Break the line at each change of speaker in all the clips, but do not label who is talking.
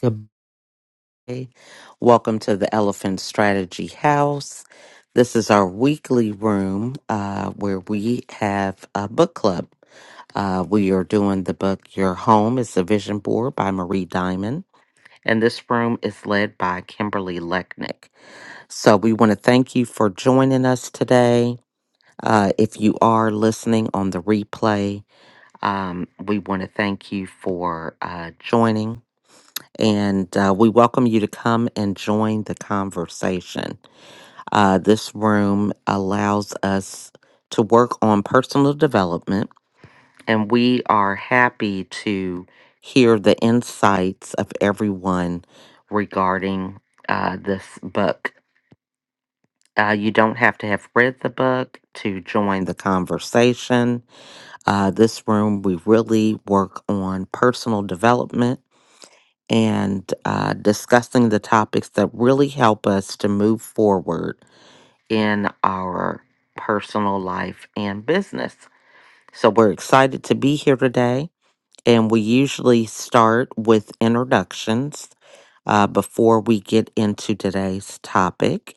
Goodbye. Welcome to the Elephant Strategy House. This is our weekly room uh, where we have a book club. Uh, we are doing the book Your Home is a Vision Board by Marie Diamond. And this room is led by Kimberly Lechnick. So we want to thank you for joining us today. Uh, if you are listening on the replay, um, we want to thank you for uh, joining and uh, we welcome you to come and join the conversation. Uh, this room allows us to work on personal development, and we are happy to hear the insights of everyone regarding uh, this book. Uh, you don't have to have read the book to join the conversation. Uh, this room, we really work on personal development and uh, discussing the topics that really help us to move forward in our personal life and business. So, we're excited to be here today, and we usually start with introductions uh, before we get into today's topic.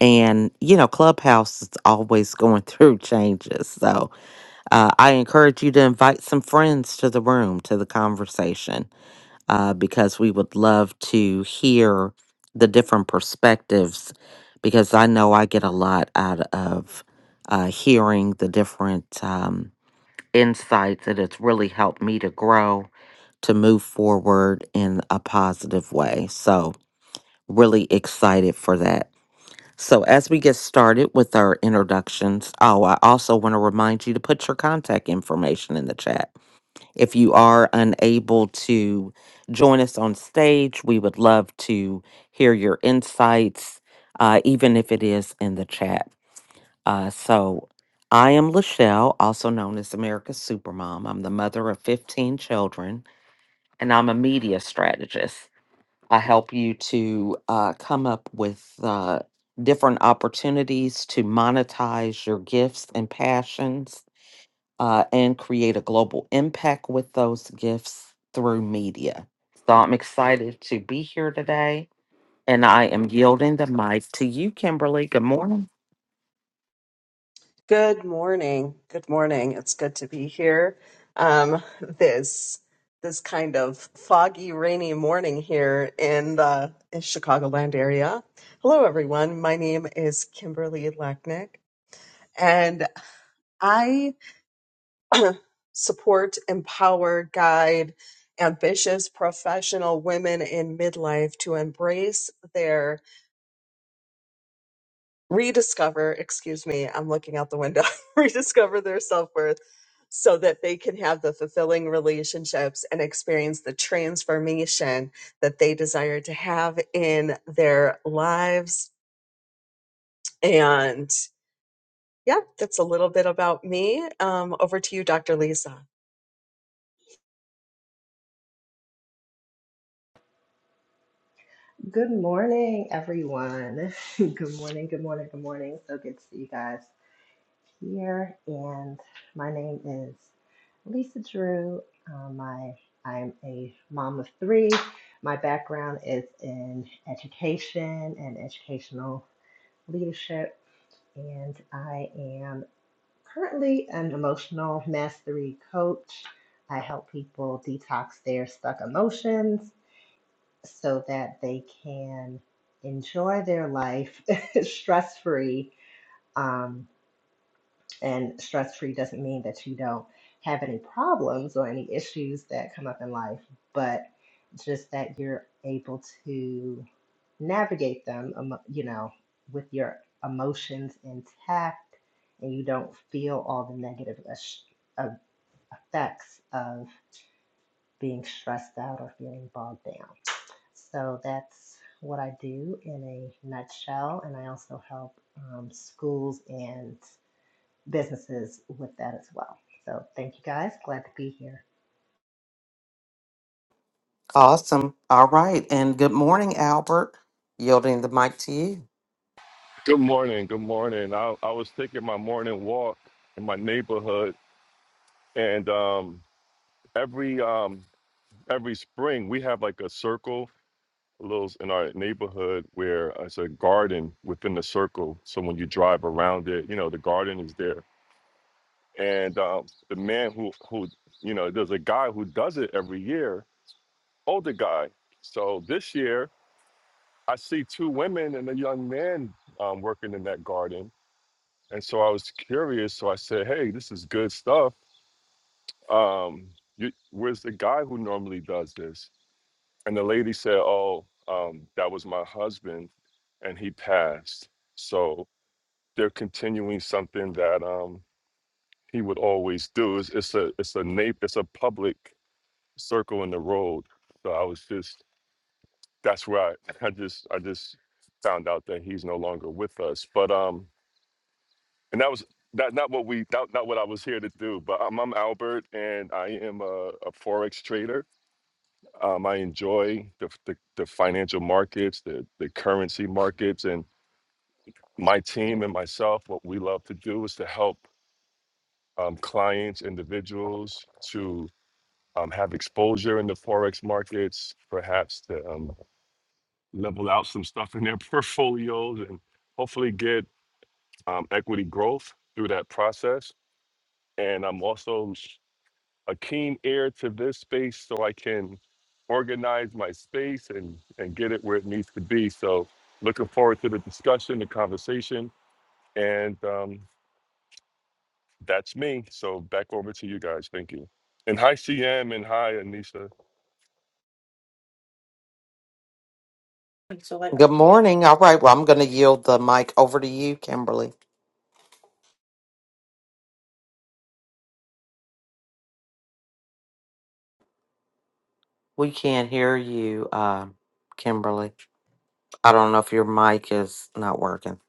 And, you know, Clubhouse is always going through changes. So, uh, I encourage you to invite some friends to the room, to the conversation uh, because we would love to hear the different perspectives. Because I know I get a lot out of uh, hearing the different um, insights, and it's really helped me to grow, to move forward in a positive way. So, really excited for that. So, as we get started with our introductions, oh, I also want to remind you to put your contact information in the chat if you are unable to join us on stage, we would love to hear your insights, uh, even if it is in the chat. Uh, so, I am Lachelle, also known as America's Supermom. I'm the mother of 15 children, and I'm a media strategist. I help you to uh, come up with uh, different opportunities to monetize your gifts and passions uh, and create a global impact with those gifts through media. So I'm excited to be here today, and I am yielding the mic to you, Kimberly. Good morning.
Good morning. Good morning. It's good to be here. Um, this this kind of foggy, rainy morning here in the in Chicagoland area. Hello, everyone. My name is Kimberly Lacknick, and I support, empower, guide ambitious professional women in midlife to embrace their rediscover, excuse me, I'm looking out the window, rediscover their self worth so that they can have the fulfilling relationships and experience the transformation that they desire to have in their lives. And yeah, that's a little bit about me. Um, over to you, Dr. Lisa.
Awesome. All right, and good morning, Albert. Yielding the mic to you.
Good morning. Good morning. I, I was taking my morning walk in my neighborhood, and um, every um, every spring we have like a circle, a little in our neighborhood where uh, it's a garden within the circle. So when you drive around it, you know the garden is there. And um, the man who who you know there's a guy who does it every year, older guy. So this year I see two women and a young man um, working in that garden And so I was curious. So I said, "Hey, this is good stuff. Um, you, where's the guy who normally does this?" And the lady said, "Oh, um, that was my husband, and he passed. So they're continuing something that um, he would always do. It's, it's a it's a na- it's a public circle in the road. So I was just that's where I, I just I just found out that he's no longer with us. But um, And that was that not what we not, not what I was here to do. But I'm, I'm Albert, and I am a, a forex trader. Um, I enjoy the, the the financial markets, the the currency markets, and my team and myself. What we love to do is to help um, clients, individuals, to um, have exposure in the forex markets, perhaps to um, level out some stuff in their portfolios, and hopefully get um, equity growth through that process. And I'm also a keen ear to this space so I can organize my space and, and get it where it needs to be. So looking forward to the discussion, the conversation, and um, that's me. So back over to you guys. Thank you. And hi CM and hi Anisha.
Good morning. All right. Well, I'm going to yield the mic over to you, Kimberly. We can't hear you, uh, Kimberly. I don't know if your mic is not working.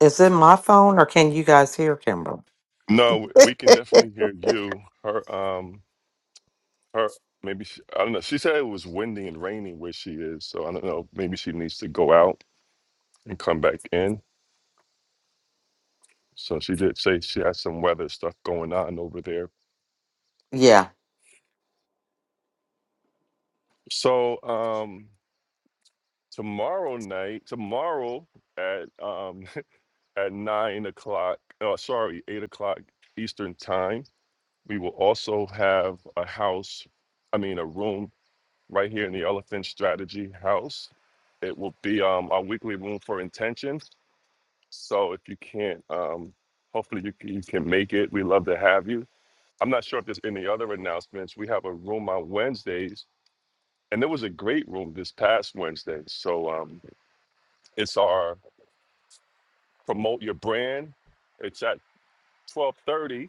Is it my phone or can you guys hear Kimberly?
No, we can definitely hear you. Her um her maybe she, I don't know. She said it was windy and rainy where she is. So I don't know. Maybe she needs to go out and come back in. So she did say she has some weather stuff going on over there
Yeah.
So um tomorrow night, tomorrow at um at nine o'clock, uh, sorry, eight o'clock Eastern time, we will also have a house, I mean a room right here in the Elephant Strategy House. It will be um our weekly room for intention. So if you can't um hopefully you can, you can make it. We love to have you. I'm not sure if there's any other announcements. We have a room on Wednesdays and there was a great room this past Wednesday. So um It's our promote your brand. It's at 12:30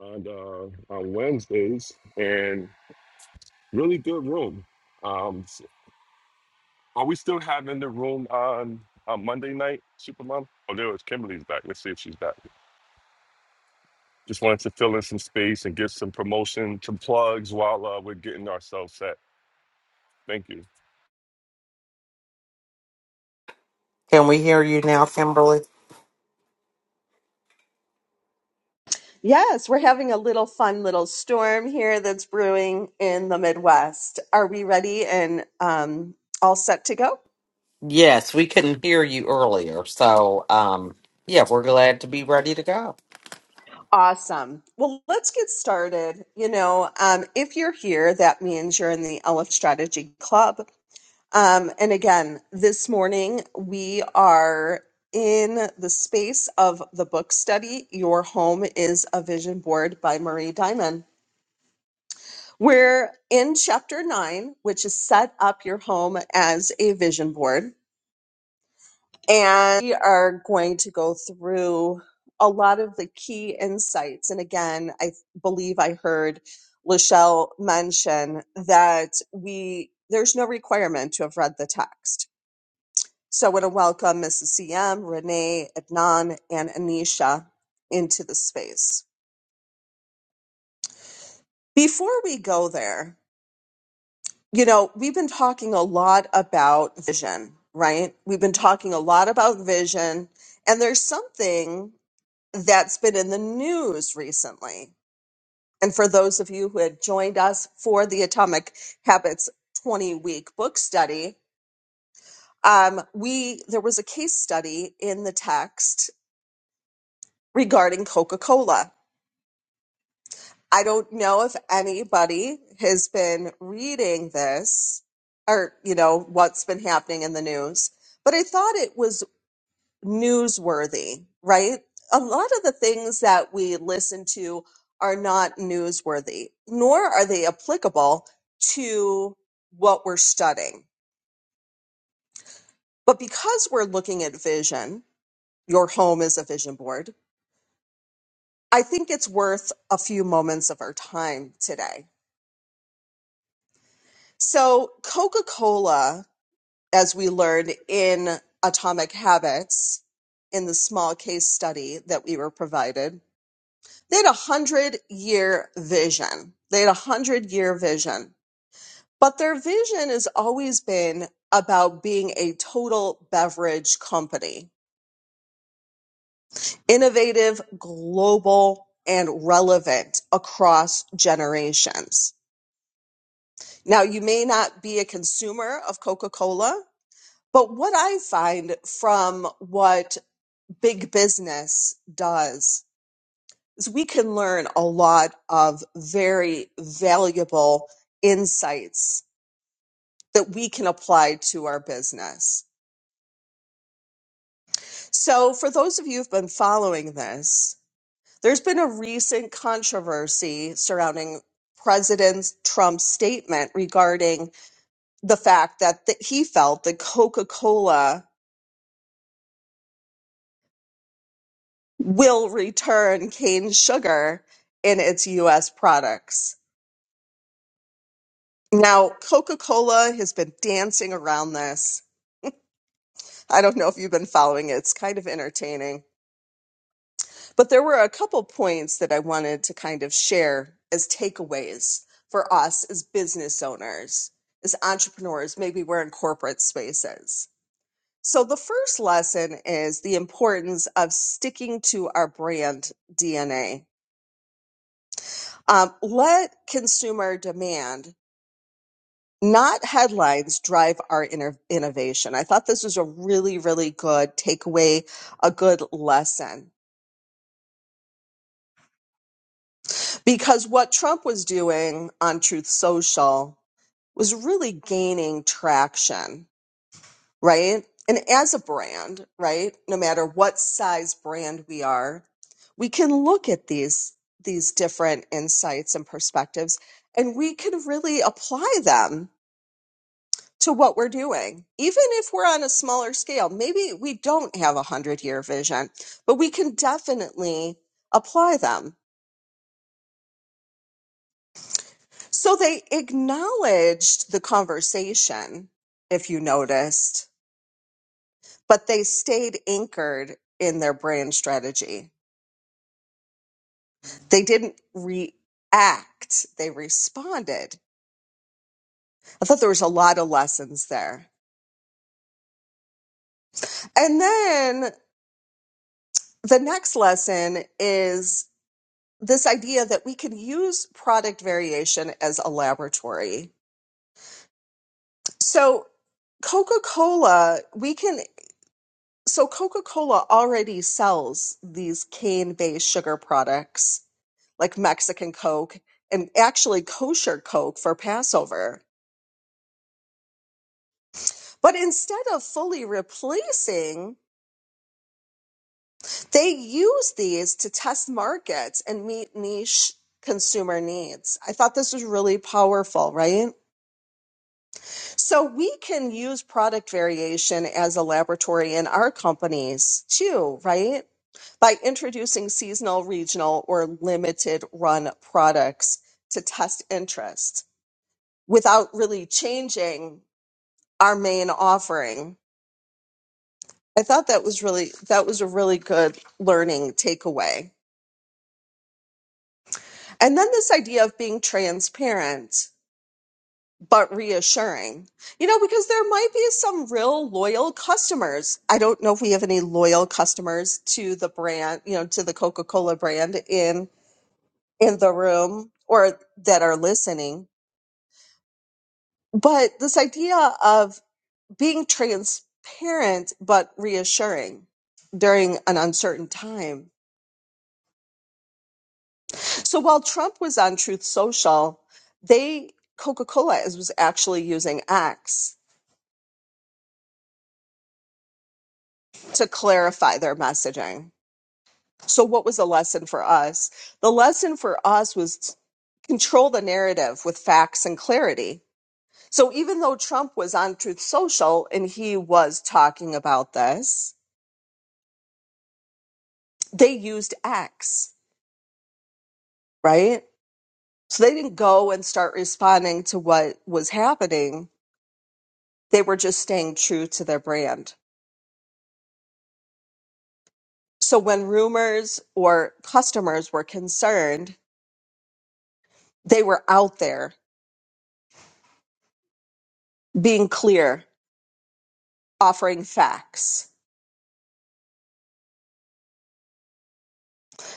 on uh, on Wednesdays, and really good room. Um, are we still having the room on on Monday night, Supermom? Oh, there was Kimberly's back. Let's see if she's back. Just wanted to fill in some space and get some promotion, some plugs while uh, we're getting ourselves set. Thank you.
Can we hear you now, Kimberly?
Yes, we're having a little fun little storm here that's brewing in the Midwest. Are we ready and um, all set to go?
Yes, we couldn't hear you earlier. So, um, yeah, we're glad to be ready to go.
Awesome. Well, let's get started. You know, um, if you're here, that means you're in the LF Strategy Club. Um, and again, this morning we are in the space of the book study, Your Home is a Vision Board by Marie Diamond. We're in chapter nine, which is set up your home as a vision board. And we are going to go through a lot of the key insights. And again, I believe I heard Lachelle mention that we there's no requirement to have read the text. So I want to welcome Mrs. CM, Renee, Adnan, and Anisha into the space. Before we go there, you know, we've been talking a lot about vision, right? We've been talking a lot about vision, and there's something that's been in the news recently. And for those of you who had joined us for the Atomic Habits 20 week book study, um, we there was a case study in the text regarding Coca-Cola I don't know if anybody has been reading this or, you know, what's been happening in the news, but I thought it was newsworthy, right? A lot of the things that we listen to are not newsworthy, nor are they applicable to what we're studying. But because we're looking at vision, your home is a vision board, I think it's worth a few moments of our time today. So, Coca Cola as we learned in Atomic Habits in the small case study that we were provided. They had a hundred year vision. They had a hundred year vision, but their vision has always been about being a total beverage company, innovative, global, and relevant across generations. Now, you may not be a consumer of Coca Cola, but what I find from what big business does is we can learn a lot of very valuable insights that we can apply to our business. So, for those of you who've been following this, there's been a recent controversy surrounding President Trump's statement regarding the fact that that he felt that Coca Cola will return cane sugar in its US products. Now, Coca Cola has been dancing around this. I don't know if you've been following it, it's kind of entertaining. But there were a couple points that I wanted to kind of share as takeaways for us as business owners, as entrepreneurs. Maybe we're in corporate spaces. So, the first lesson is the importance of sticking to our brand DNA. Um, let consumer demand not headlines drive our inner innovation. I thought this was a really, really good takeaway, a good lesson. Because what Trump was doing on Truth Social was really gaining traction, right? And as a brand, right, no matter what size brand we are, we can look at these these different insights and perspectives and we can really apply them to what we're doing. Even if we're on a smaller scale, maybe we don't have a 100 year vision, but we can definitely apply them. So they acknowledged the conversation, if you noticed, but they stayed anchored in their brand strategy. They didn't react, they responded. I thought there was a lot of lessons there. And then the next lesson is this idea that we can use product variation as a laboratory. So, Coca Cola, we can, so Coca Cola already sells these cane based sugar products like Mexican Coke and actually kosher Coke for Passover. But instead of fully replacing, they use these to test markets and meet niche consumer needs. I thought this was really powerful, right? So we can use product variation as a laboratory in our companies too, right? By introducing seasonal, regional, or limited run products to test interest without really changing our main offering. I thought that was really that was a really good learning takeaway. And then this idea of being transparent. but reassuring. You know, because there might be some real loyal customers. I don't know if we have any loyal customers to the brand, you know, to the Coca-Cola brand in in the room or that are listening. But this idea of being transparent but reassuring during an uncertain time. So while Trump was on Truth Social, they Coca-Cola is was actually using X to clarify their messaging So, what was the lesson for us? The lesson for us was control the narrative with facts and clarity. So, even though Trump was on Truth Social and he was talking about this, they used X, right? So, they didn't go and start responding to what was happening. They were just staying true to their brand. So, when rumors or customers were concerned, they were out there being clear, offering facts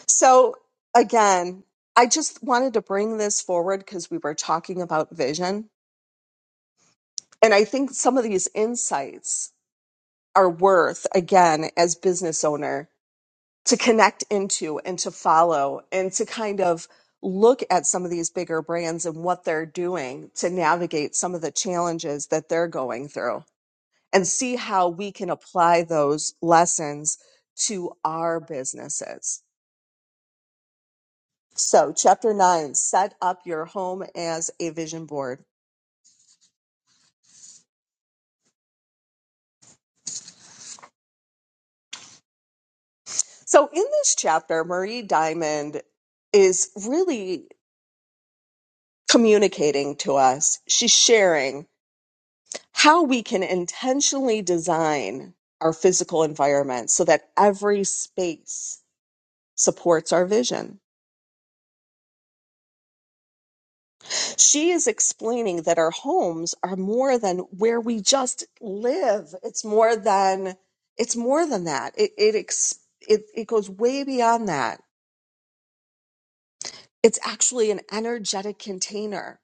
So again, I just wanted to bring this forward because we were talking about vision. And I think some of these insights are worth, again, as business owner, to connect into and to follow and to kind of look at some of these bigger brands and what they're doing to navigate some of the challenges that they're going through and see how we can apply those lessons to our businesses So, chapter nine, set up your home as a vision board. So, in this chapter, Marie Diamond is really communicating to us. She's sharing how we can intentionally design our physical environment so that every space supports our vision. She is explaining that our homes are more than where we just live. It's more than it's more than that. It it ex, it, it goes way beyond that It's actually an energetic container.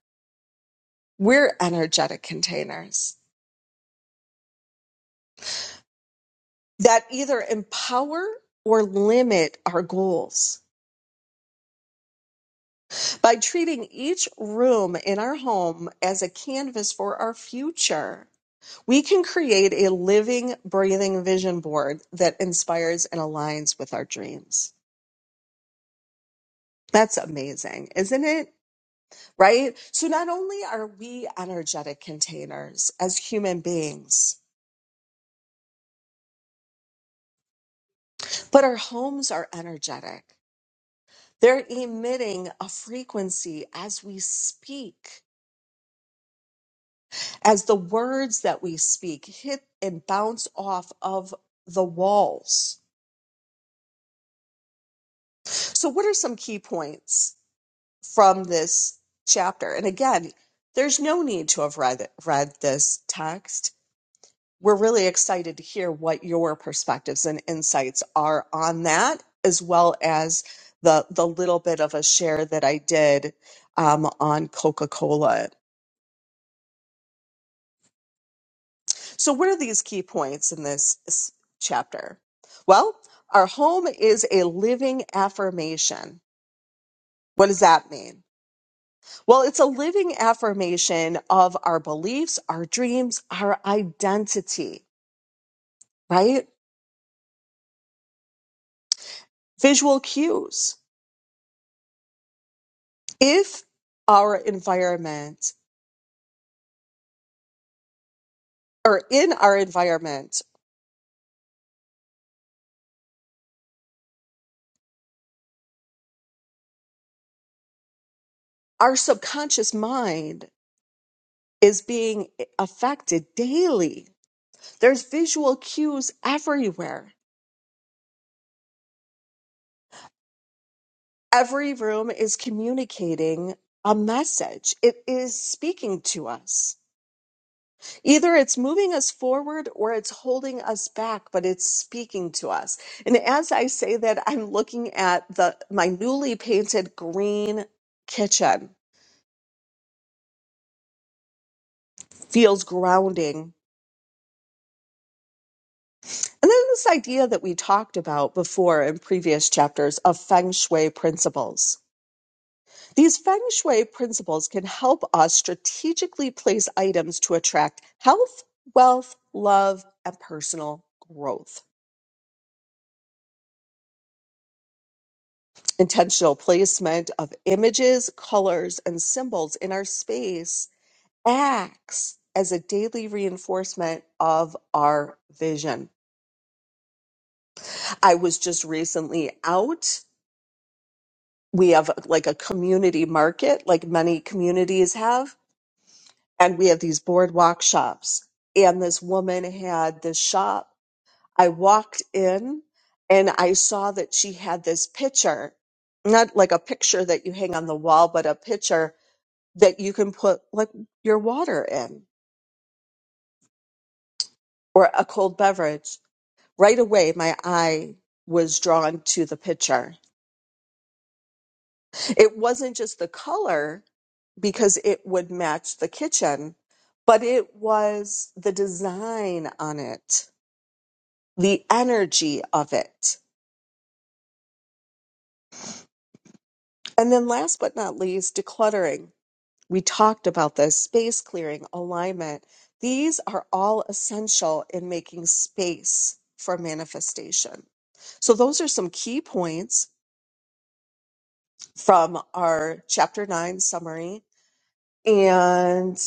We're energetic containers that either empower or limit our goals. By treating each room in our home as a canvas for our future, we can create a living, breathing vision board that inspires and aligns with our dreams. That's amazing, isn't it? Right? So, not only are we energetic containers as human beings, but our homes are energetic. They're emitting a frequency as we speak, as the words that we speak hit and bounce off of the walls. So, what are some key points from this chapter? And again, there's no need to have read, read this text. We're really excited to hear what your perspectives and insights are on that, as well as the, the little bit of a share that I did um, on Coca Cola So, what are these key points in this s- chapter? Well, our home is a living affirmation. What does that mean? Well, it's a living affirmation of our beliefs, our dreams, our identity, right? Visual cues. If our environment or in our environment, our subconscious mind is being eh, affected daily. There's visual cues everywhere every room is communicating a message. It is speaking to us. Either it's moving us forward or it's holding us back, but it's speaking to us. And as I say that, I'm looking at the my newly painted green kitchen. Feels grounding. And then this idea that we talked about before in previous chapters of feng shui principles. These feng shui principles can help us strategically place items to attract health, wealth, love, and personal growth. Intentional placement of images, colors, and symbols in our space acts as a daily reinforcement of our vision. I was just recently out. We have like a community market, like many communities have, and we have these boardwalk shops and this woman had this shop I walked in and I saw that she had this picture, not like a picture that you hang on the wall, but a picture that you can put like your water in or a cold beverage. Right away, my eye was drawn to the picture. It wasn't just the color because it would match the kitchen, but it was the design on it, the energy of it. And then last but not least, decluttering We talked about this space clearing, alignment. These are all essential in making space for manifestation. So, those are some key points from our chapter nine summary. And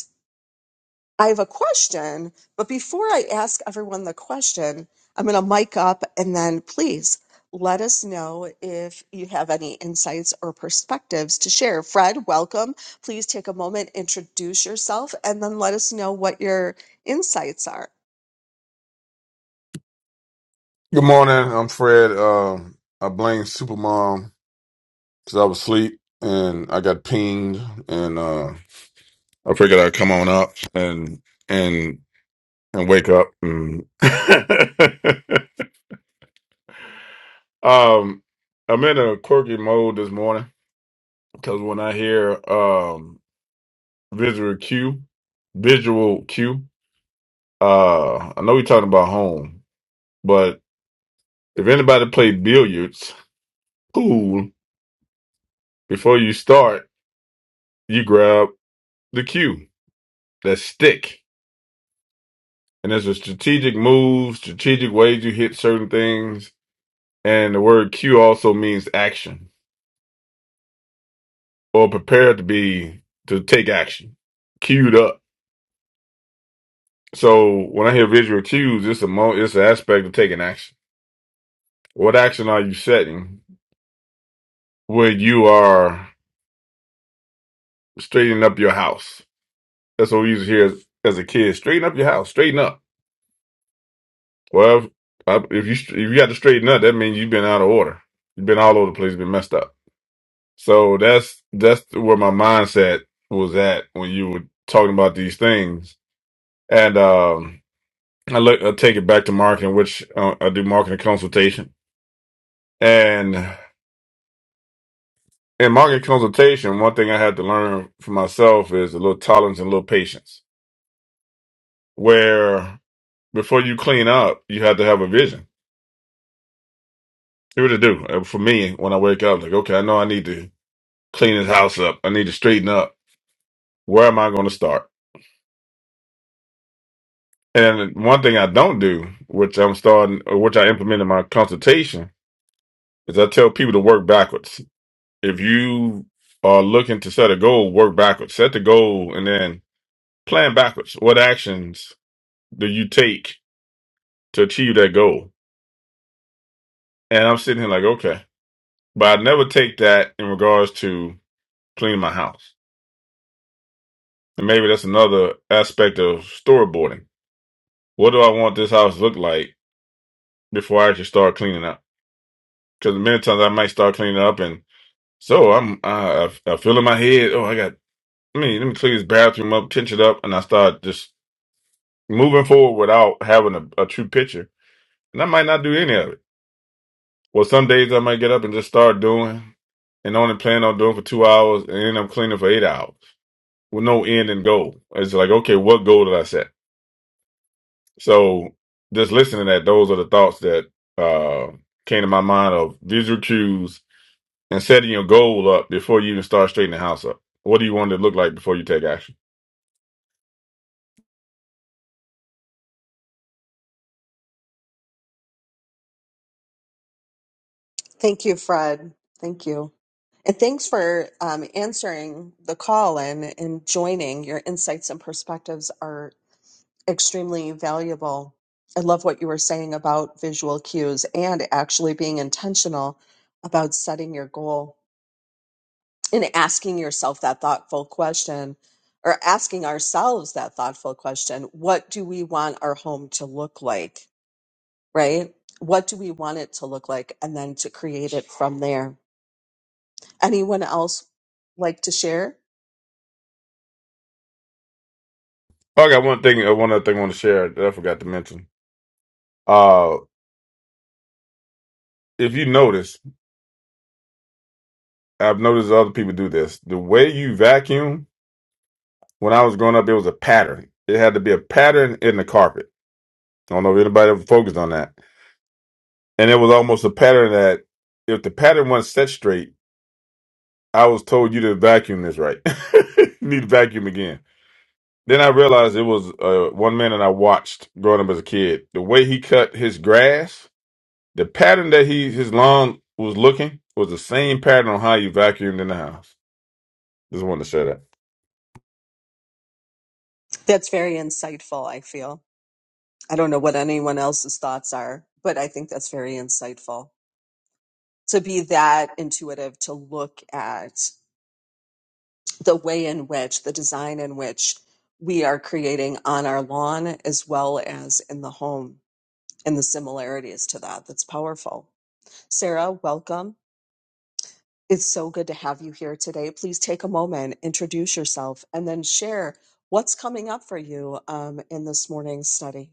I have a question, but before I ask everyone the question, I'm going to mic up and then please let us know if you have any insights or perspectives to share. Fred, welcome. Please take a moment, introduce yourself, and then let us know what your insights are.
Good morning. I'm Fred. Um, I blame Supermom because I was asleep and I got pinged, and uh, I figured I'd come on up and and and wake up. And um, I'm in a quirky mode this morning because when I hear um, visual cue, visual cue, uh, I know we're talking about home, but if anybody played billiards, pool, before you start, you grab the cue that stick. And there's a strategic move, strategic ways you hit certain things. And the word cue also means action or prepared to be to take action, queued up. So when I hear visual cues, it's a mo it's an aspect of taking action. What action are you setting when you are straightening up your house? That's what we used to hear as, as a kid. Straighten up your house. Straighten up. Well, if, I- if you if you got to straighten up, that means you've been out of order. You've been all over the place. Been messed up. So that's that's where my mindset was at when you were talking about these things. And um, I look, I take it back to marketing, which uh, I do marketing consultation. And in marketing consultation, one thing I had to learn for myself is a little tolerance and a little patience. Where before you clean up, you have to have a vision. Here to do Uh, for me when I wake up, like okay, I know I need to clean this house up. I need to straighten up. Where am I going to start? And one thing I don't do, which I'm starting, or which I implement in my consultation, is I tell people to work backwards. If you are looking to set a goal, work backwards. Set the goal and then plan backwards. What actions do you take to achieve that goal? And I'm sitting here like, okay. But I never take that in regards to cleaning my house. And maybe that's another aspect of storyboarding. What do I want this house to look like before I actually start cleaning up? Because many times I might start cleaning up and So I'm I, I I feel in my head. Oh, I got. Let me let me clean this bathroom up, pinch it up, and I start just moving forward without having a, a true picture. And I might not do any of it. Well, some days I might get up and just start doing, and only plan on doing for two hours, and then I'm cleaning for eight hours with no end and goal. It's like, okay, what goal did I set? So just listening to that, those are the thoughts that uh, came to my mind of visual cues and setting your goal up before you even start straightening the house up. What do you want it to look like before you take action?
Thank you, Fred. Thank you. And thanks for um, answering the call and, and joining. Your insights and perspectives are. extremely valuable. I love what you were saying about visual cues and actually being intentional about setting your goal and asking yourself that thoughtful question or asking ourselves that thoughtful question what do we want our home to look like, right? What do we want it to look like? And then to create it from there. Anyone else like to share?
Oh, I got one thing. uh, One other thing I want to share that I forgot to mention. Uh, if you notice, I've noticed other people do this. The way you vacuum, when I was growing up, it was a pattern. It had to be a pattern in the carpet. I don't know if anybody ever focused on that. And it was almost a pattern that if the pattern wasn't set straight, I was told you to vacuum this right. you need to vacuum again. Then I realized it was uh, one man that I watched growing up as a kid. The way he cut his grass The pattern that he his lawn was looking was the same pattern on how you vacuumed in the house. Just wanted to share that.
That's very insightful, I feel. I don't know what anyone else's thoughts are, but I think that's very insightful. to be that intuitive to look at the way in which the design in which we are creating on our lawn as well as in the home and the similarities to that that's powerful sarah welcome it's so good to have you here today please take a moment introduce yourself and then share what's coming up for you um, in this morning's study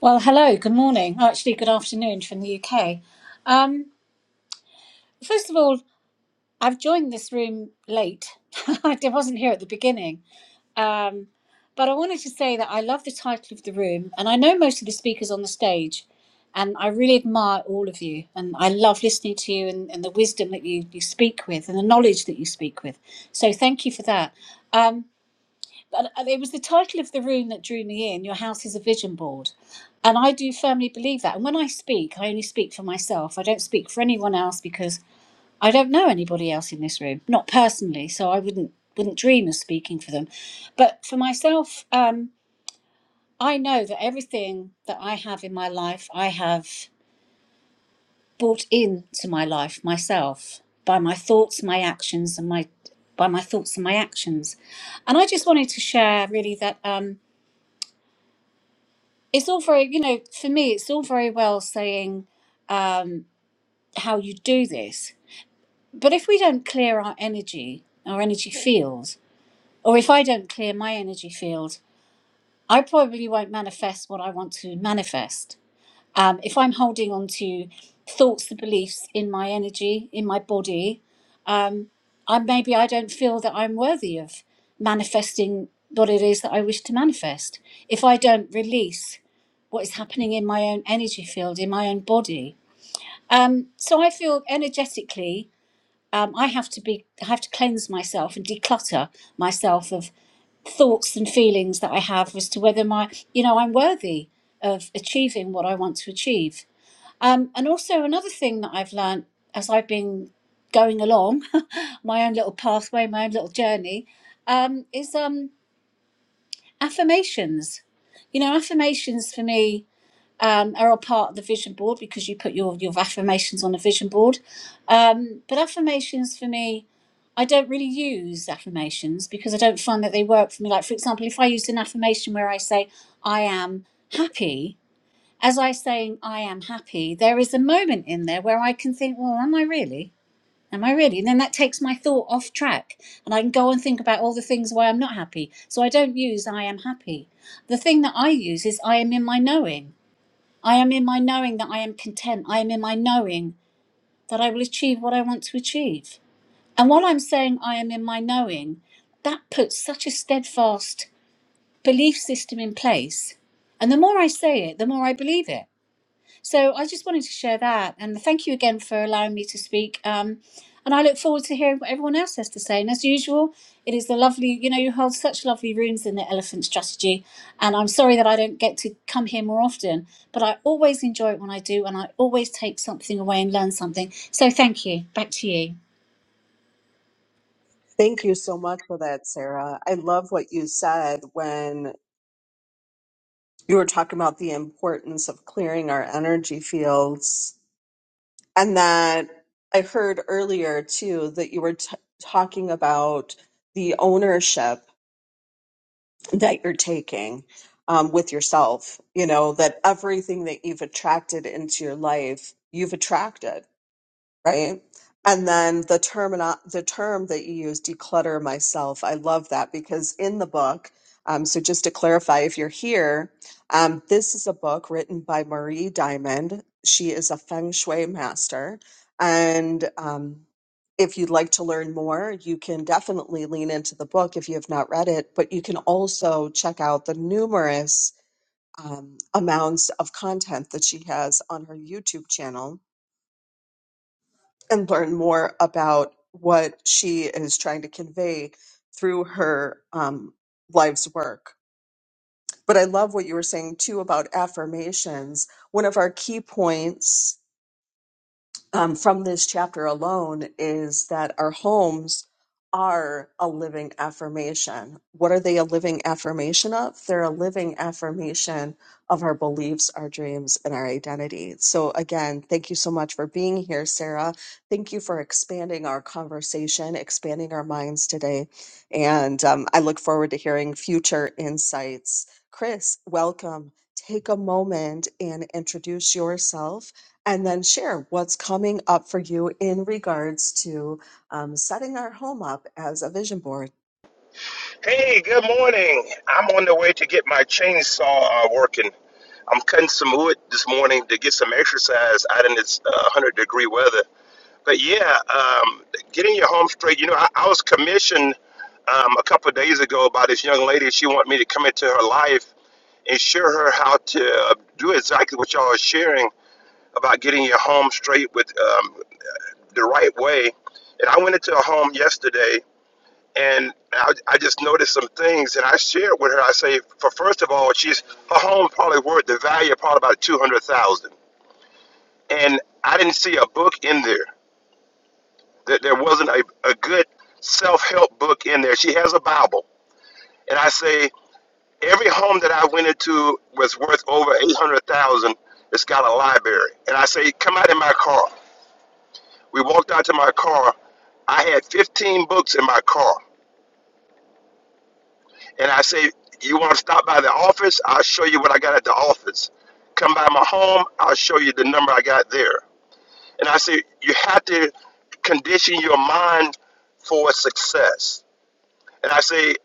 Well, hello, good morning. Oh, Actually, good afternoon from the UK. Um, first of all, I've joined this room late. I wasn't here at the beginning. Um, but I wanted to say that I love the title of the room, and I know most of the speakers on the stage, and I really admire all of you. And I love listening to you and, and the wisdom that you, you speak with and the knowledge that you speak with. So thank you for that. Um, and it was the title of the room that drew me in. Your house is a vision board, and I do firmly believe that. And when I speak, I only speak for myself. I don't speak for anyone else because I don't know anybody else in this room, not personally. So I wouldn't wouldn't dream of speaking for them, but for myself, um, I know that everything that I have in my life, I have brought into my life myself by my thoughts, my actions, and my by my thoughts and my actions. And I just wanted to share really that. Um, it's all very you know for me it's all very well saying um, how you do this but if we don't clear our energy our energy field or if i don't clear my energy field i probably won't manifest what i want to manifest um, if i'm holding on to thoughts and beliefs in my energy in my body um, i maybe i don't feel that i'm worthy of manifesting what it is that i wish to manifest if i don't release what is happening in my own energy field, in my own body. Um, so I feel energetically, um, I have to be, I have to cleanse myself and declutter myself of thoughts and feelings that I have as to whether my, you know, I'm worthy of achieving what I want to achieve. Um, and also another thing that I've learned as I've been going along my own little pathway, my own little journey, um, is um, affirmations. You know, affirmations for me um, are all part of the vision board because you put your, your affirmations on a vision board. Um, but affirmations for me, I don't really use affirmations because I don't find that they work for me. Like, for example, if I used an affirmation where I say, I am happy, as I saying, I am happy, there is a moment in there where I can think, well, am I really? Am I really? And then that takes my thought off track and I can go and think about all the things why I'm not happy. So I don't use I am happy. The thing that I use is I am in my knowing. I am in my knowing that I am content. I am in my knowing that I will achieve what I want to achieve. And while I'm saying I am in my knowing, that puts such a steadfast belief system in place. And the more I say it, the more I believe it. So I just wanted to share that. And thank you again for allowing me to speak. Um, and I look forward to hearing what everyone else has to say. And as usual, it is the lovely, you know, you hold such lovely rooms in the Elephant Strategy. And I'm sorry that I don't get to come here more often, but I always enjoy it when I do. And I always take something away and learn something. So thank you. Back to you.
thank you so much for that sarah i love what you said when you were talking about the importance of clearing our energy fields and that i heard earlier too that you were t- talking about the ownership that you're taking um, with yourself you know that everything that you've attracted into your life you've attracted right? And then the term the term that you use, declutter myself. I love that because in the book, um, so just to clarify, if you're here, um, this is a book written by Marie Diamond. She is a feng shui master, and um, if you'd like to learn more, you can definitely lean into the book if you have not read it. But you can also check out the numerous um, amounts of content that she has on her YouTube channel and learn more about what she is trying to convey through her um, life's work. But I love what you were saying too about affirmations. One of our key points um, from this chapter alone is that our homes are a living affirmation. What are they a living affirmation of? They're a living affirmation of our beliefs, our dreams, and our identity. So, again, thank you so much for being here, Sarah. Thank you for expanding our conversation, expanding our minds today. And um, I look forward to hearing future insights. Chris, welcome. Take a moment and introduce yourself and then share what's coming up for you in regards to um, setting our home up as a vision board.
Hey, good morning. I'm on the way to get my chainsaw uh, working. I'm cutting some wood this morning to get some exercise out in this uh, 100 degree weather. But yeah, um, getting your home straight. You know, I, I was commissioned um, a couple of days ago by this young lady. She wanted me to come into her life and show her how to uh, do exactly what y'all are sharing about getting your home straight with um, the right way. And I went into a home yesterday and I, I just noticed some things and I shared with her. I say, for first of all, she's her home probably worth the value of probably about two hundred thousand, and I didn't see a book in there. That there wasn't a, a good self help book in there. She has a Bible, and I say every home that I went into was worth over eight hundred thousand. It's got a library, and I say, come out in my car. We walked out to my car. I had fifteen books in my car and I say, You want to stop by the office? I'll show you what I got at the office. Come by my home, I'll show you the number I got there. And I say, You have to condition your mind for success. And I say,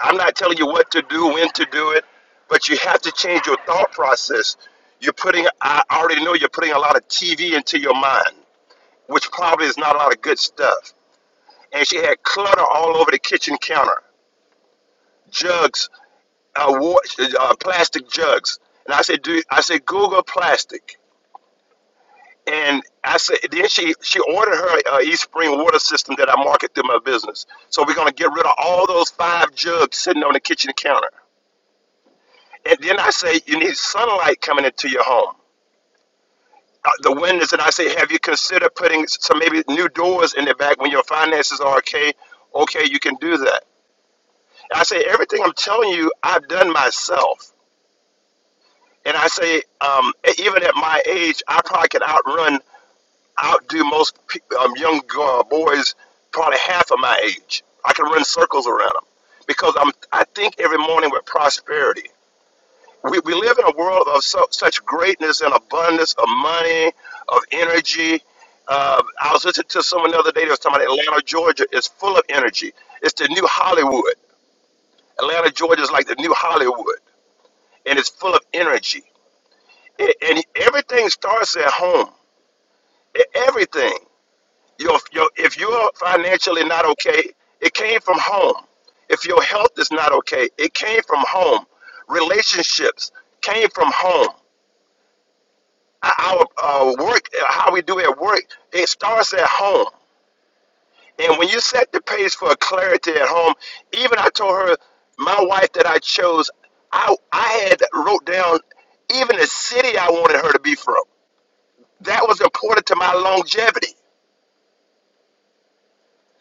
I'm not telling you what to do, when to do it, but you have to change your thought process. You're putting, I already know you're putting a lot of TV into your mind, which probably is not a lot of good stuff. And she had clutter all over the kitchen counter jugs uh, wa- uh, plastic jugs. And I said, "Do I said Google plastic?" And I said, then she she ordered her uh, East Spring water system that I market through my business. So we're gonna get rid of all those five jugs sitting on the kitchen counter. And then I say, you need sunlight coming into your home. Uh, The windows, and I say, have you considered putting s- some maybe new doors in the back when your finances are okay? Okay, you can do that. And I say, everything I'm telling you, I've done myself. And I say, um, e- even at my age, I probably could outrun, outdo most pe- um, young uh, boys, probably half of my age. I can run circles around them because I'm, I think every morning with prosperity. We, we live in a world of so, such greatness and abundance of money, of energy. Uh, I was listening to someone the other day that was talking about Atlanta, Georgia is full of energy. It's the new Hollywood. Atlanta, Georgia is like the new Hollywood, and it's full of energy And, and everything starts at home. E- Everything. Your, your, if you're financially not okay, it came from home. If your health is not okay, it came from home. Relationships came from home. Our, our work, uh, how we do at work, it starts at home. And when you set the pace for clarity at home, even I told her, my wife that I chose, I, I had wrote down even the city I wanted her to be from. That was important to my longevity.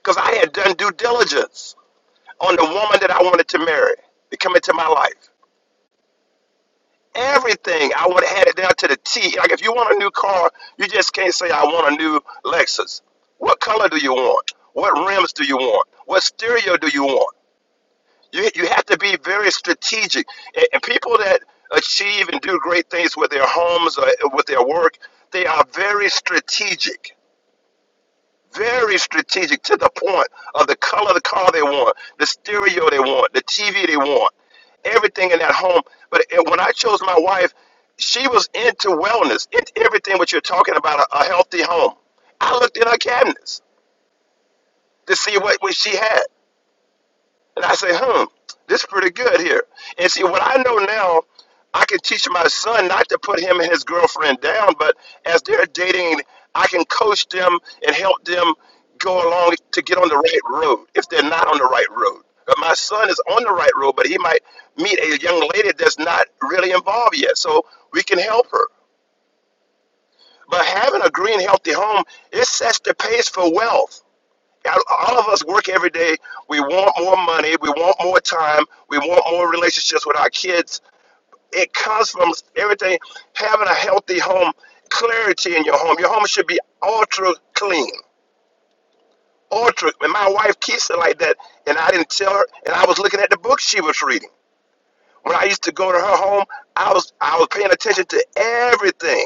because I had done due diligence on the woman that I wanted to marry to come into my life. Everything I would have had it down to the T. Like if you want a new car, you just can't say I want a new Lexus. What color do you want? What rims do you want? What stereo do you want? You you have to be very strategic. And, and people that achieve and do great things with their homes or with their work, they are very strategic very strategic to the point of the color of the car they want, the stereo they want, the TV they want, everything in that home. But it- when I chose my wife, she was into wellness, into everything what you're talking about, a, a healthy home. I looked in her cabinets to see what, what she had. And I say, hmm, this is pretty good here. And see, what I know now, I can teach my son not to put him and his girlfriend down, but as they're dating, I can coach them and help them go along to get on the right road if they're not on the right road. But my son is on the right road, but he might meet a young lady that's not really involved yet, so we can help her. But having a green, healthy home, it sets the pace for wealth all of us work every day. We want more money. We want more time. We want more relationships with our kids. It comes from everything. Having a healthy home, clarity in your home. Your home should be ultra clean. Ultra. And my wife keeps it like that. And I didn't tell her. And I was looking at the book she was reading. When I used to go to her home, I was I was paying attention to everything.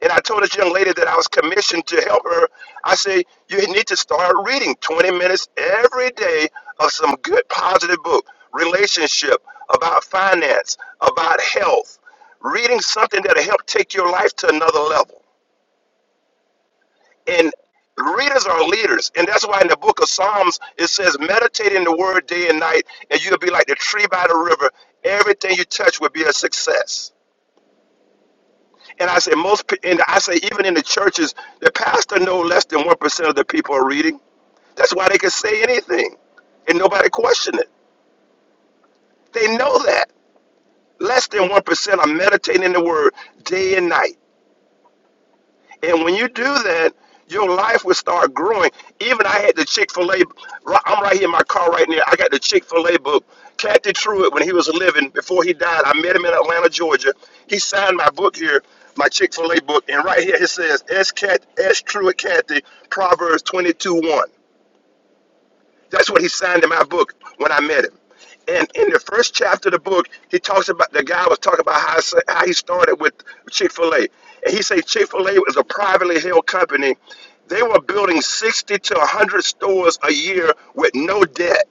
And I told this young lady that I was commissioned to help her. I say, you need to start reading 20 minutes every day of some good positive book, relationship, about finance, about health, reading something that'll help take your life to another level. And readers are leaders. And that's why in the book of Psalms, it says, meditate in the word day and night, and you'll be like the tree by the river. Everything you touch will be a success. And I say most, pe- and I say even in the churches, the pastor know less than one percent of the people are reading. That's why they can say anything, and nobody question it. They know that less than one percent are meditating in the Word day and night. And when you do that, your life will start growing. Even I had the Chick fil A, I'm right here in my car right now. I got the Chick fil A book. Captain Truett, when he was living, before he died, I met him in Atlanta, Georgia. He signed my book here, my Chick fil A book. And right here it says, S. Cat, S. Truett Cathy, Proverbs 22 1. That's what he signed in my book when I met him. And in the first chapter of the book, he talks about the guy was talking about how, how he started with Chick Fil A, and he said Chick Fil A was a privately held company. They were building sixty to one hundred stores a year with no debt.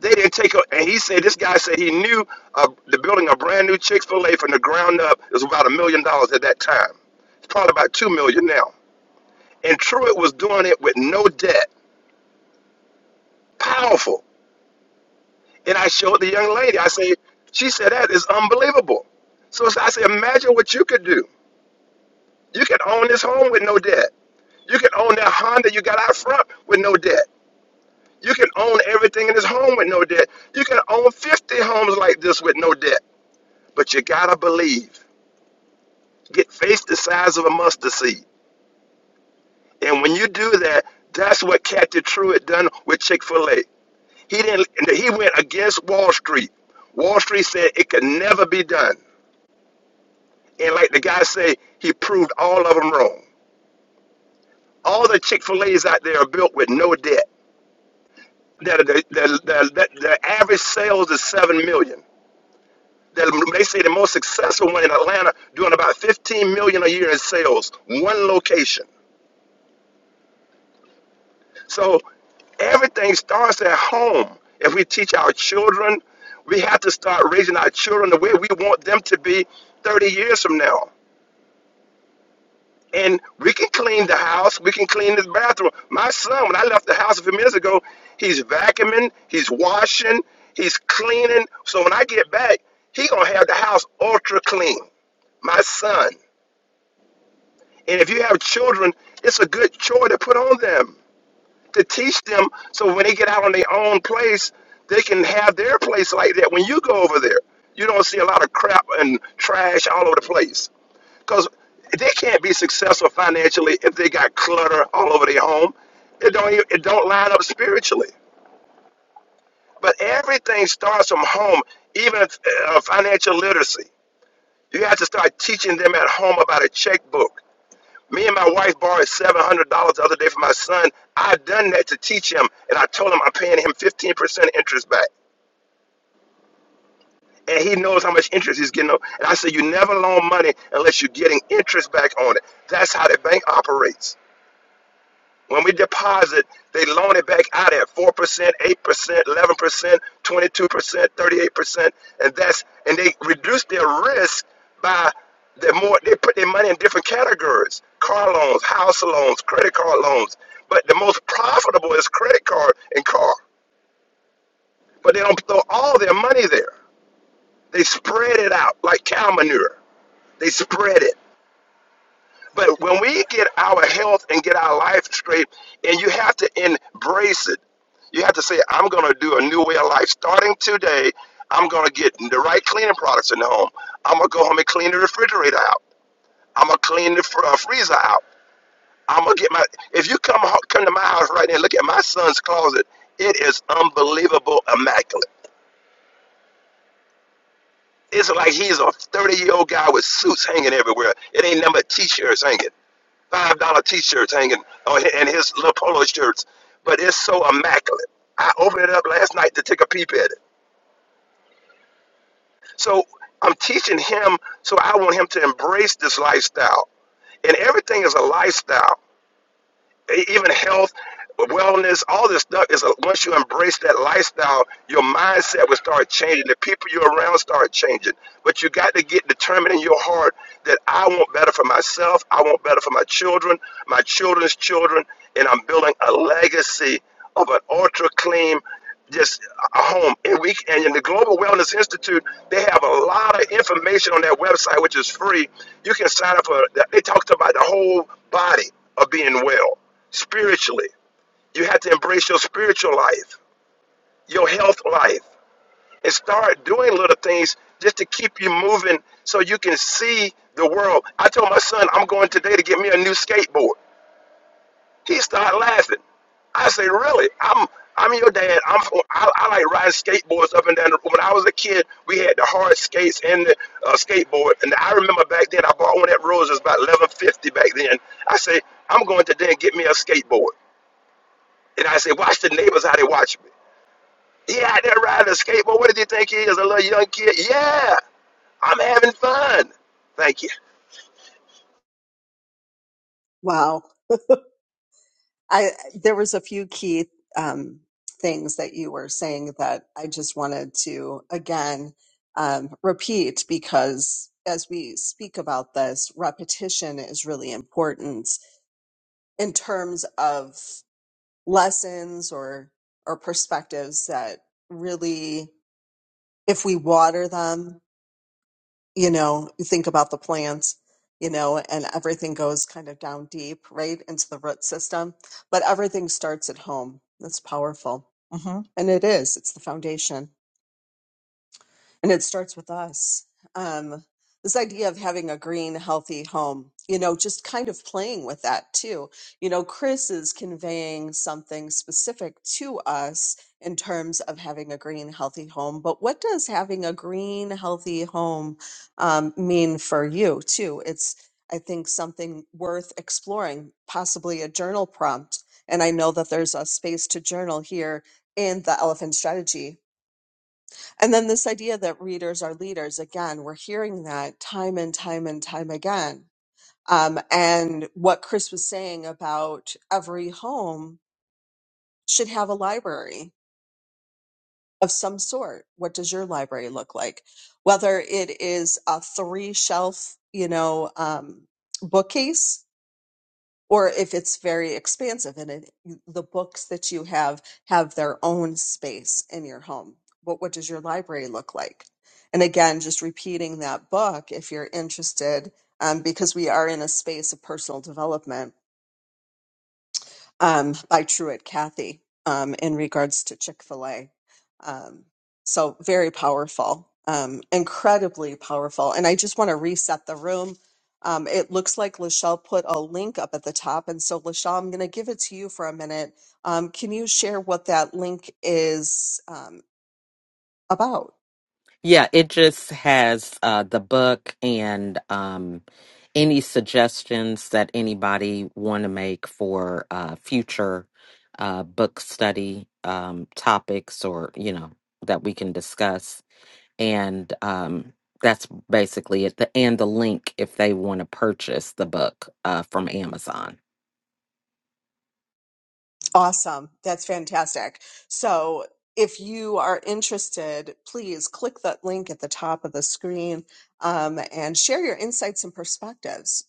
They didn't take a, and he said this guy said he knew uh, the building a brand new Chick Fil A from the ground up was about a million dollars at that time. It's probably about two million now. And Truett was doing it with no debt. Powerful. And I showed the young lady. I say, she said, that is unbelievable. So I said, imagine what you could do. You could own this home with no debt. You can own that Honda you got out front with no debt. You can own everything in this home with no debt. You can own 50 homes like this with no debt. But you gotta believe. Get faith the size of a mustard seed. And when you do that, that's what Kathy Truitt done with Chick-fil-A. He didn't he went against Wall Street. Wall Street said it could never be done. And like the guy say, he proved all of them wrong. All the Chick Fil A's out there are built with no debt. The, the, the, the, the average sales is seven million. The- they say the most successful one in Atlanta doing about 15 million dollars a year in sales, one location. So everything starts at home. If we teach our children, we have to start raising our children the way we want them to be 30 years from now. And we can clean the house. We can clean this bathroom. My son, when I left the house a few minutes ago, he's vacuuming, he's washing, he's cleaning. So when I get back, he gonna have the house ultra clean. My son. And if you have children, it's a good chore to put on them to teach them so when they get out on their own place, they can have their place like that. When you go over there, you don't see a lot of crap and trash all over the place. Because they can't be successful financially if they got clutter all over their home. It don't even, it don't line up spiritually. But everything starts from home, even uh, financial literacy. You have to start teaching them at home about a checkbook me and my wife borrowed seven hundred dollars the other day from my son. I done that to teach him, and I told him I'm paying him fifteen percent interest back, and he knows how much interest he's getting. on- And I said, you never loan money unless you're getting interest back on it. That's how the bank operates. When we deposit, they loan it back out at 4%, 8%, 11%, 22%, 38%, and that's and they reduce their risk by the more they put their money in different categories. Car loans, house loans, credit card loans. But the most profitable is credit card and car. But they don't throw all their money there. They spread it out like cow manure. They spread it. But when we get our health and get our life straight, and you have to embrace it, you have to say, I'm going to do a new way of life. Starting today, I'm going to get the right cleaning products in the home. I'm going to go home and clean the refrigerator out. I'm going to clean the fr- uh, freezer out. I'm going to get my. If you come ho- come to my house right now and look at my son's closet, it is unbelievable, immaculate. It's like he's a 30 year old guy with suits hanging everywhere. It ain't nothing but t shirts hanging. five dollar t shirts hanging on and his little polo shirts, but it's so immaculate. I opened it up last night to take a peep at it. So I'm teaching him, so I want him to embrace this lifestyle. And everything is a lifestyle. E- even health, wellness, all this stuff is a, once you embrace that lifestyle, your mindset will start changing. The people you're around start changing. But you got to get determined in your heart that I want better for myself. I want better for my children, my children's children, and I'm building a legacy of an ultra clean just a home and we and in the global wellness institute they have a lot of information on their website which is free you can sign up for they talked about the whole body of being well spiritually you have to embrace your spiritual life your health life and start doing little things just to keep you moving so you can see the world i told my son i'm going today to get me a new skateboard he started laughing. I said, really? I'm I'm your dad. I'm from, I, I like riding skateboards up and down. The, when I was a kid, we had the hard skates and the uh, skateboard. And I remember back then, I bought one at Rose. It was about eleven fifty back then. I say, I'm going to then get me a skateboard. And I say, watch the neighbors how they watch me. He out there riding a skateboard. What did he think he is? A little young kid? Yeah, I'm having fun. Thank you.
Wow, I there was a few key um, things that you were saying that I just wanted to again um, repeat because as we speak about this, repetition is really important in terms of lessons or or perspectives that really if we water them you know, you think about the plants, you know, and everything goes kind of down deep, right, into the root system. But everything starts at home. That's powerful. hmm And it is, it's the foundation and it starts with us. Um, this idea of having a green, healthy home, you know, just kind of playing with that too. You know, Chris is conveying something specific to us in terms of having a green, healthy home. But what does having a green, healthy home um, mean for you too? It's, I think, something worth exploring, possibly a journal prompt. And I know that there's a space to journal here in the Elephant Strategy and then this idea that readers are leaders, again, we're hearing that time and time and time again. Um, and what Chris was saying about every home should have a library of some sort. What does your library look like? Whether it is a three shelf, you know, um, bookcase or if it's very expansive and it, you- the books that you have have their own space in your home. What what does your library look like? And again, just repeating that book if you're interested, um, because we are in a space of personal development um, by Truett Cathy um, in regards to Chick fil A. Um, so, very powerful, um, incredibly powerful. And I just want to reset the room. Um, it looks like Lachelle put a link up at the top. And so, Lachelle, I'm going to give it to you for a minute. Um, can you share what that link is um, about?
Yeah, it just has uh, the book and um, any suggestions that anybody want to make for uh, future uh, book study um, topics or, you know, that we can discuss. and um, that's basically it. The, and the link if they want to purchase the book uh, from Amazon.
Awesome. That's fantastic. So if you are interested, please click that link at the top of the screen um, and share your insights and perspectives.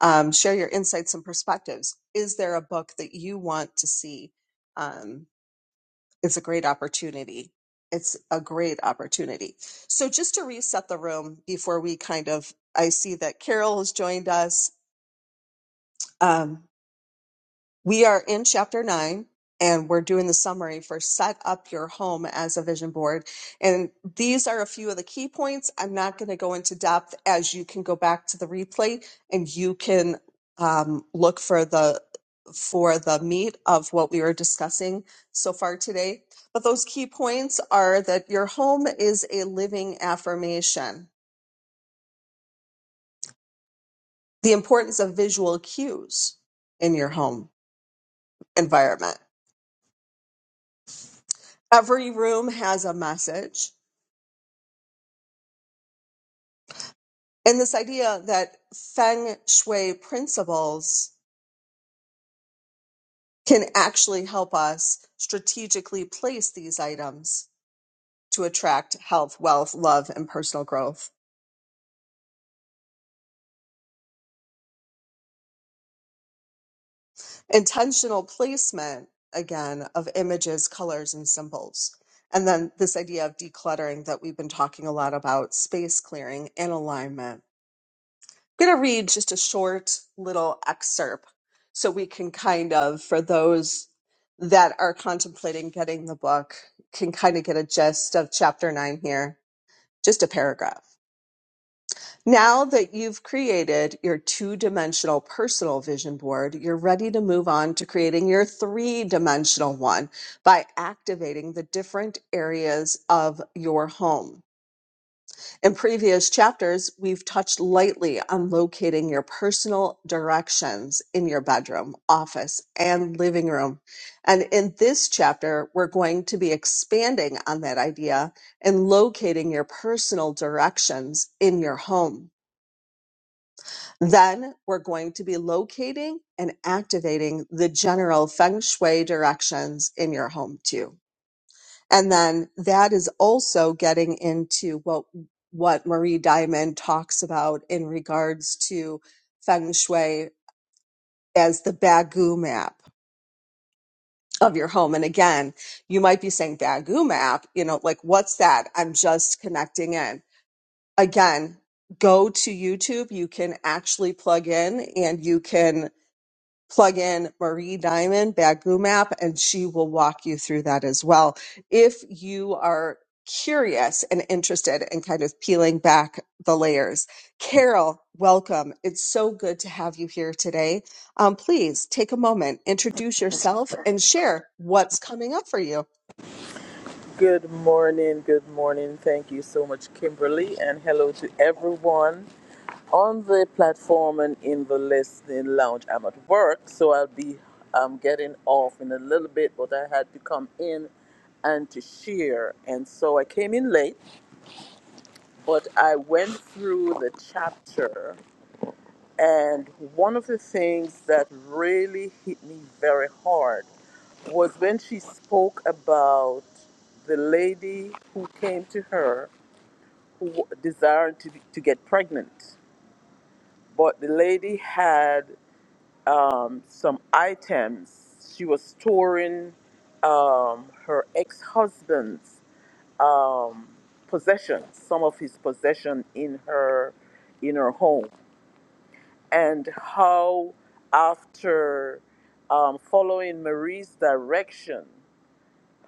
Um, share your insights and perspectives. Is there a book that you want to see? Um, it's a great opportunity. It's a great opportunity. So just to reset the room before we kind of, I see that Carol has joined us. Um, We are in chapter nine and we're doing the summary for set up your home as a vision board. And these are a few of the key points. I'm not going to go into depth as you can go back to the replay and you can um, look for the for the meat of what we were discussing so far today. But those key points are that your home is a living affirmation, the importance of visual cues in your home environment. Every room has a message And this idea that feng shui principles can actually help us strategically place these items to attract health, wealth, love, and personal growth. Intentional placement, again, of images, colors, and symbols. And then this idea of decluttering that we've been talking a lot about, space clearing and alignment. I'm going to read just a short little excerpt so we can kind of, for those that are contemplating getting the book, can kind of get a gist of chapter nine here, just a paragraph. Now that you've created your two dimensional personal vision board, you're ready to move on to creating your three dimensional one by activating the different areas of your home. In previous chapters, we've touched lightly on locating your personal directions in your bedroom, office, and living room. And in this chapter, we're going to be expanding on that idea and locating your personal directions in your home. Then we're going to be locating and activating the general feng shui directions in your home, too. And then that is also getting into what what Marie Diamond talks about in regards to feng shui as the bagu map of your home. And again, you might be saying bagu map, you know, like what's that? I'm just connecting in. Again, go to YouTube. You can actually plug in and you can plug in Marie Diamond Bagu Map, and she will walk you through that as well. If you are curious and interested in kind of peeling back the layers, Carol, welcome. It's so good to have you here today. Um, please take a moment, introduce yourself, and share what's coming up for you.
Good morning, good morning. Thank you so much, Kimberly, and hello to everyone on the platform and in the listening lounge. I'm at work, so I'll be um, getting off in a little bit, but I had to come in and to share. And so I came in late, but I went through the chapter and one of the things that really hit me very hard was when she spoke about the lady who came to her who desired to, to get pregnant. But the lady had um, some items. She was storing um, her ex husband's um, possessions, some of his possession in her, in her home and how after um, following Marie's direction,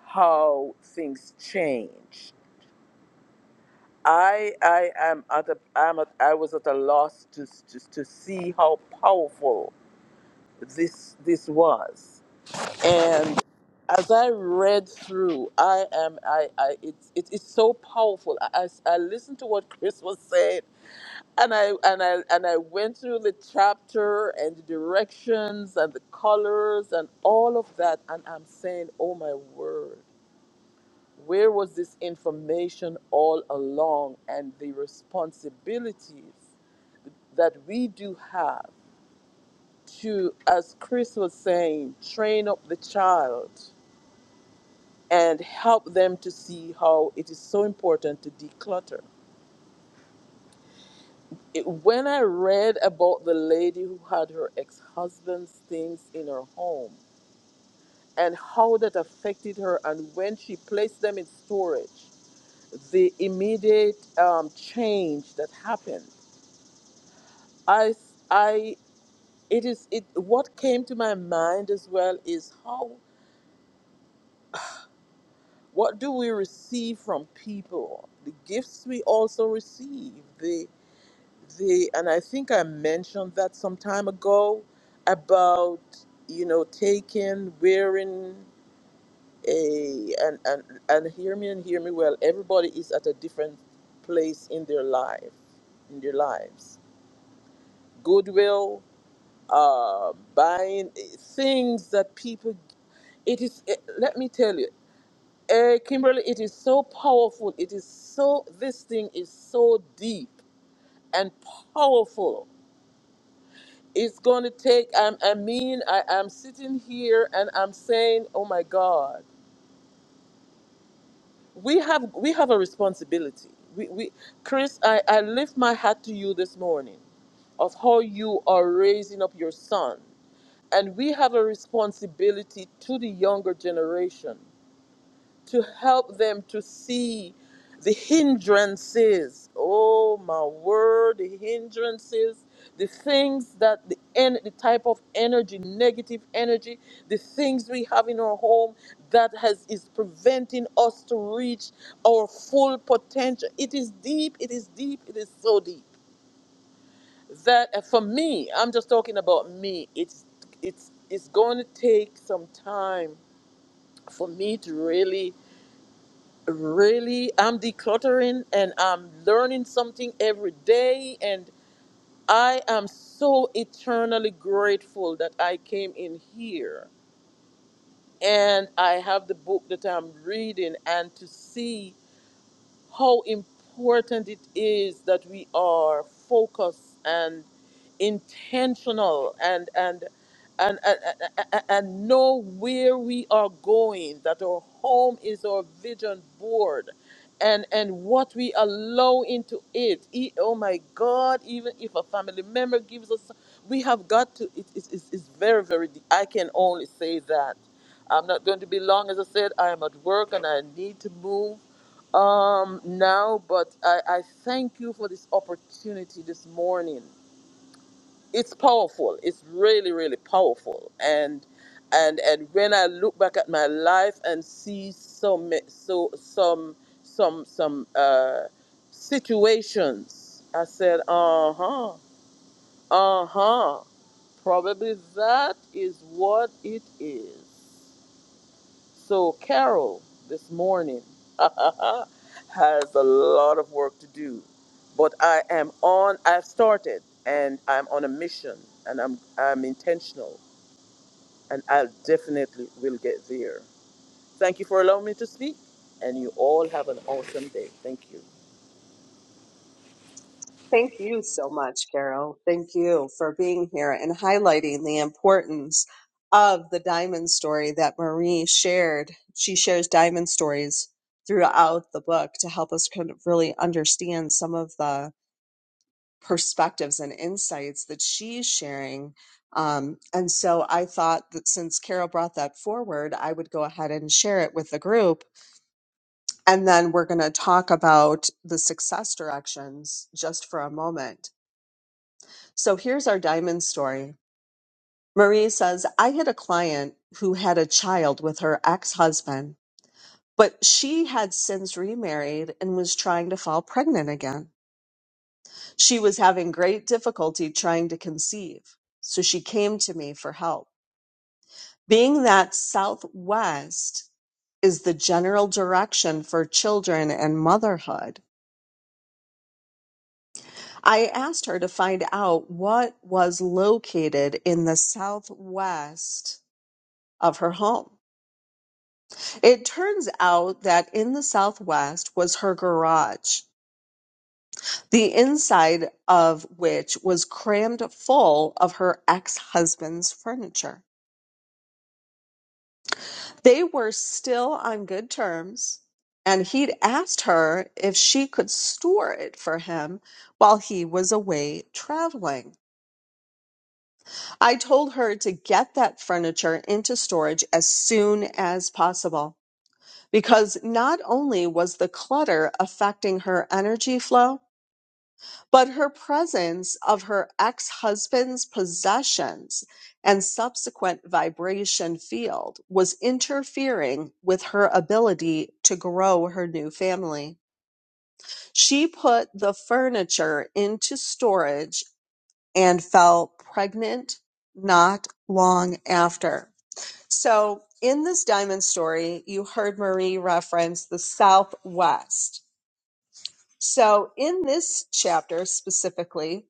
how things change. I I am at a I'm at, I was at a loss to, to to see how powerful this this was, and as I read through, I am I I it's it, it's so powerful. I, I I listened to what Chris was saying, and I and I and I went through the chapter and the directions and the colors and all of that, and I'm saying, oh my word, where was this information all along? And the responsibilities that we do have to, as Chris was saying, train up the child and help them to see how it is so important to declutter it- when I read about the lady who had her ex husband's things in her home and how that affected her, and when she placed them in storage, the immediate um, change that happened, I, I, it is it. What came to my mind as well is how what do we receive from people? The gifts we also receive, The. the and I think I mentioned that some time ago about you know taking wearing a and and and hear me and hear me well everybody is at a different place in their life in their lives goodwill uh buying eh, things that people it is eh, let me tell you uh, kimberly it is so powerful it is so this thing is so deep and powerful it's going to take I'm, i mean I, i'm sitting here and i'm saying oh my god we have we have a responsibility we, we chris I, I lift my hat to you this morning of how you are raising up your son and we have a responsibility to the younger generation to help them to see the hindrances. Oh my word, the hindrances, the things that the en- the type of energy, negative energy, the things we have in our home that has is preventing us to reach our full potential. It is deep, it is deep, it is so deep. That uh, for me, I'm just talking about me. It's it's it's going to take some time for me to really really i'm decluttering and i'm learning something every day and i am so eternally grateful that i came in here and i have the book that i'm reading and to see how important it is that we are focused and intentional and and and, and, and, and know where we are going, that our home is our vision board and and what we allow into it. E- oh my God, even if a family member gives us, we have got to, it, it, it's, it's very, very, de- I can only say that. I'm not going to be long, as I said, I am at work and I need to move um, no, but I, I thank you for this opportunity this morning. It's powerful. It's really, really powerful. And and and when I look back at my life and see some so some some some uh situations, I said, uh huh, uh huh. Probably that is what it is. So Carol this morning has a lot of work to do, but I am on. I've started, and I'm on a mission, and I'm I'm intentional, and I definitely will get there. Thank you for allowing me to speak, and you all have an awesome day. Thank you.
Thank you so much, Carol. Thank you for being here and highlighting the importance of the diamond story that Marie shared. She shares diamond stories throughout the book to help us kind of really understand some of the perspectives and insights that she's sharing. Um, and so I thought that since Carol brought that forward, I would go ahead and share it with the group. And then we're going to talk about the success directions just for a moment so here's our diamond story. Marie says, I had a client who had a child with her ex husband, but she had since remarried and was trying to fall pregnant again. She was having great difficulty trying to conceive, so she came to me for help. Being that Southwest is the general direction for children and motherhood, I asked her to find out what was located in the Southwest of her home. It turns out that in the Southwest was her garage, the inside of which was crammed full of her ex husband's furniture. They were still on good terms, and he'd asked her if she could store it for him while he was away traveling. I told her to get that furniture into storage as soon as possible because not only was the clutter affecting her energy flow, but her presence of her ex husband's possessions and subsequent vibration field was interfering with her ability to grow her new family. She put the furniture into storage and fell pregnant not long after. So, in this diamond story, you heard Marie reference the Southwest. So, in this chapter specifically,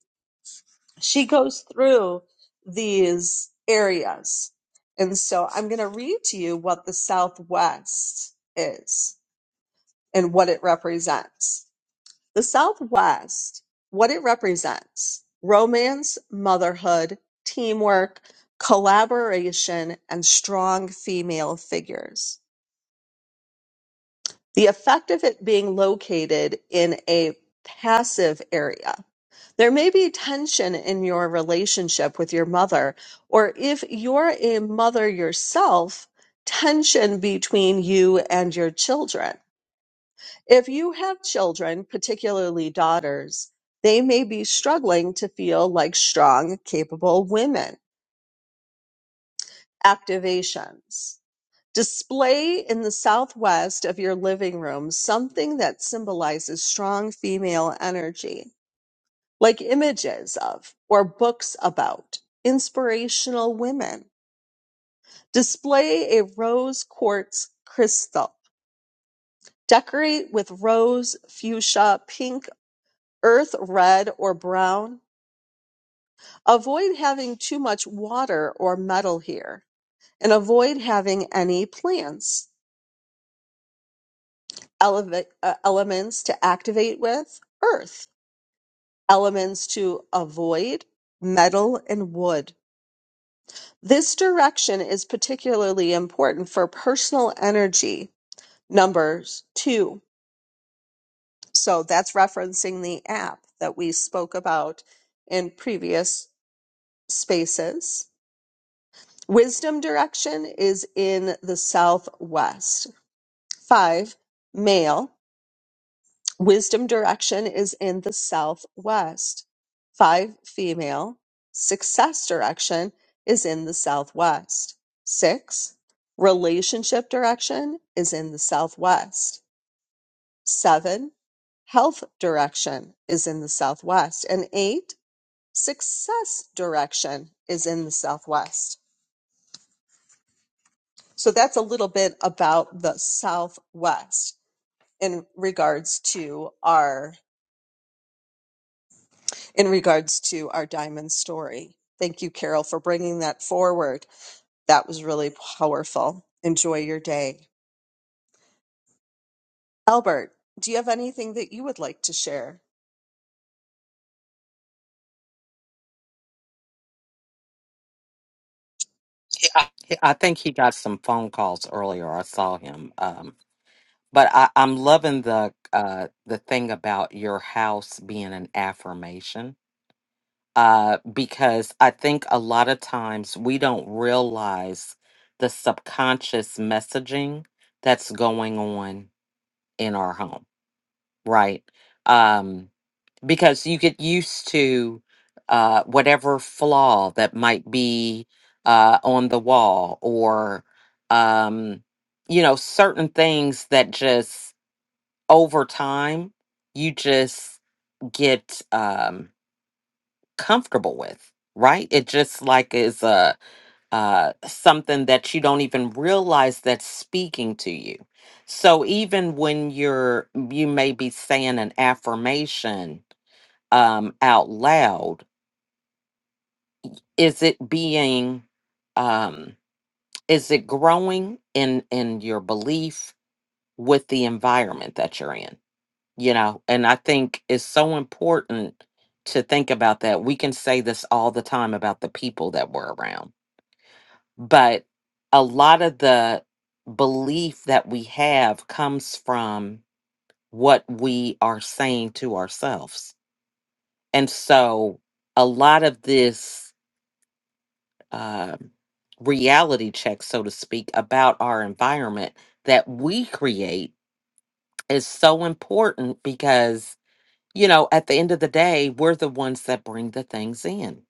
she goes through these areas. And so I'm going to read to you what the Southwest is and what it represents. The Southwest, what it represents romance, motherhood, teamwork, collaboration, and strong female figures. The effect of it being located in a passive area There may be tension in your relationship with your mother, or if you're a mother yourself, tension between you and your children. If you have children, particularly daughters, they may be struggling to feel like strong, capable women. Activations. Display in the southwest of your living room something that symbolizes strong female energy. like images of or books about inspirational women. Display a rose quartz crystal. Decorate with rose, fuchsia, pink, earth red, or brown. Avoid having too much water or metal here, and avoid having any plants. Eleva- uh, elements to activate with earth. Elements to avoid metal and wood This direction is particularly important for personal energy numbers two. So that's referencing the app that we spoke about in previous spaces. Wisdom direction is in the southwest. Five, male. Wisdom direction is in the southwest. Five female. Success direction is in the southwest. Six. Relationship direction is in the southwest. Seven. Health direction is in the southwest. And eight. Success direction is in the southwest. So that's a little bit about the southwest in regards to our in regards to our diamond story. Thank you, Carol, for bringing that forward. That was really powerful. Enjoy your day. Albert, do you have anything that you would like to share?
He- I think he got some phone calls earlier. I saw him. Um, But I, I'm loving the uh, the thing about your house being an affirmation, uh, because I think a lot of times we don't realize the subconscious messaging that's going on in our home, right? Um, because you get used to uh, whatever flaw that might be uh, on the wall, or um, you know, certain things that just over time you just get um comfortable with right it just like is a uh something that you don't even realize that's speaking to you so even when you're you may be saying an affirmation um out loud is it being um is it growing in in your belief with the environment that you're in you know and i think it's so important to think about that we can say this all the time about the people that we're around but a lot of the belief that we have comes from what we are saying to ourselves and so a lot of this um reality check so to speak about our environment that we create is so important because you know, at the end of the day, we're the ones that bring the things in.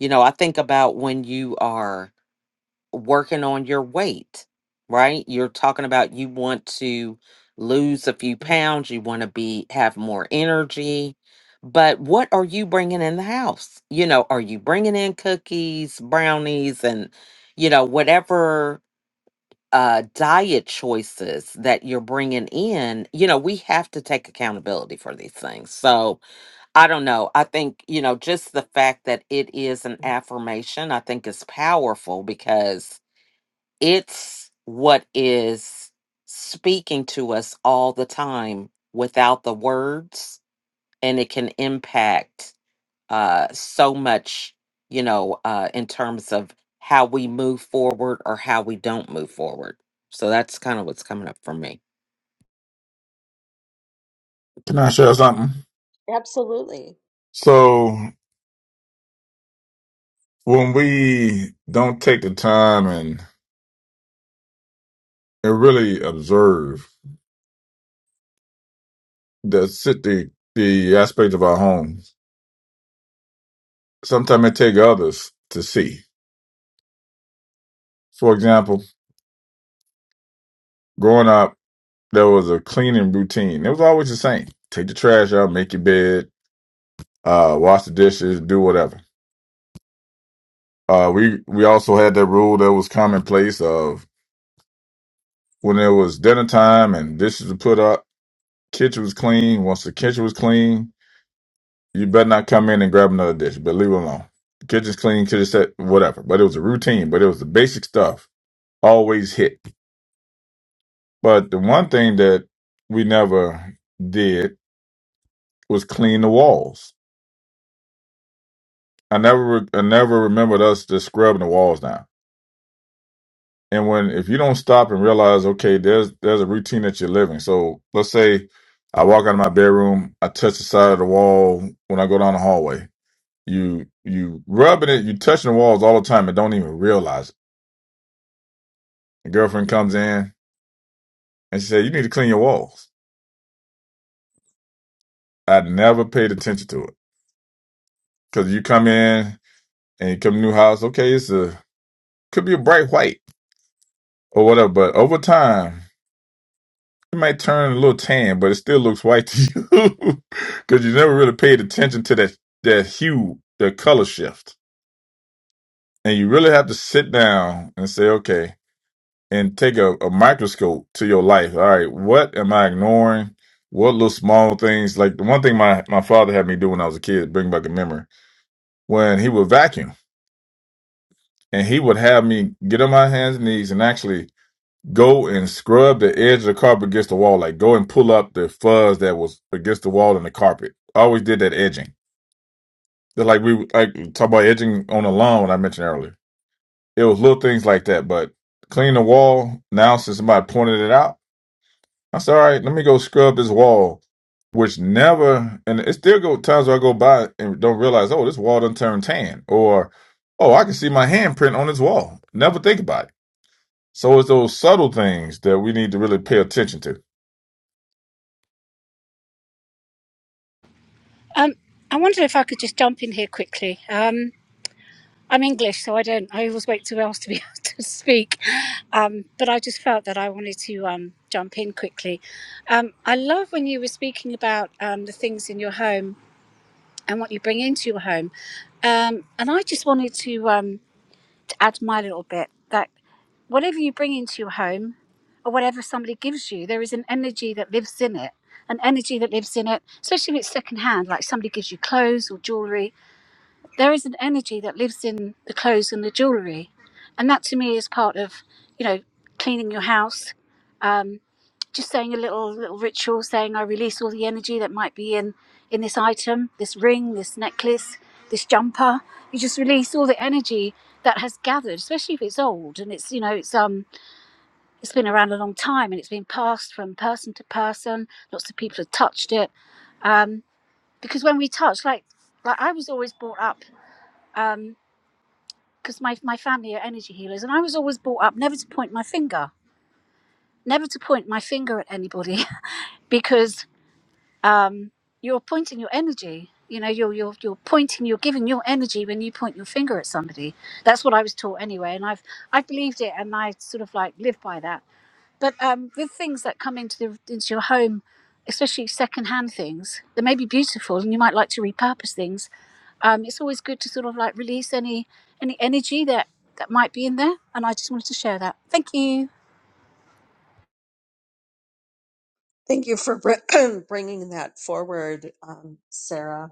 You know, I think about when you are working on your weight, right? You're talking about you want to lose a few pounds, you want to be have more energy, but what are you bringing in the house? You know, are you bringing in cookies, brownies and you know, whatever uh diet choices that you're bringing in, you know, we have to take accountability for these things. So, I don't know. I think, you know, just the fact that it is an affirmation, I think is powerful because it's what is speaking to us all the time without the words. And it can impact uh, so much, you know, uh, in terms of how we move forward or how we don't move forward. So that's kind of what's coming up for me.
Can I share something?
Absolutely.
So when we don't take the time and, and really observe the sit the the aspect of our homes, sometimes it take others to see. For example, growing up, there was a cleaning routine. It was always the same: take the trash out, make your bed, uh, wash the dishes, do whatever. Uh, we we also had that rule that was commonplace of when it was dinner time and dishes were put up, kitchen was clean. Once the kitchen was clean, you better not come in and grab another dish, but leave it alone. Kitchen's clean, kitchen set, whatever. But it was a routine, but it was the basic stuff always hit. But the one thing that we never did was clean the walls. I never, re- I never remembered us just scrubbing the walls down. And when if you don't stop and realize, okay, there's there's a routine that you're living. So let's say I walk out of my bedroom, I touch the side of the wall when I go down the hallway. You you rubbing it, you touching the walls all the time and don't even realize it. The girlfriend comes in and she said, You need to clean your walls. I never paid attention to it. Cause you come in and you come to a new house, okay, it's a could be a bright white or whatever, but over time It might turn a little tan, but it still looks white to you because you never really paid attention to that that hue, the color shift. And you really have to sit down and say, okay, and take a, a microscope to your life. All right, what am I ignoring? What little small things? Like the one thing my, my father had me do when I was a kid, bring back a memory, when he would vacuum and he would have me get on my hands and knees and actually Go and scrub the edge of the carpet against the wall. Like go and pull up the fuzz that was against the wall in the carpet. I always did that edging. They're like we like talk about edging on the lawn when I mentioned earlier. It was little things like that, but clean the wall. Now since somebody pointed it out, I said, all right, let me go scrub this wall. Which never and it still go times where I go by and don't realize, oh, this wall done turned tan or oh, I can see my handprint on this wall. Never think about it. So it's those subtle things that we need to really pay attention to.
Um, I wonder if I could just jump in here quickly. Um, I'm English, so I don't. I always wait till else to be able to speak. Um, but I just felt that I wanted to um, jump in quickly. Um, I love when you were speaking about um, the things in your home and what you bring into your home. Um, and I just wanted to, um, to add my little bit that whatever you bring into your home or whatever somebody gives you, there is an energy that lives in it. An energy that lives in it, especially if it's secondhand, like somebody gives you clothes or jewelry there is an energy that lives in the clothes and the jewelry and that to me is part of you know cleaning your house um, just saying a little little ritual saying i release all the energy that might be in in this item this ring this necklace this jumper you just release all the energy that has gathered especially if it's old and it's you know it's um it's been around a long time and it's been passed from person to person lots of people have touched it um because when we touch like like i was always brought up um, because my, my family are energy healers and i was always brought up never to point my finger never to point my finger at anybody because um, you're pointing your energy you know you're, you're you're pointing you're giving your energy when you point your finger at somebody that's what i was taught anyway and i've i've believed it and i sort of like lived by that but um, with things that come into the, into your home, especially secondhand things, they may be beautiful, and you might like to repurpose things. Um, it's always good to sort of like release any any energy that that might be in there. And I just wanted to share that. Thank you.
Thank you for br- bringing that forward, um, Sarah.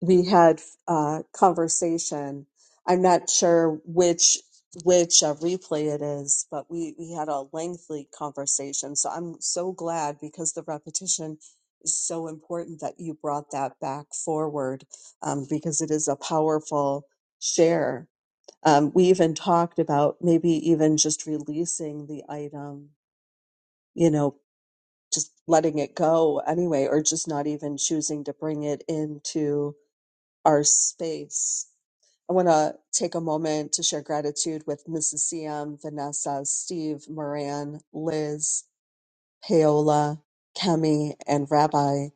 we had uh, conversation. I'm not sure which which uh, replay it is, but we we had a lengthy conversation. So I'm so glad because the repetition is so important that you brought that back forward um, because it is a powerful share. Um, we even talked about maybe even just releasing the item, you know, just letting it go anyway, or just not even choosing to bring it into our space. I want to take a moment to share gratitude with Mrs. CM, Vanessa, Steve, Moran, Liz, Paola, Kemi, and Rabbi.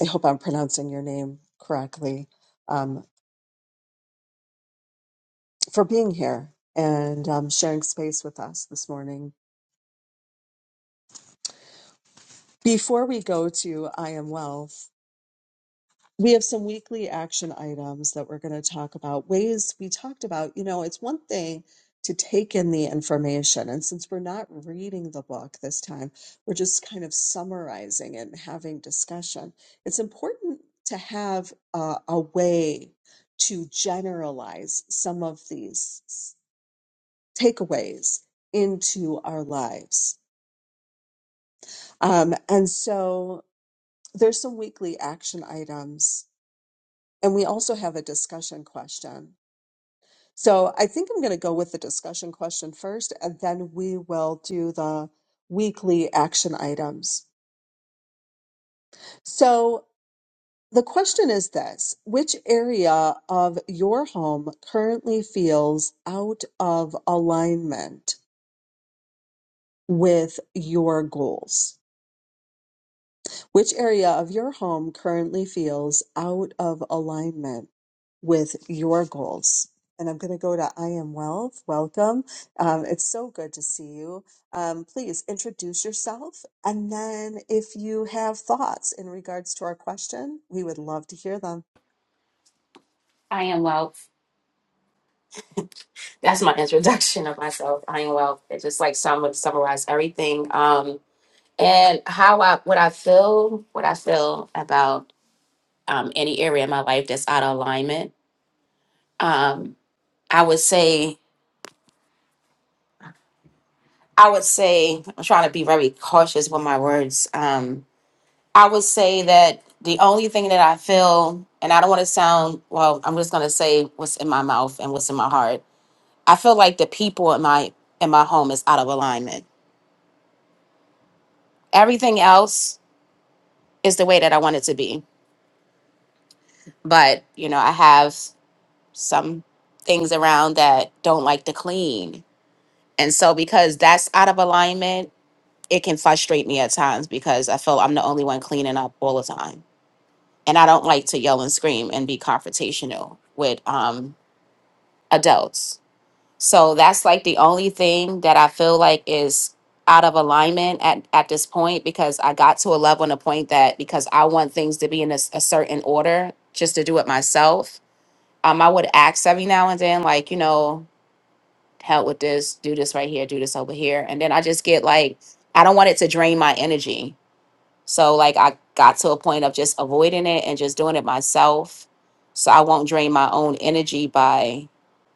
I hope I'm pronouncing your name correctly um, for being here and um, sharing space with us this morning. Before we go to I Am Wealth, we have some weekly action items that we're going to talk about. Ways we talked about, you know, it's one thing to take in the information. And since we're not reading the book this time, we're just kind of summarizing it and having discussion. It's important to have uh, a way to generalize some of these s- takeaways into our lives. Um, and so there's some weekly action items and we also have a discussion question So I think I'm going to go with the discussion question first, and then we will do the weekly action items. So the question is this Which area of your home currently feels out of alignment with your goals? Which area of your home currently feels out of alignment with your goals? And I'm going to go to I Am Wealth. Welcome. Um, it's so good to see you. Um, please introduce yourself. And then if you have thoughts in regards to our question, we would love to hear them.
I am wealth. That's my introduction of myself. I am wealth. It's just like some would summarize everything. Um, and how I what I feel, what I feel about um, any area in my life that's out of alignment. Um, I would say, I would say, I'm trying to be very cautious with my words. Um, I would say that the only thing that I feel, and I don't want to sound well, I'm just gonna say what's in my mouth and what's in my heart. I feel like the people in my in my home is out of alignment everything else is the way that I want it to be. But, you know, I have some things around that don't like to clean. And so because that's out of alignment, it can frustrate me at times because I feel I'm the only one cleaning up all the time. And I don't like to yell and scream and be confrontational with um adults. So that's like the only thing that I feel like is out of alignment at, at this point because I got to a level and a point that because I want things to be in a, s- a certain order just to do it myself. Um, I would ask every now and then, like, you know, help with this, do this right here, do this over here. And then I just get like, I don't want it to drain my energy. So like I got to a point of just avoiding it and just doing it myself. So I won't drain my own energy by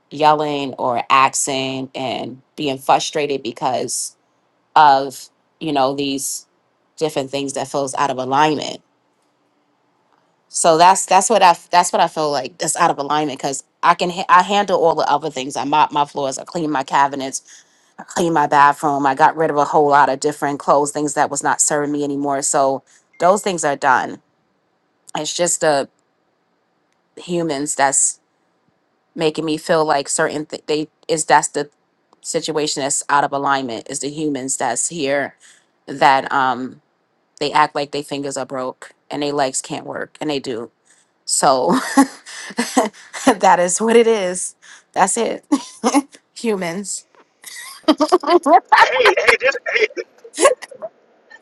yelling or axing and being frustrated because of you know these different things that feels out of alignment so that's that's what i that's what i feel like that's out of alignment because i can ha- i handle all the other things i mop my floors i clean my cabinets i clean my bathroom i got rid of a whole lot of different clothes things that was not serving me anymore so those things are done it's just the humans that's making me feel like certain th- they is that's the situation that's out of alignment is the humans that's here that um they act like they fingers are broke and they legs can't work and they do so that is what it is that's it humans
Hey, hey, this, hey,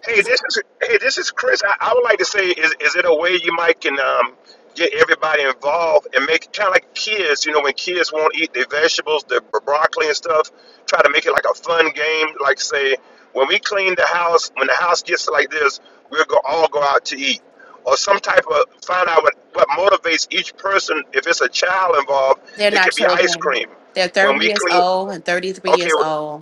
Hey, this is hey, this is Chris. I, I would like to say, is is it a way you might can um, get everybody involved and make it kind of like kids? You know, when kids won't eat their vegetables, their bro- broccoli and stuff, try to make it like a fun game. Like say, when we clean the house, when the house gets like this, we'll go all go out to eat, or some type of find out what what motivates each person. If it's a child involved,
they're
it
not
could be ice
children
cream.
they're
When
30
we
years
clean,
old and 33
okay,
years old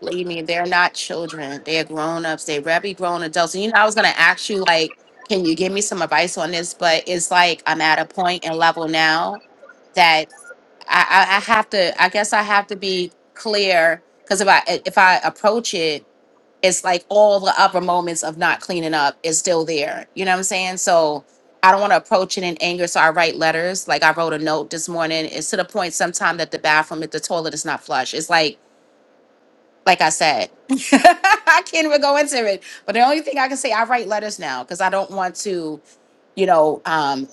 Believe me, they're not children. They are grown ups. They rabby grown adults. And you know, I was gonna ask you like, can you give me some advice on this? But it's like I'm at a point and level now that I, I, I have to. I guess I have to be clear because if I if I approach it, it's like all the other moments of not cleaning up is still there. You know what I'm saying? So. I don't want to approach it in anger, so I write letters. Like I wrote a note this morning. It's to the point sometimes that the bathroom, if the toilet is not flush, it's like like I said, I can't even go into it. But the only thing I can say, I write letters now because I don't want to, you know, um,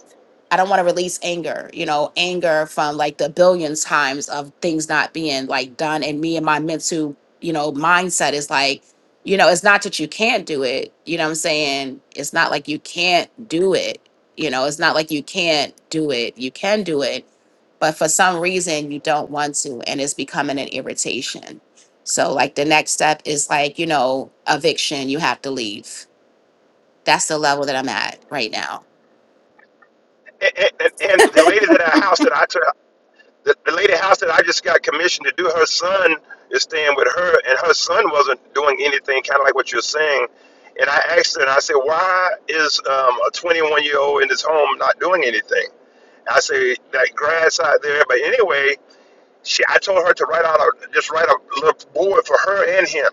I don't want to release anger, you know, anger from like the billions times of things not being like done. And me and my mental, you know, mindset is like, you know, it's not that you can't do it. You know what I'm saying? It's not like you can't do it. You know, it's not like you can't do it. You can do it. But for some reason, you don't want to. And it's becoming an irritation. So, like, the next step is like, you know, eviction, you have to leave. That's the level that I'm at right now.
and, and, and the lady that I house that I took the, the lady house that I just got commissioned to do, her son is staying with her, and her son wasn't doing anything, kind of like what you're saying. And I asked her, and I said, why is um, a 21 year old in this home not doing anything? I say that grass out there, but anyway, she I told her to write out a just write a little board for her and him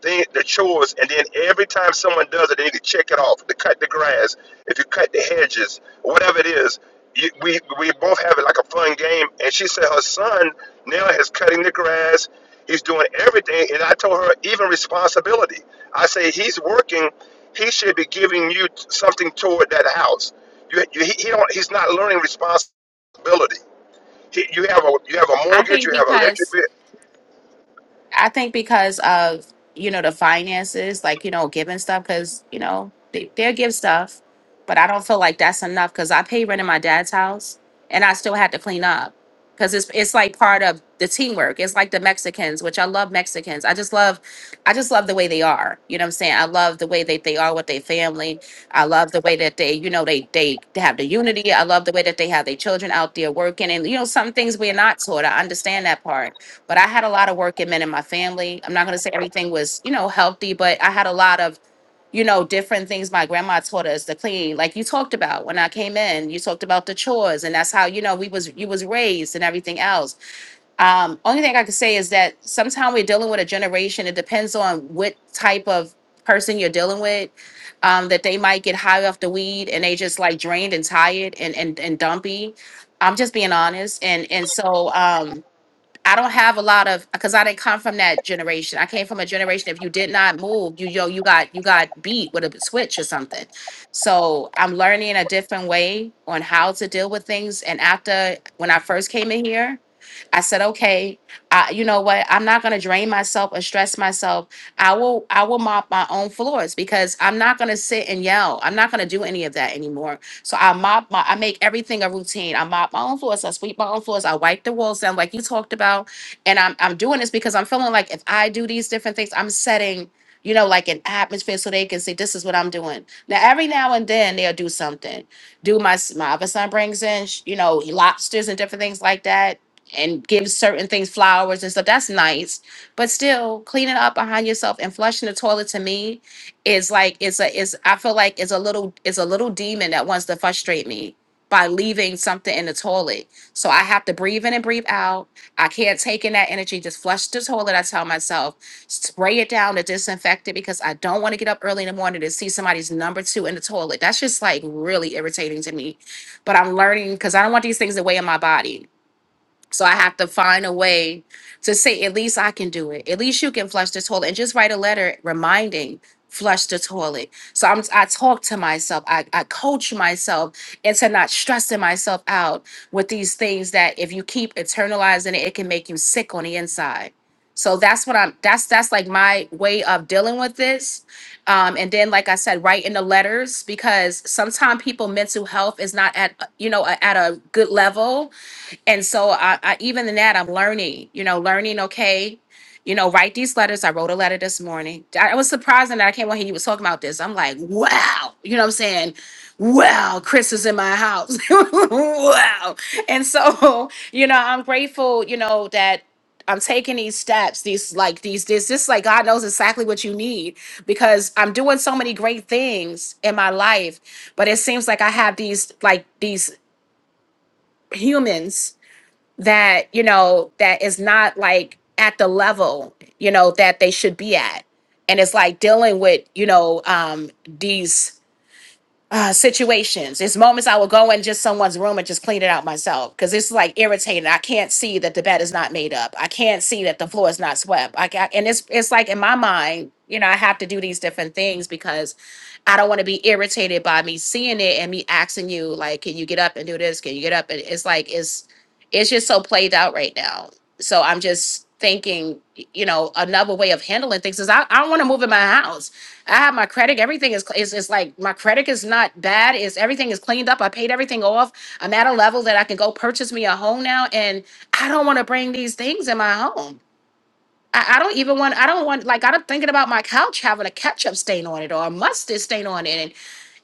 thing, the chores, and then every time someone does it, they need to check it off. To cut the grass, if you cut the hedges, whatever it is, you, we we both have it like a fun game. And she said her son now is cutting the grass. He's doing everything, and I told her even responsibility. I say he's working. He should be giving you something toward that house. You, you, he, he don't, he's not learning responsibility responsibility. You have a you have a
I
mortgage,
think
you have electric
because
bill.
I think because of you know the finances, like you know giving stuff, because you know they, they'll give stuff, but I don't feel like that's enough because I pay rent in my dad's house and I still had to clean up because it's it's like part of the teamwork. It's like the Mexicans, which I love Mexicans. I just love, I just love the way they are. You know what I'm saying? I love the way that they are with their family. I love the way that they, you know, they they have the unity. I love the way that they have their children out there working, and you know some things we're not taught. I understand that part but I had a lot of working men in my family. I'm not going to say everything was, you know, healthy, but I had a lot of, you know, different things my grandma taught us to clean. Like you talked about when I came in, you talked about the chores and that's how, you know, we was you was raised and everything else. Um only thing I could say is that sometimes we're dealing with a generation it depends on what type of person you're dealing with um that they might get high off the weed and they just like drained and tired and and and dumpy. I'm just being honest and and so um I don't have a lot of because I didn't come from that generation. I came from a generation if you did not move, you yo, you got you got beat with a switch or something. So I'm learning a different way on how to deal with things. And after when I first came in here, I said, okay, I, you know what? I'm not gonna drain myself or stress myself. I will I will mop my own floors because I'm not gonna sit and yell. I'm not gonna do any of that anymore so I mop my, I make everything a routine. I mop my own floors, I sweep my own floors, I wipe the walls down, like you talked about. And I'm I'm doing this because I'm feeling like if I do these different things, I'm setting, you know, like an atmosphere so they can say this is what I'm doing. Now every now and then they'll do something. Do my s- my other son brings in, sh- you know, lobsters and different things like that. And gives certain things flowers and stuff. That's nice, but still cleaning up behind yourself and flushing the toilet to me is like it's a it's I feel like it's a little it's a little demon that wants to frustrate me by leaving something in the toilet. So I have to breathe in and breathe out. I can't take in that energy. Just flush the toilet, I tell myself. Spray it down to disinfect it because I don't want to get up early in the morning to see somebody's number two in the toilet. That's just like really irritating to me. But I'm learning because I don't want these things to weigh on my body. So I have to find a way to say, at least I can do it. At least you can flush the toilet and just write a letter reminding flush the toilet. So I'm I talk to myself. I, I coach myself into not stressing myself out with these things that if you keep internalizing it, it can make you sick on the inside. So that's what I'm that's that's like my way of dealing with this. Um and then like I said, write in the letters because sometimes people mental health is not at you know at a good level and so I, I even in that i'm learning you know learning okay you know write these letters i wrote a letter this morning i I was surprised that i came on here you was talking about this i'm like wow you know what i'm saying wow chris is in my house wow and so you know i'm grateful you know that i'm taking these steps these like these this this like god knows exactly what you need because i'm doing so many great things in my life but it seems like i have these like these humans that you know that is not like at the level you know that they should be at and it's like dealing with you know um these uh, situations. It's moments I will go in just someone's room and just clean it out myself because it's like irritating. I can't see that the bed is not made up. I can't see that the floor is not swept. I ca- and it's it's like in my mind, you know, I have to do these different things because I don't want to be irritated by me seeing it and me asking you like, can you get up and do this? Can you get up? And it's like it's it's just so played out right now. So I'm just thinking, you know, another way of handling things is I, I don't want to move in my house I have my credit. Everything is, is is like my credit is not bad. Is everything is cleaned up. I paid everything off. I'm at a level that I can go purchase me a home now, and I don't want to bring these things in my home. I, I don't even want. I don't want like I'm thinking about my couch having a ketchup stain on it or a mustard stain on it,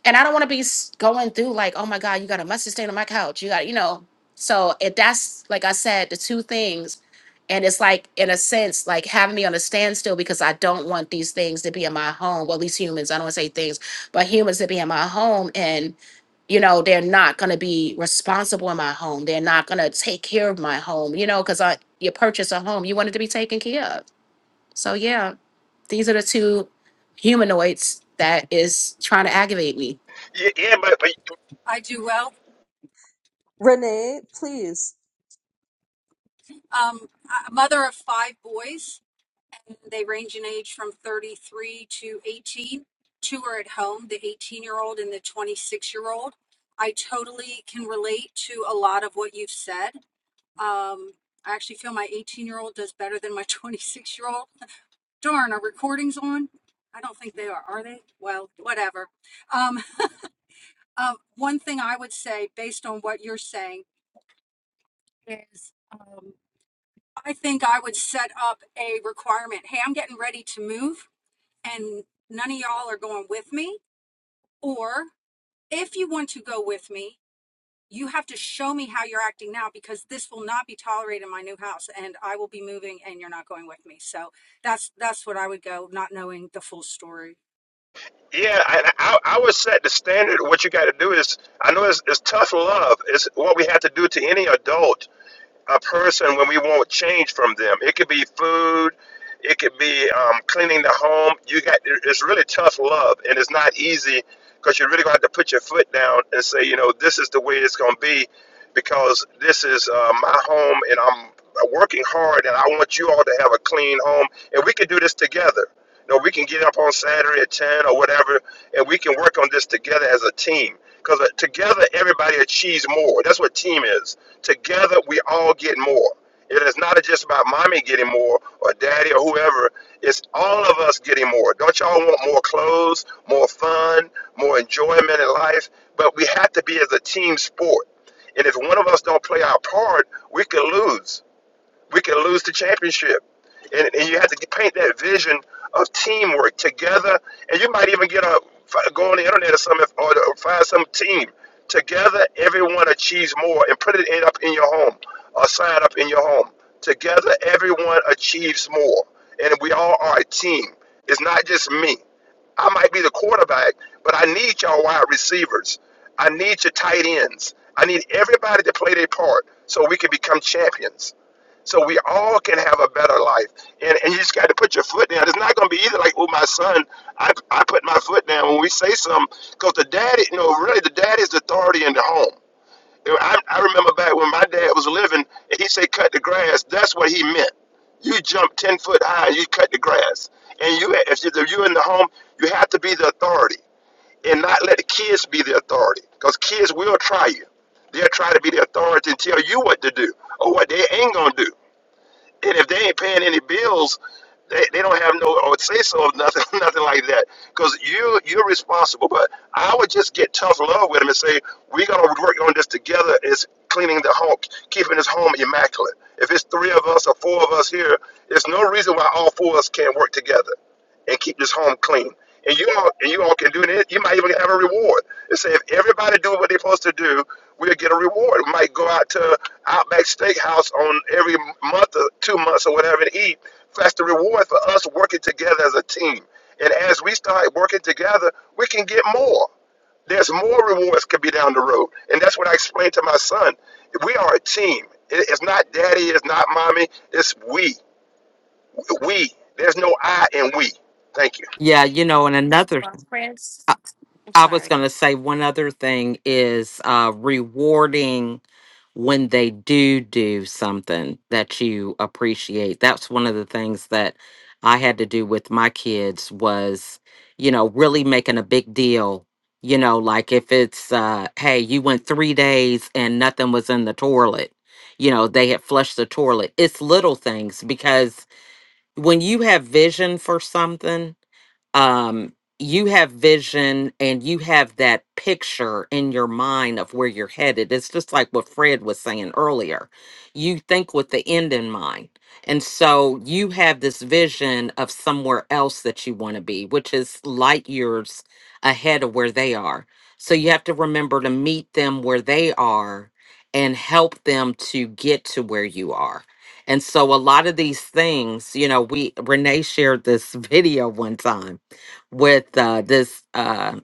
and I don't want to be s- going through like, oh my God, you got a mustard stain on my couch. You got, you know. So it that's like I said, the two things, and it's like in a sense like having me on a standstill because I don't want these things to be in my home. Well, at least humans. I don't want to say things, but humans to be in my home, and you know they're not going to be responsible in my home. They're not going to take care of my home. You know, because I you purchase a home, you want it to be taken care of. So yeah, these are the two humanoids that is trying to aggravate me.
Yeah, yeah, but, but
I do well.
Renee, please
Um, I'm a mother of five boys, and they range in age from 33 to 18. Two are at home, the 18 year old and the 26 year old. I totally can relate to a lot of what you've said. Um, I actually feel my 18 year old does better than my 26 year old. Darn, are recordings on? I don't think they are, are they? Well, whatever. Um, uh, one thing I would say, based on what you're saying, is. um, I think I would set up a requirement. Hey, I'm getting ready to move, and none of y'all are going with me. Or if you want to go with me, you have to show me how you're acting now because this will not be tolerated in my new house, and I will be moving, and you're not going with me. So that's that's what I would go, not knowing the full story.
Yeah, I, I, I would set the standard. What you got to do is, I know it's, it's tough love. It's what we have to do to any adult, a person, when we want change from them. It could be food, it could be um, cleaning the home. You got it's really tough love, and it's not easy because you're really going to have to put your foot down and say, you know, this is the way it's going to be because this is uh, my home, and I'm working hard, and I want you all to have a clean home, and we can do this together you know, we can get up on Saturday at 10 or whatever, and we can work on this together as a team. Because together, everybody achieves more. That's what team is. Together, we all get more. It is not just about mommy getting more or daddy or whoever. It's all of us getting more. Don't y'all want more clothes, more fun, more enjoyment in life? But we have to be as a team sport. And if one of us don't play our part, we could lose we can lose the championship. And, and you have to paint that vision of teamwork together. And you might even get a go on the internet or something or, or find some team together. Everyone achieves more, and put it in, up in your home or sign up in your home. Together, everyone achieves more, and we all are a team. It's not just me. I might be the quarterback, but I need y'all wide receivers. I need your tight ends. I need everybody to play their part so we can become champions. So we all can have a better life. And, and you just got to put your foot down. It's not going to be either like, oh, my son, I, I put my foot down when we say something. Because the daddy, you know, really the daddy is the authority in the home. You know, I, I remember back when my dad was living and he said, cut the grass. That's what he meant. You jump 10 foot high and you cut the grass. And you, if you- if you're in the home, you have to be the authority and not let the kids be the authority. Because kids will try you. They'll try to be the authority and tell you what to do or what they ain't going to do. And if they ain't paying any bills, they, they don't have no or say so of nothing nothing like that. Because you you're responsible. But I would just get tough love with them and say we gotta work on this together. Is cleaning the home, keeping this home immaculate. If it's three of us or four of us here, there's no reason why all four of us can't work together and keep this home clean. And you all and you all can do it. You might even have a reward. They say if everybody do what they're supposed to do, we'll get a reward. We might go out to Outback Steakhouse on every month or two months or whatever and eat. That's the reward for us working together as a team. And as we start working together, we can get more there's more rewards could be down the road. And that's what I explained to my son. We are a team. It- It's not daddy, it's not mommy, it's we. We. There's no I in we. Thank you.
Yeah, you know, and another.
Well, Chris, I'm
I was
sorry.
going to say one other thing is uh, rewarding when they do do something that you appreciate. That's one of the things that I had to do with my kids was, you know, really making a big deal. You know, like if it's, uh, hey, you went three days and nothing was in the toilet, you know, they had flushed the toilet. It's little things because when you have vision for something, um you have vision and you have that picture in your mind of where you're headed it's just like what fred was saying earlier you think with the end in mind and so you have this vision of somewhere else that you want to be which is light years ahead of where they are so you have to remember to meet them where they are and help them to get to where you are and so a lot of these things you know we renee shared this video one time with uh, this. Uh,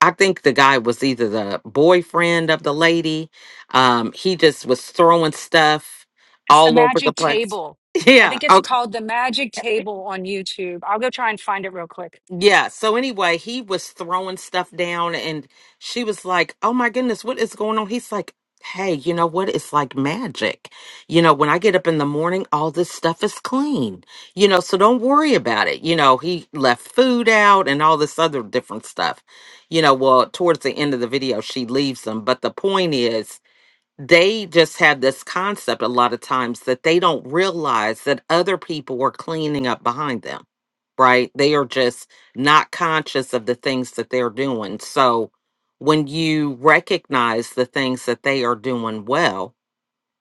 I think the guy was either the boyfriend of the lady. Um, he just was throwing stuff
It's the
all over the
magic
place.
table. I
Yeah.
think it's
Okay.
called the magic table on YouTube. I'll go try and find it real quick.
Yeah. So anyway, he was throwing stuff down and she was like, Oh my goodness, what is going on? He's like, Hey, you know what? It's like magic. You know, when I get up in the morning, all this stuff is clean, you know, so don't worry about it. You know, he left food out and all this other different stuff. You know, well, towards the end of the video, she leaves them. But the point is, they just have this concept a lot of times that they don't realize that other people are cleaning up behind them, right? They are just not conscious of the things that they're doing. So when you recognize the things that they are doing well,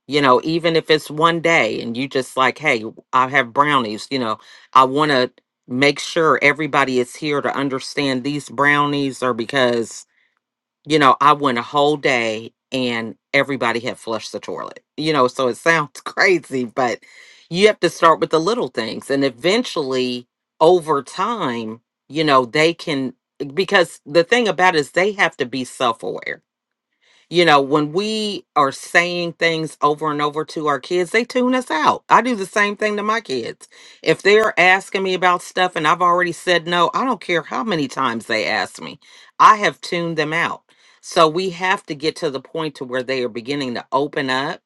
you know, even if it's one day and you just like, hey, I have brownies, you know, I want to make sure everybody is here to understand these brownies are because you know, I went a whole day and everybody had flushed the toilet. You know, so it sounds crazy, but you have to start with the little things. And eventually, over time, you know, they can, because the thing about it is they have to be self aware you know, when we are saying things over and over to our kids, they tune us out. I do the same thing to my kids. If they're asking me about stuff and I've already said no, I don't care how many times they ask me, I have tuned them out. So we have to get to the point to where they are beginning to open up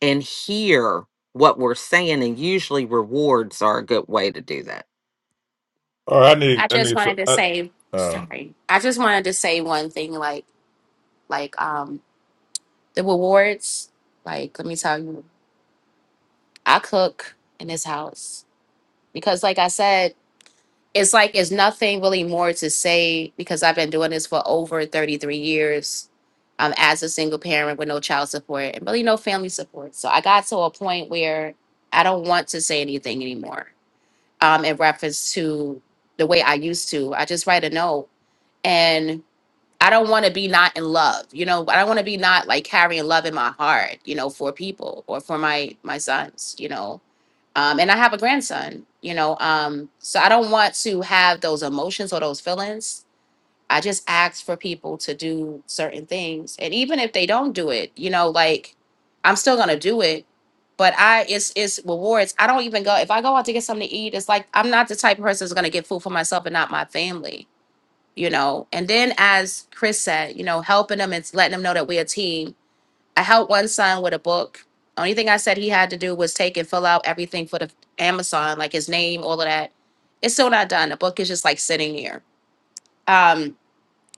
and hear what we're saying and usually rewards are a good way to do that.
All right, I need
I
I
just
need some.
wanted to
I,
say
uh,
sorry. I just wanted to say one thing, like like um the rewards. Like, let me tell you, I cook in this house because, like I said, it's like it's nothing really more to say because I've been doing this for over 33 years. Um, as a single parent with no child support and really no family support, so I got to a point where I don't want to say anything anymore. Um, in reference to the way I used to, I just write a note and I don't want to be not in love. You know, I don't want to be not like carrying love in my heart. You know, for people or for my my sons. You know, um, and I have a grandson. You know, um, so I don't want to have those emotions or those feelings. I just ask for people to do certain things, and even if they don't do it, you know, like I'm still gonna do it. But I, it's it's rewards. I don't even go if I go out to get something to eat. It's like I'm not the type of person that's gonna get food for myself and not my family you know. And then, as Chris said, you know, helping them and letting them know that we're a team. I helped one son with a book. Only thing I said he had to do was take and fill out everything for the Amazon, like his name, all of that. It's still not done. The book is just like sitting here. Um,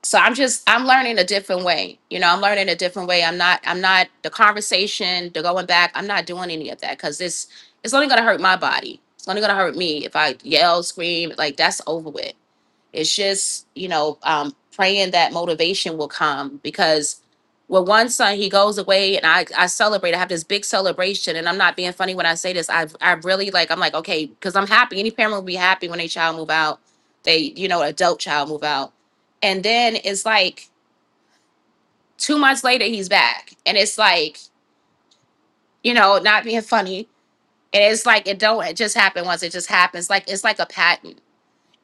so I'm just I'm learning a different way. You know, I'm learning a different way. I'm not I'm not the conversation, the going back. I'm not doing any of that because this it's only gonna hurt my body. It's only gonna hurt me if I yell, scream. Like that's over with it's just, you know, um, praying that motivation will come because with one son, he goes away and I, I celebrate. I have this big celebration and I'm not being funny when I say this. I, I really like, I'm like, okay, because I'm happy. Any parent will be happy when a child move out. They, you know, adult child move out. And then it's like two months later, he's back. And it's like, you know, not being funny. And it's like, it don't, it just happened once. It just happens. Like, it's like a pattern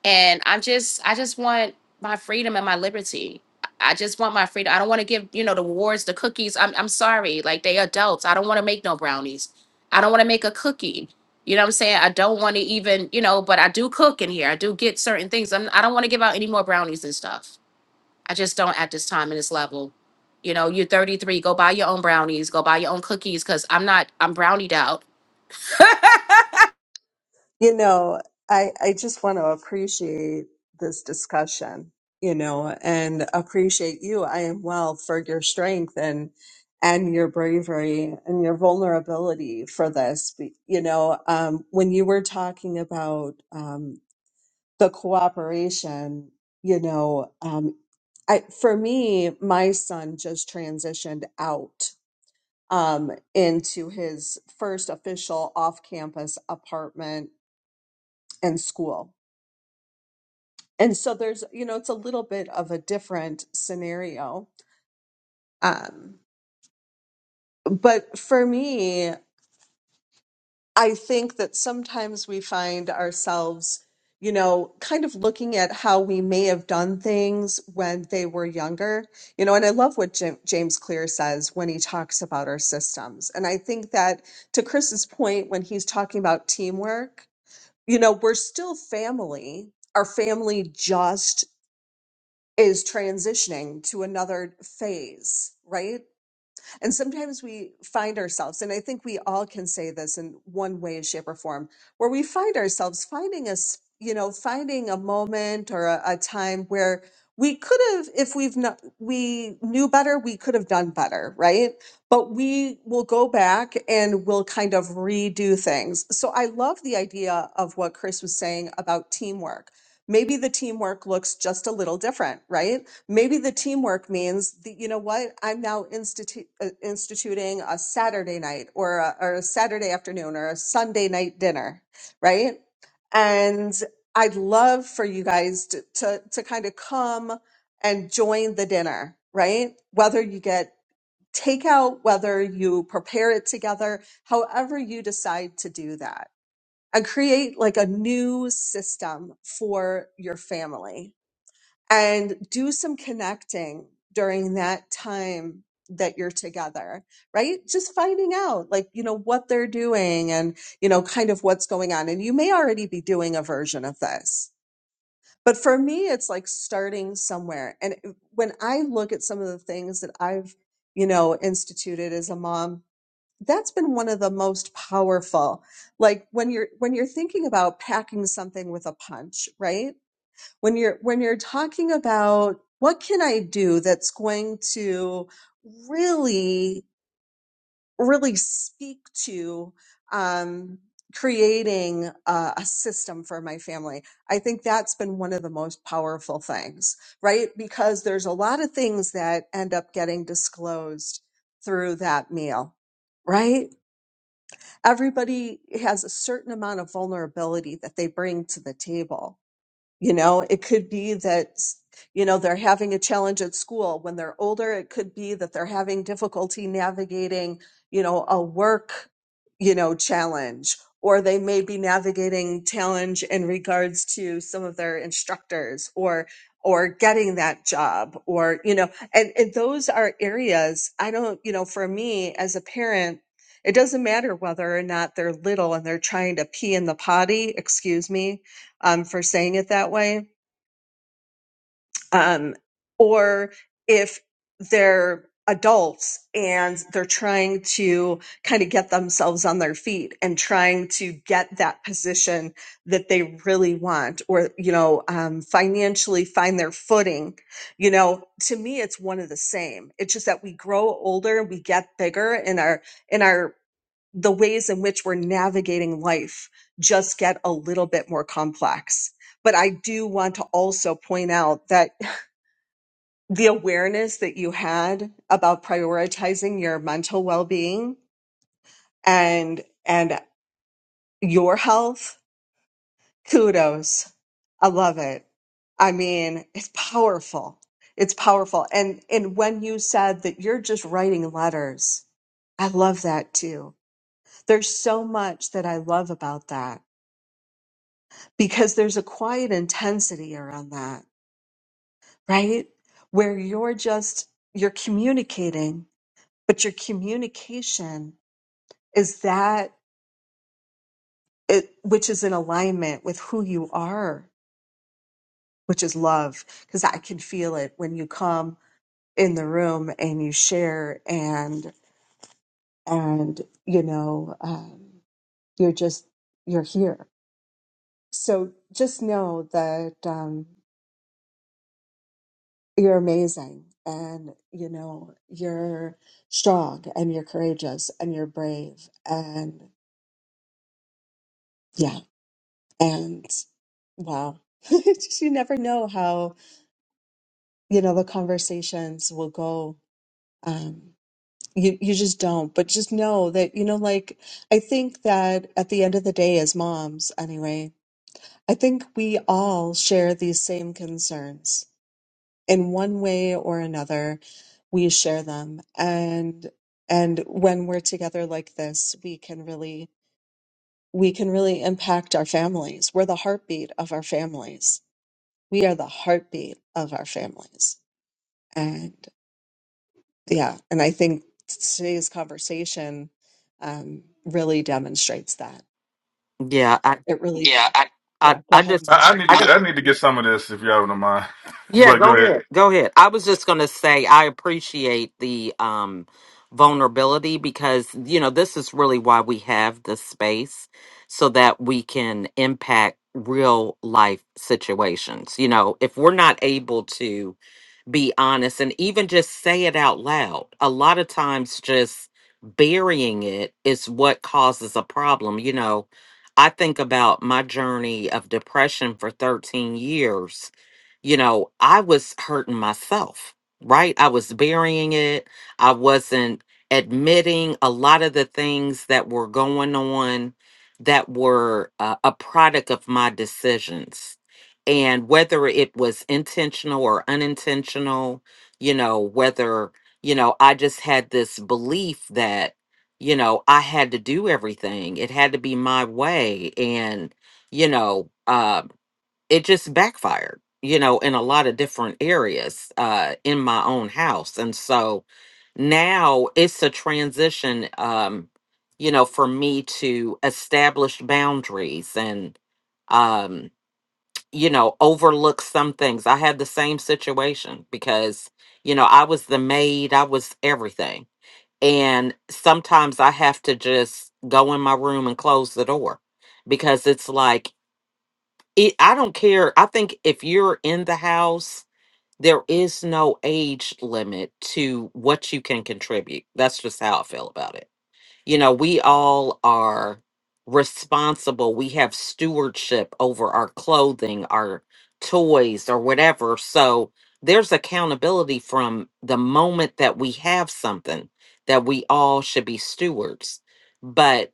and i am just i just want my freedom and my liberty i just want my freedom i don't want to give you know the wards the cookies i'm, I'm sorry like they adults i don't want to make no brownies i don't want to make a cookie you know what i'm saying i don't want to even you know but i do cook in here i do get certain things I'm, i don't want to give out any more brownies and stuff i just don't at this time and this level you know you're 33 go buy your own brownies go buy your own cookies because i'm not i'm brownied out
You know, I, I just want to appreciate this discussion, you know, and appreciate you. I am well for your strength and and your bravery and your vulnerability for this. Be- You know, um, when you were talking about um, the cooperation, you know, um, I for me, my son just transitioned out um, into his first official off-campus apartment and school and so there's you know it's a little bit of a different scenario um, but for me i think that sometimes we find ourselves you know kind of looking at how we may have done things when they were younger you know and i love what Jim, james clear says when he talks about our systems and i think that to chris's point when he's talking about teamwork you know we're still family our family just is transitioning to another phase, right? And sometimes we find ourselves, and I think we all can say this in one way, shape, or form, where we find ourselves finding us, you know, finding a moment or a, a time where we could have, if we've not, we knew better, we could have done better, right? But we will go back and we'll kind of redo things. So I love the idea of what Chris was saying about teamwork maybe the teamwork looks just a little different, right? Maybe the teamwork means that, you know what, I'm now institu- uh, instituting a Saturday night or a, or a Saturday afternoon or a Sunday night dinner, right? And I'd love for you guys to, to, to kind of come and join the dinner, right? Whether you get takeout, whether you prepare it together, however you decide to do that and create like a new system for your family and do some connecting during that time that you're together, right? Just finding out like, you know, what they're doing and, you know, kind of what's going on. And you may already be doing a version of this. But for me, it's like starting somewhere. And when I look at some of the things that I've, you know, instituted as a mom, that's been one of the most powerful. Like when you're when you're thinking about packing something with a punch, right? when you're when you're talking about what can i do that's going to really really speak to um, creating a, a system for my family i think that's been one of the most powerful things right because there's a lot of things that end up getting disclosed through that meal right everybody has a certain amount of vulnerability that they bring to the table you know, it could be that, you know, they're having a challenge at school. When they're older, it could be that they're having difficulty navigating, you know, a work, you know, challenge, or they may be navigating challenge in regards to some of their instructors or, or getting that job or, you know, and, and those are areas I don't, you know, for me as a parent, it doesn't matter whether or not they're little and they're trying to pee in the potty, excuse me, um, for saying it that way. Um, or if they're adults and they're trying to kind of get themselves on their feet and trying to get that position that they really want or, you know, um, financially find their footing, you know, to me, it's one of the same. It's just that we grow older, we get bigger and our, in our the ways in which we're navigating life just get a little bit more complex. But I do want to also point out that the awareness that you had about prioritizing your mental well-being and and your health, kudos. I love it. I mean, it's powerful. It's powerful. And and when you said that you're just writing letters, I love that too. There's so much that I love about that because there's a quiet intensity around that, right? Where you're just, you're communicating, but your communication is that it, which is in alignment with who you are, which is love. Cause I can feel it when you come in the room and you share and, and, you know, um, you're just, you're here. So just know that, um, You're amazing. And, you know, you're strong and you're courageous and you're brave. And yeah. And wow. Just you never know how, you know, the conversations will go. Um, you, you just don't, but just know that, you know, like, I think that at the end of the day, as moms, anyway, I think we all share these same concerns in one way or another we share them and and when we're together like this we can really we can really impact our families we're the heartbeat of our families we are the heartbeat of our families and yeah and i think today's conversation um, really demonstrates that
Yeah, I
it really yeah I,
I,
yeah go
I
ahead
just
I, I need
I
to
just
and
get I need to get some of this if y'all don't mind.
Yeah,
But go
go
ahead.
ahead. Go ahead. I was just going to say I appreciate the um vulnerability because you know this is really why we have this space so that we can impact real life situations. You know, if we're not able to be honest and even just say it out loud, a lot of times just burying it is what causes a problem. You know, I think about my journey of depression for 13 years you know, I was hurting myself, right? I was burying it. I wasn't admitting a lot of the things that were going on that were uh, a product of my decisions. And whether it was intentional or unintentional, you know, whether, you know, I just had this belief that, you know, I had to do everything, it had to be my way. And, you know, um, it just backfired, you know, in a lot of different areas uh, in my own house. And so now it's a transition, um, you know, for me to establish boundaries and, um, you know, overlook some things. I had the same situation because, you know, I was the maid, I was everything. And sometimes I have to just go in my room and close the door because it's like it i don't care i think if you're in the house there is no age limit to what you can contribute that's just how i feel about it you know we all are responsible we have stewardship over our clothing our toys or whatever so there's accountability from the moment that we have something that we all should be stewards but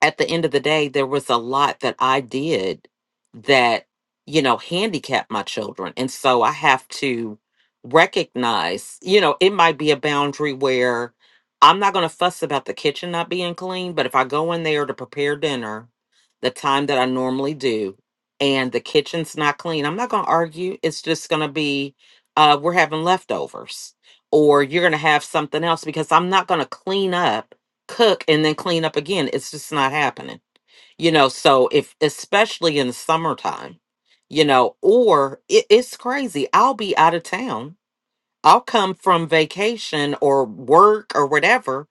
at the end of the day, there was a lot that I did that, you know, handicapped my children. And so I have to recognize, you know, it might be a boundary where I'm not going to fuss about the kitchen not being clean, but if I go in there to prepare dinner, the time that I normally do, and the kitchen's not clean, I'm not going to argue. It's just going to be, uh, we're having leftovers, or you're going to have something else because I'm not going to clean up cook and then clean up again. It's just not happening. You know, so if especially in the summertime, you know, or it, it's crazy. I'll be out of town. I'll come from vacation or work or whatever.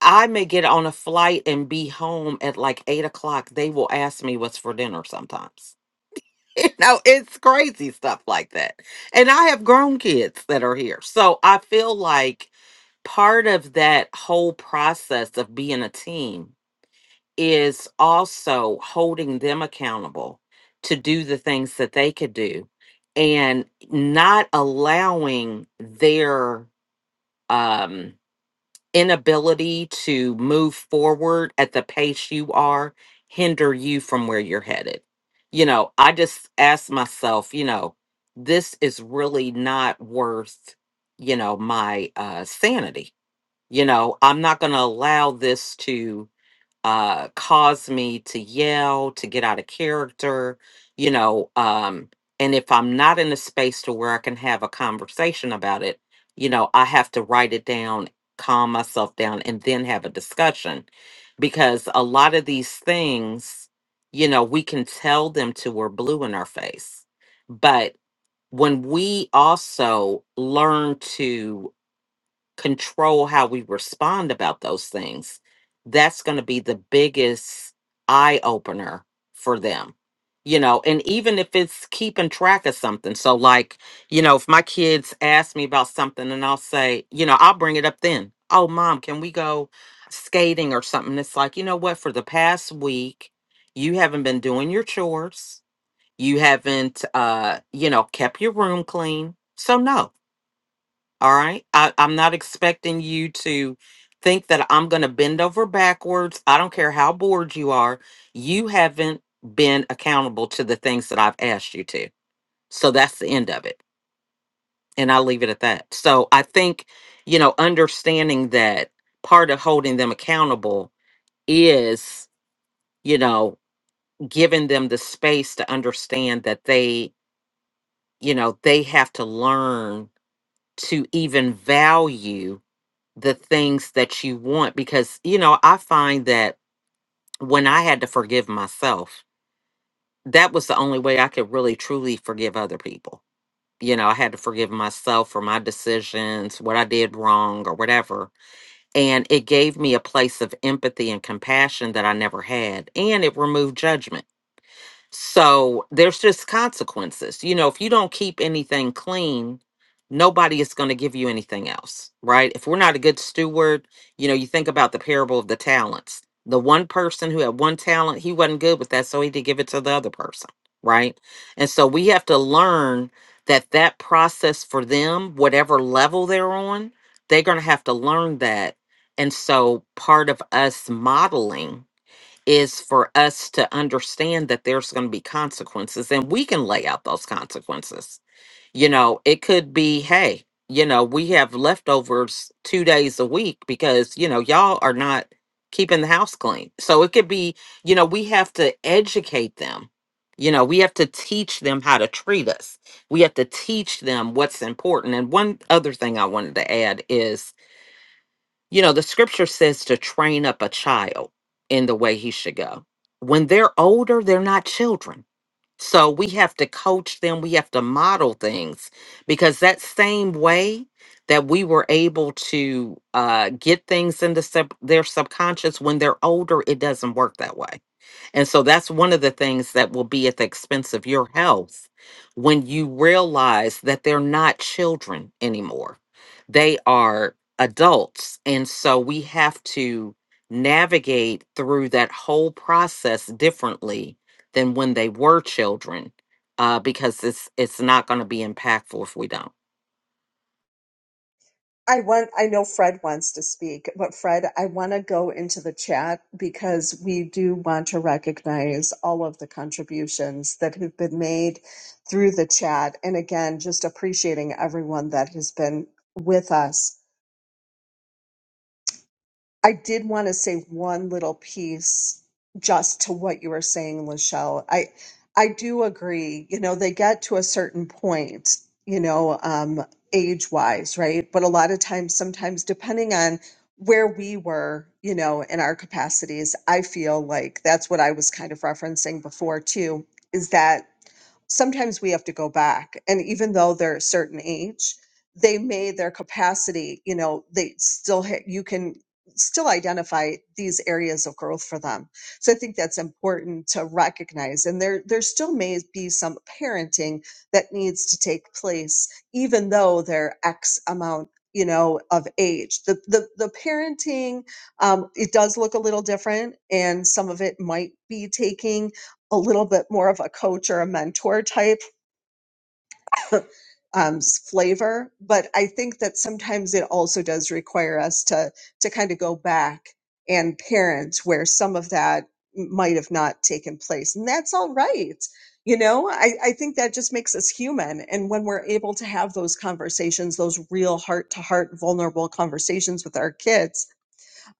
I may get on a flight and be home at like eight o'clock. They will ask me what's for dinner sometimes. You know, it's crazy stuff like that. And I have grown kids that are here. So I feel like part of that whole process of being a team is also holding them accountable to do the things that they could do and not allowing their um inability to move forward at the pace you are hinder you from where you're headed you know i just ask myself you know this is really not worth you know my uh sanity you know i'm not going to allow this to uh, cause me to yell, to get out of character, you know. Um, and if I'm not in a space to where I can have a conversation about it, you know, I have to write it down, calm myself down, and then have a discussion. Because a lot of these things, you know, we can tell them to we're blue in our face. But when we also learn to control how we respond about those things, that's going to be the biggest eye opener for them. You know, and even if it's keeping track of something. So, like, you know, if my kids ask me about something and I'll say, you know, I'll bring it up then. Oh, mom, can we go skating or something? It's like, you know what? For the past week, you haven't been doing your chores. You haven't, uh, you know, kept your room clean. So, no all right. I, I'm not expecting you to think that I'm going to bend over backwards. I don't care how bored you are. You haven't been accountable to the things that I've asked you to. So that's the end of it. And I'll leave it at that. So I think, you know, understanding that part of holding them accountable is, you know, giving them the space to understand that they, you know, they have to learn to even value the things that you want because you know i find that when i had to forgive myself that was the only way i could really truly forgive other people you know i had to forgive myself for my decisions what i did wrong or whatever and it gave me a place of empathy and compassion that i never had and it removed judgment so there's just consequences. You know, if you don't keep anything clean, nobody is going to give you anything else, right? If we're not a good steward, you know, you think about the parable of the talents. The one person who had one talent, he wasn't good with that, so he did give it to the other person, right? And so we have to learn that that process for them, whatever level they're on, they're going to have to learn that. And so part of us modeling is for us to understand that there's going to be consequences and we can lay out those consequences. You know, it could be, hey, you know, we have leftovers two days a week because, you know, y'all are not keeping the house clean. So it could be, you know, we have to educate them. You know, we have to teach them how to treat us. We have to teach them what's important. And one other thing I wanted to add is you know, the scripture says to train up a child in the way he should go. When they're older, they're not children. So we have to coach them, we have to model things because that same way that we were able to uh, get things into sub- their subconscious when they're older, it doesn't work that way and so that's one of the things that will be at the expense of your health when you realize that they're not children anymore. They are adults. And so we have to navigate through that whole process differently than when they were children uh, because it's it's not going to be impactful if we don't.
I want I know Fred wants to speak, but Fred, I want to go into the chat because we do want to recognize all of the contributions that have been made through the chat and again just appreciating everyone that has been with us I did want to say one little piece just to what you were saying, Lachelle. I I do agree. You know, they get to a certain point, you know, um, age wise, right? But a lot of times, sometimes depending on where we were, you know, in our capacities, I feel like that's what I was kind of referencing before too, is that sometimes we have to go back and even though they're a certain age they may their capacity you know they still hit you can still identify these areas of growth for them. So I think that's important to recognize. And there, there still may be some parenting that needs to take place, even though they're X amount, you know, of age. The the the parenting, um, it does look a little different, and some of it might be taking a little bit more of a coach or a mentor type um, flavor. But I think that sometimes it also does require us to to kind of go back and parent where some of that might have not taken place, and that's all right. You know, I, I think that just makes us human. And when we're able to have those conversations, those real heart to heart, vulnerable conversations with our kids,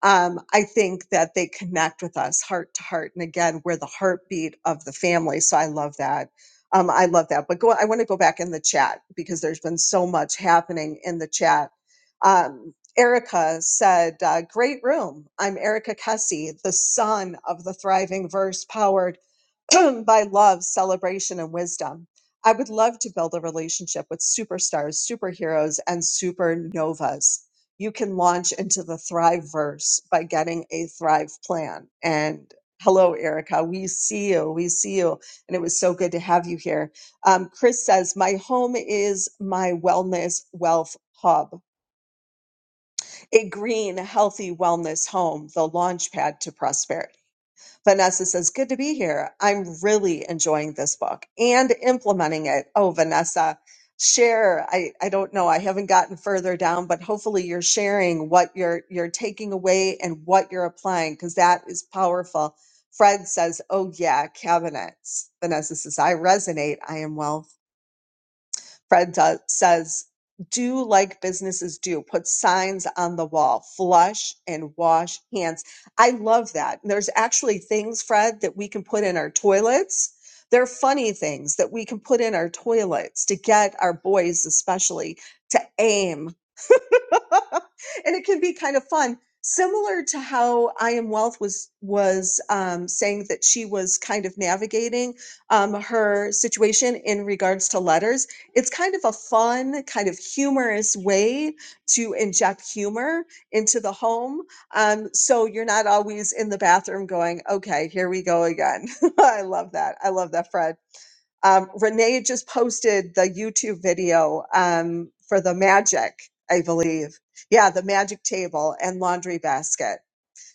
um, I think that they connect with us heart to heart. And again, we're the heartbeat of the family. So I love that. Um, I love that. But go, I want to go back in the chat because there's been so much happening in the chat. Um, Erica said, uh, Great room. I'm Erica Kessie, the son of the Thriving Verse Powered. by love, celebration, and wisdom. I would love to build a relationship with superstars, superheroes, and supernovas. You can launch into the Thrive verse by getting a Thrive plan. And hello, Erica. We see you. We see you. And it was so good to have you here. Um, Chris says, My home is my wellness wealth hub, a green, healthy wellness home, the launch pad to prosperity. Vanessa says, Good to be here. I'm really enjoying this book and implementing it. Oh, Vanessa, share. I, I don't know. I haven't gotten further down, but hopefully you're sharing what you're you're taking away and what you're applying, because that is powerful. Fred says, Oh yeah, cabinets. Vanessa says, I resonate. I am well." Fred does, says, do like businesses do. Put signs on the wall, flush and wash hands. I love that. And there's actually things, Fred, that we can put in our toilets. They're funny things that we can put in our toilets to get our boys, especially, to aim and it can be kind of fun similar to how i am wealth was was um, saying that she was kind of navigating um, her situation in regards to letters it's kind of a fun kind of humorous way to inject humor into the home um, so you're not always in the bathroom going okay here we go again i love that i love that fred um, Renee just posted the YouTube video um, for the magic. I believe. Yeah, the magic table and laundry basket.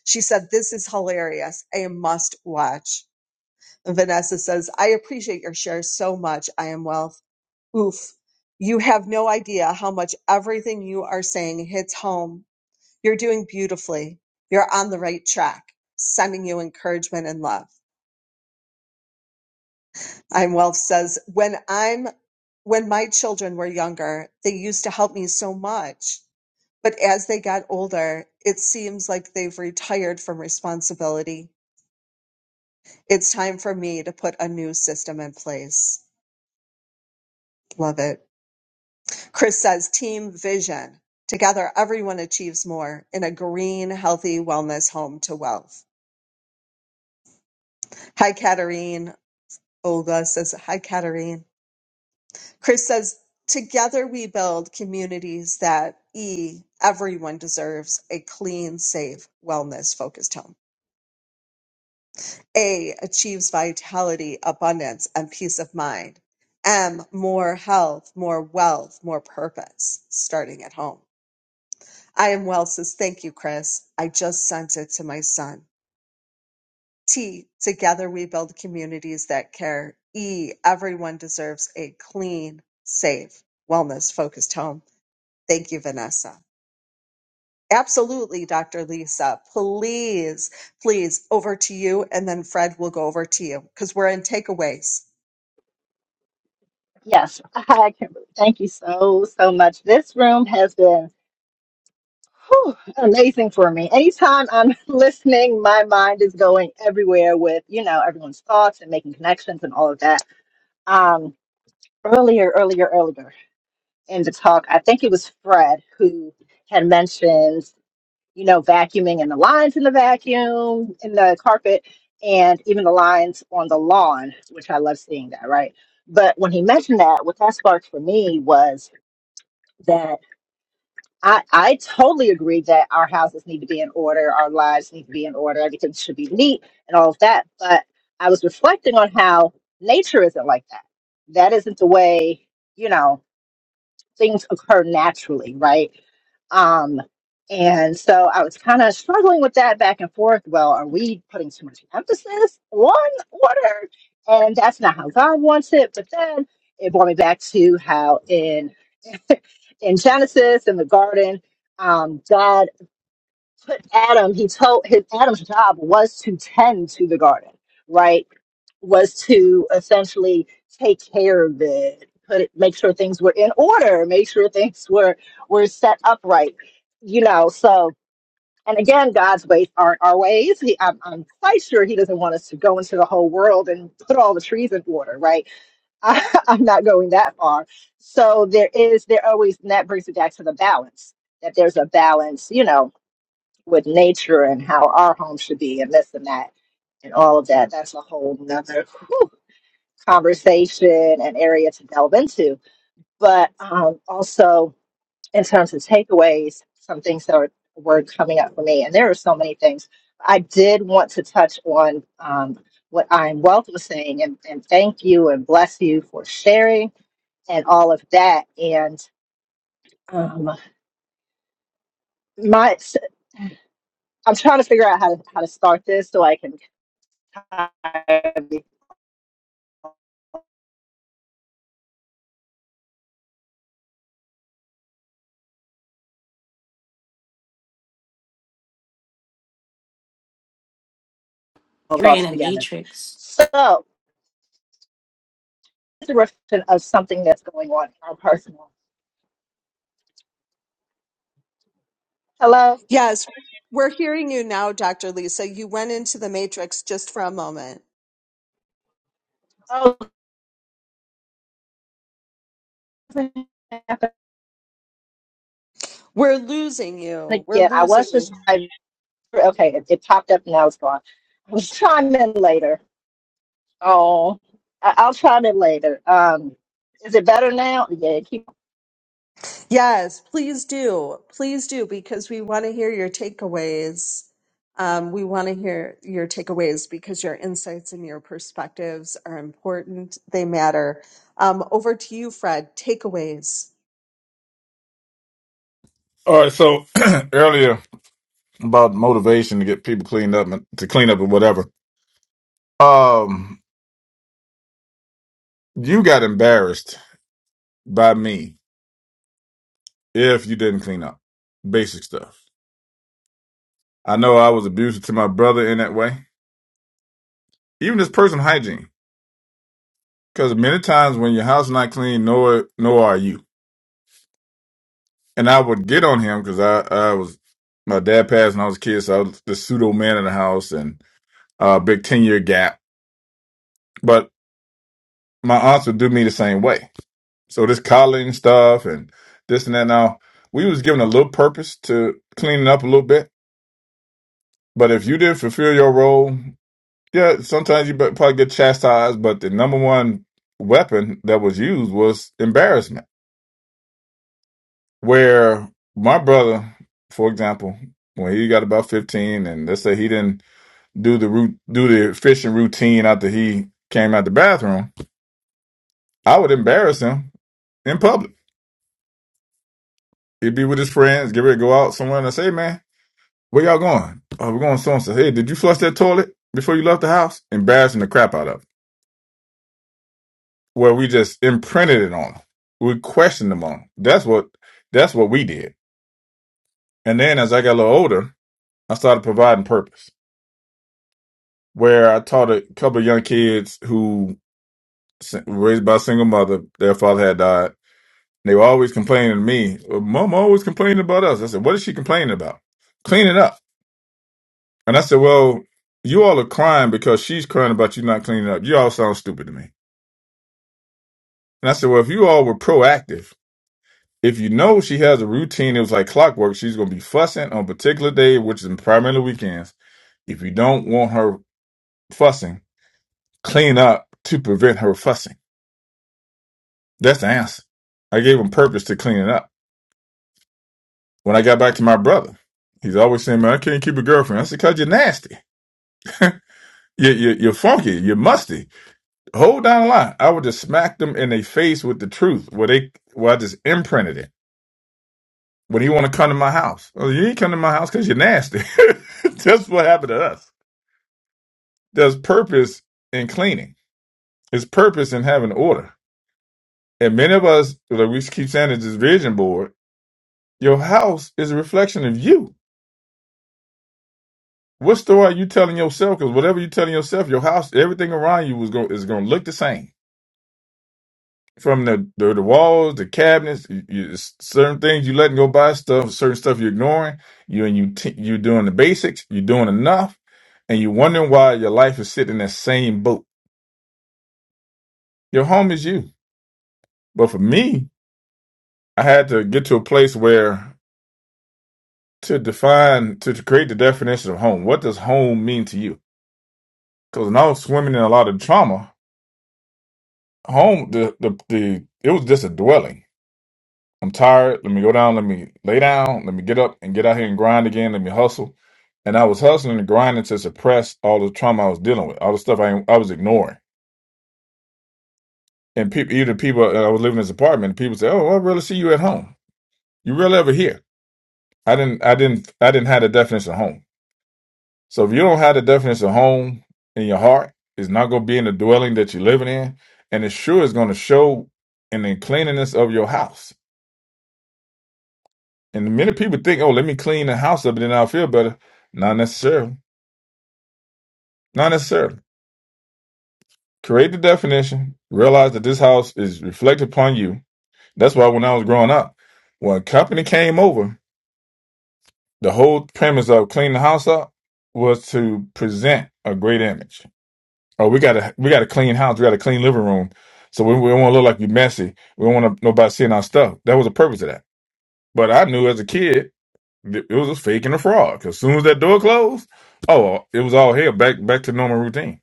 She said, This is hilarious. I must watch. And Vanessa says, I appreciate your share so much. I am wealth. Oof. You have no idea how much everything you are saying hits home. You're doing beautifully. You're on the right track. Sending you encouragement and love. I'm wealth says, When I'm when my children were younger, they used to help me so much. But as they got older, it seems like they've retired from responsibility. It's time for me to put a new system in place. Love it. Chris says team vision. Together, everyone achieves more in a green, healthy wellness home to wealth. Hi, Katarine. Olga says, Hi, Katarine. Chris says, Together we build communities that E, everyone deserves a clean, safe, wellness focused home. A achieves vitality, abundance, and peace of mind. M more health, more wealth, more purpose, starting at home. I am well says, thank you, Chris. I just sent it to my son. T, together we build communities that care. E, everyone deserves a clean, safe, wellness focused home. Thank you, Vanessa. Absolutely, Dr. Lisa. Please, please, over to you. And then Fred will go over to you because we're in takeaways.
been whew, amazing for me. Anytime I'm listening, my mind is going everywhere with, you know, everyone's thoughts and making connections and all of that. Um, earlier, earlier, earlier in the talk, I think it was Fred who had mentioned, you know, vacuuming and the lines in the vacuum, in the carpet, and even the lines on the lawn, which I love seeing that, right? But when he mentioned that, what that sparked for me was that I, I totally agree that our houses need to be in order, our lives need to be in order, everything should be neat and all of that. But I was reflecting on how nature isn't like that. That isn't the way, you know, things occur naturally, right? Um, and so I was kind of struggling with that back and forth. Well, are we putting too much emphasis on order? And that's not how God wants it. But then it brought me back to how in in Genesis in the garden, um, God put Adam. He told his Adam's job was to tend to the garden, right? Was to essentially take care of it, put it, make sure things were in order, make sure things were were set upright, you know. So, and again, God's ways aren't our ways. He, I'm, I'm quite sure He doesn't want us to go into the whole world and put all the trees in order, right? I, I'm not going that far. So there is, there always, and that brings me back to the balance that there's a balance, you know, with nature and how our home should be and this and that and all of that. That's a whole nother whew, conversation and area to delve into. But um, also in terms of takeaways, some things that are, were coming up for me, and there are so many things. I did want to touch on um, what I'm Wealth was saying, and, and thank you and bless you for sharing and all of that. And um, my, I'm trying to figure out how to how to start this so I can kind of get it
You're
all
in a
together.
matrix.
So it's a reflection of something that's going on in our personal. Hello.
Yes, we're hearing you now, Dr. Lisa. You went into the matrix just for a moment.
Oh,
We're losing
and
you. We're
again, I
losing
was
you.
just I, okay. It, it popped up and now it's gone. I was chime in later. Oh, I, I'll chime in later. Um, is it better now? Yeah. Keep,
Yes, please do. Please do, because we want to hear your takeaways. Um, we want to hear your takeaways because your insights and your perspectives are important. They matter. Um, over to you, Fred. Takeaways.
all right. So earlier about motivation to get people cleaned up and to clean up and whatever. Um, you got embarrassed by me if you didn't clean up basic stuff. I know I was abusive to my brother in that way. Even this person hygiene, because many times when your house not clean, nor nor are you. and I would get on him because I, I was my dad passed when I was a kid, so I was the pseudo man in the house and a uh, big ten year gap. But my aunts would do me the same way. So this collaring stuff and this and that. Now we was given a little purpose to cleaning up a little bit, but if you didn't fulfill your role, yeah, sometimes you bet- probably get chastised. But the number one weapon that was used was embarrassment. Where my brother, for example, when he got about fifteen, and let's say he didn't do the root do the fishing routine after he came out the bathroom, I would embarrass him in public. He'd be with his friends, get ready to go out somewhere and I say, "Hey, man, where y'all going? Oh, we're going so and so. Hey, did you flush that toilet before you left the house? Embarrassing the crap out of him. Where we just imprinted it on him. We questioned him on him. That's what that's what we did. And then as I got a little older, I started providing purpose. Where I taught a couple of young kids who s- raised by a single mother, their father had died They were always complaining to me. "Well, Mom always complaining about us. I said, What is she complaining about? Clean it up. And I said, Well, you all are crying because she's crying about you not cleaning up. You all sound stupid to me. And I said, Well, if you all were proactive, if you know she has a routine, it was like clockwork, she's going to be fussing on a particular day, which is primarily weekends. If you don't want her fussing, clean up to prevent her fussing. That's the answer. I gave him purpose to clean it up. When I got back to my brother, he's always saying, Man, I can't keep a girlfriend. I said, Because you're nasty. You're, you're, you're funky. You're musty. Hold down the line. I would just smack them in their face with the truth. Where they, where I just imprinted it. When you want to come to my house, oh, you ain't come to my house because you're nasty. That's what happened to us. There's purpose in cleaning. There's purpose in having order. And many of us, like we keep saying, it's this vision board. Your house is a reflection of you. What story are you telling yourself? Because whatever you're telling yourself, your house, everything around you is going is going to look the same from the, the the walls, the cabinets, you, you, certain things you letting go by stuff, certain stuff you're ignoring. You and you t- you're doing the basics, you're doing enough, and you're wondering why your life is sitting in that same boat. Your home is you, but for me, I had to get to a place where to define to, to create the definition of home. What does home mean to you? Because when I was swimming in a lot of trauma, home the the, the it was just a dwelling I'm tired. Let me go down. Let me lay down. Let me get up and get out here and grind again. Let me hustle. And I was hustling and grinding to suppress all the trauma I was dealing with, all the stuff I I was ignoring. And people, even people, uh, I was living in this apartment. People say, "Oh, I really see you at home. You really ever here?" I didn't. I didn't. I didn't have the definition of home. So if you don't have the definition of home in your heart, it's not going to be in the dwelling that you're living in, and it sure is going to show in the cleanliness of your house And many people think, oh, let me clean the house up and then I'll feel better. Not necessarily. Not necessarily. Create the definition. Realize that this house is reflected upon you. That's why when I was growing up, when a company came over, the whole premise of cleaning the house up was to present a great image. Oh, we got a we got a clean house. We got a clean living room. So we, we don't want to look like we messy. We don't want nobody seeing our stuff. That was the purpose of that. But I knew as a kid It was a fake and a fraud. Because as soon as that door closed, oh, it was all hell back back to normal routine.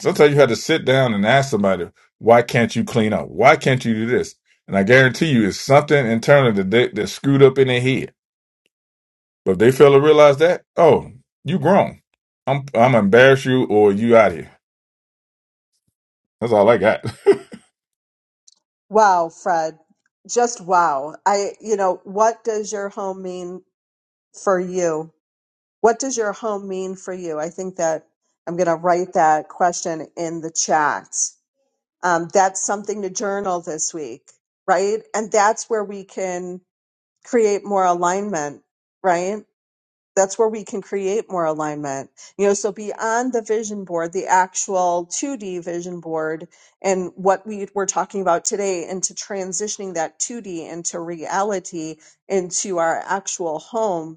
Sometimes you had to sit down and ask somebody, "Why can't you clean up? Why can't you do this?" And I guarantee you, it's something internal that they, that screwed up in their head. But if they fail to realize that, oh, you grown. I'm I'm embarrassed you or you out here. That's all I got.
Wow, Fred. Just wow. I, you know, what does your home mean for you? What does your home mean for you? I think that I'm going to write that question in the chat. Um, that's something to journal this week, right? And that's where we can create more alignment, right? That's where we can create more alignment. You know, so beyond the vision board, the actual 2D vision board and what we were talking about today into transitioning that 2D into reality, into our actual home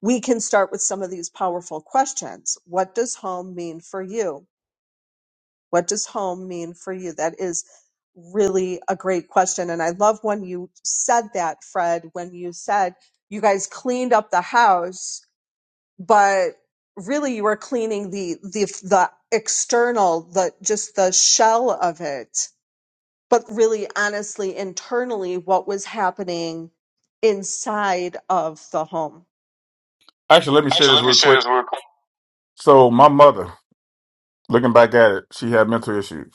we can start with some of these powerful questions. What does home mean for you? What does home mean for you? That is really a great question. And I love when you said that, Fred, when you said you guys cleaned up the house, but really you were cleaning the, the, the external, the, just the shell of it. But really, honestly, internally, what was happening inside of the home?
Actually, let me share
Actually,
this
let me
real
say
quick.
this
So my mother, looking back at it, she had mental issues.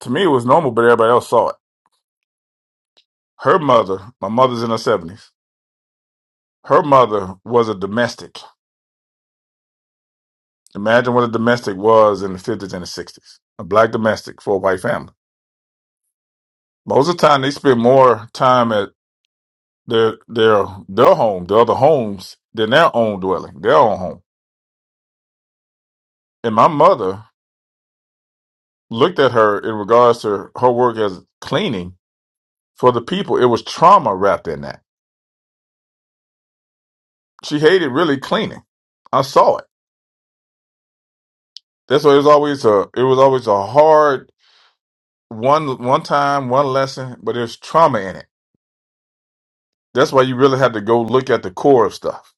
To me, it was normal, but everybody else saw it. Her mother, my mother's in her 70s. Her mother was a domestic. Imagine what a domestic was in the 50s and the 60s. A black domestic for a white family. Most of the time, they spend more time at their their their home, the other homes, than their own dwelling, their own home. And my mother looked at her in regards to her work as cleaning for the people. It was trauma wrapped in that. She hated really cleaning. I saw it. That's why it was always a it was always a hard one one time one lesson, but there's trauma in it That's why you really have to go look at the core of stuff.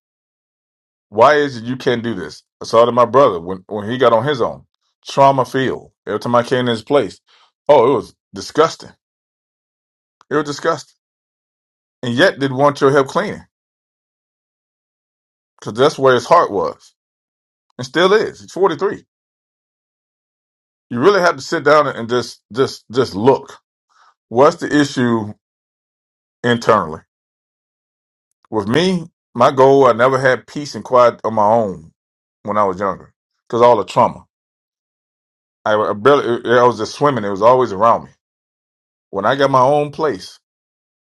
Why is it you can't do this? I saw it in my brother when, when he got on his own. Trauma field. Every time I came to his place, oh, it was disgusting. It was disgusting. And yet didn't want your help cleaning because that's where his heart was and still is. He's 43. You really have to sit down and just, just, just look. What's the issue internally? With me, my goal, I never had peace and quiet on my own when I was younger because all the trauma. I, I barely, I was just swimming. It was always around me. When I got my own place,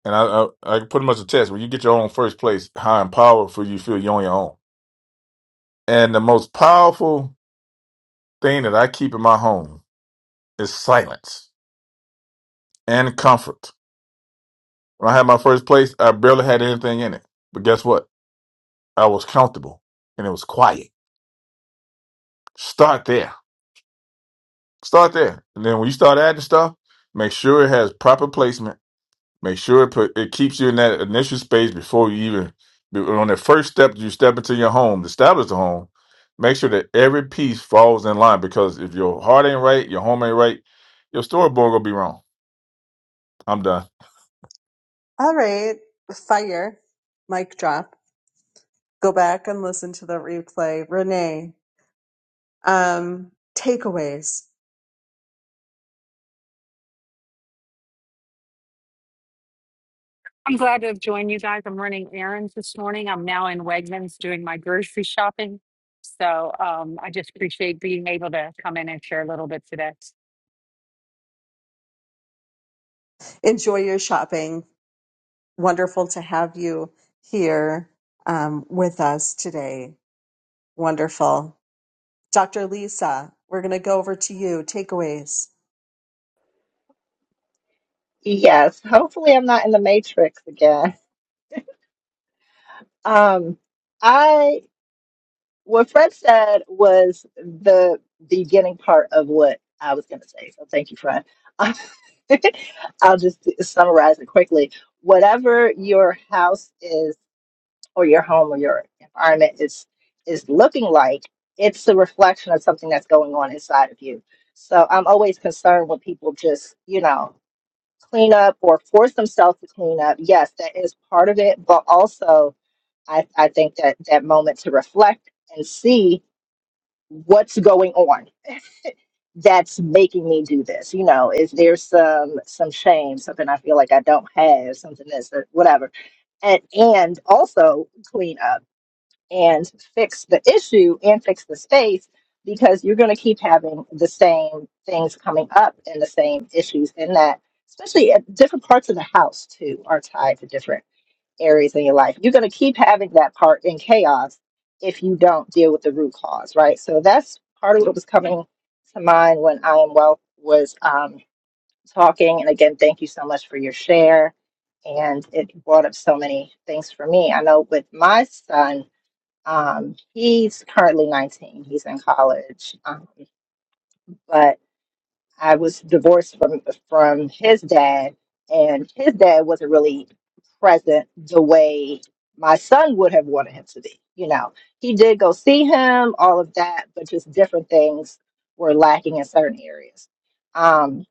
and I, I, I pretty much attest, when you get your own first place, how powerful you feel you're on your own. And the most powerful thing that I keep in my home is silence and comfort. When I had my first place, I barely had anything in it. But guess what? I was comfortable and it was quiet. Start there. Start there. And then when you start adding stuff, make sure it has proper placement Make sure it put it keeps you in that initial space before you even be- on the first step you step into your home, establish the home. Make sure that every piece falls in line because if your heart ain't right, your home ain't right, your storyboard gonna be wrong. I'm done.
All right. Fire. Mic drop. Go back and listen to the replay. Renee, um, takeaways.
I'm glad to have joined you guys. I'm running errands this morning. I'm now in Wegmans doing my grocery shopping. So um, I just appreciate being able to come in and share a little bit today.
Enjoy your shopping. Wonderful to have you here um, with us today. Wonderful. Dr. Lisa, we're going to go over to you. Takeaways.
yes. Hopefully, I'm not in the matrix again. Um, I What Fred said was the beginning part of what I was going to say. So thank you, Fred. I'll just summarize it quickly. Whatever your house is, or your home, or your environment is is looking like, it's a reflection of something that's going on inside of you. So I'm always concerned when people just, you know, clean up or force themselves to clean up. Yes, that is part of it, but also I, I think that that moment to reflect and see what's going on that's making me do this you know is there some some shame something i feel like i don't have something that's that- whatever and and also clean up and fix the issue and fix the space because you're going to keep having the same things coming up and the same issues and that especially at different parts of the house too are tied to different areas in your life. You're going to keep having that part in chaos if you don't deal with the root cause, right? So that's part of what was coming to mind when I am Wealth was um, talking. And again, thank you so much for your share. And it brought up so many things for me. I know with my son, um, he's currently 19, he's in college. Um, but I was divorced from from his dad, and his dad wasn't really present the way my son would have wanted him to be. You know, he did go see him, all of that, but just different things were lacking in certain areas. Um,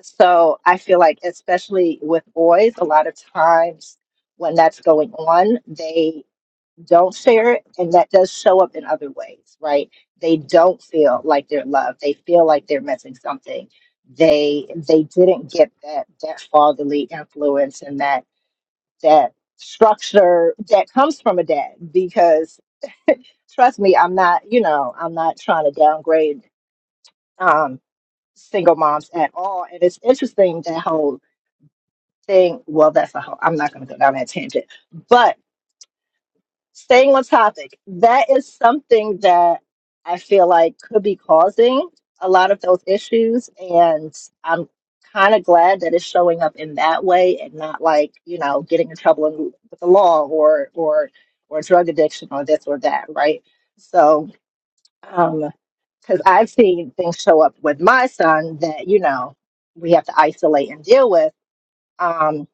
so I feel like, especially with boys, a lot of times when that's going on, they don't share it and that does show up in other ways right they don't feel like they're loved they feel like they're missing something they they didn't get that that fatherly influence and that that structure that comes from a dad because trust me i'm not you know i'm not trying to downgrade um single moms at all and it's interesting that whole thing well that's a whole i'm not going to go down that tangent staying on topic, that is something that I feel like could be causing a lot of those issues. And I'm kind of glad that it's showing up in that way and not like, you know, getting in trouble in- with the law or, or, or drug addiction or this or that, right? So, um, because I've seen things show up with my son that, you know, we have to isolate and deal with. Um,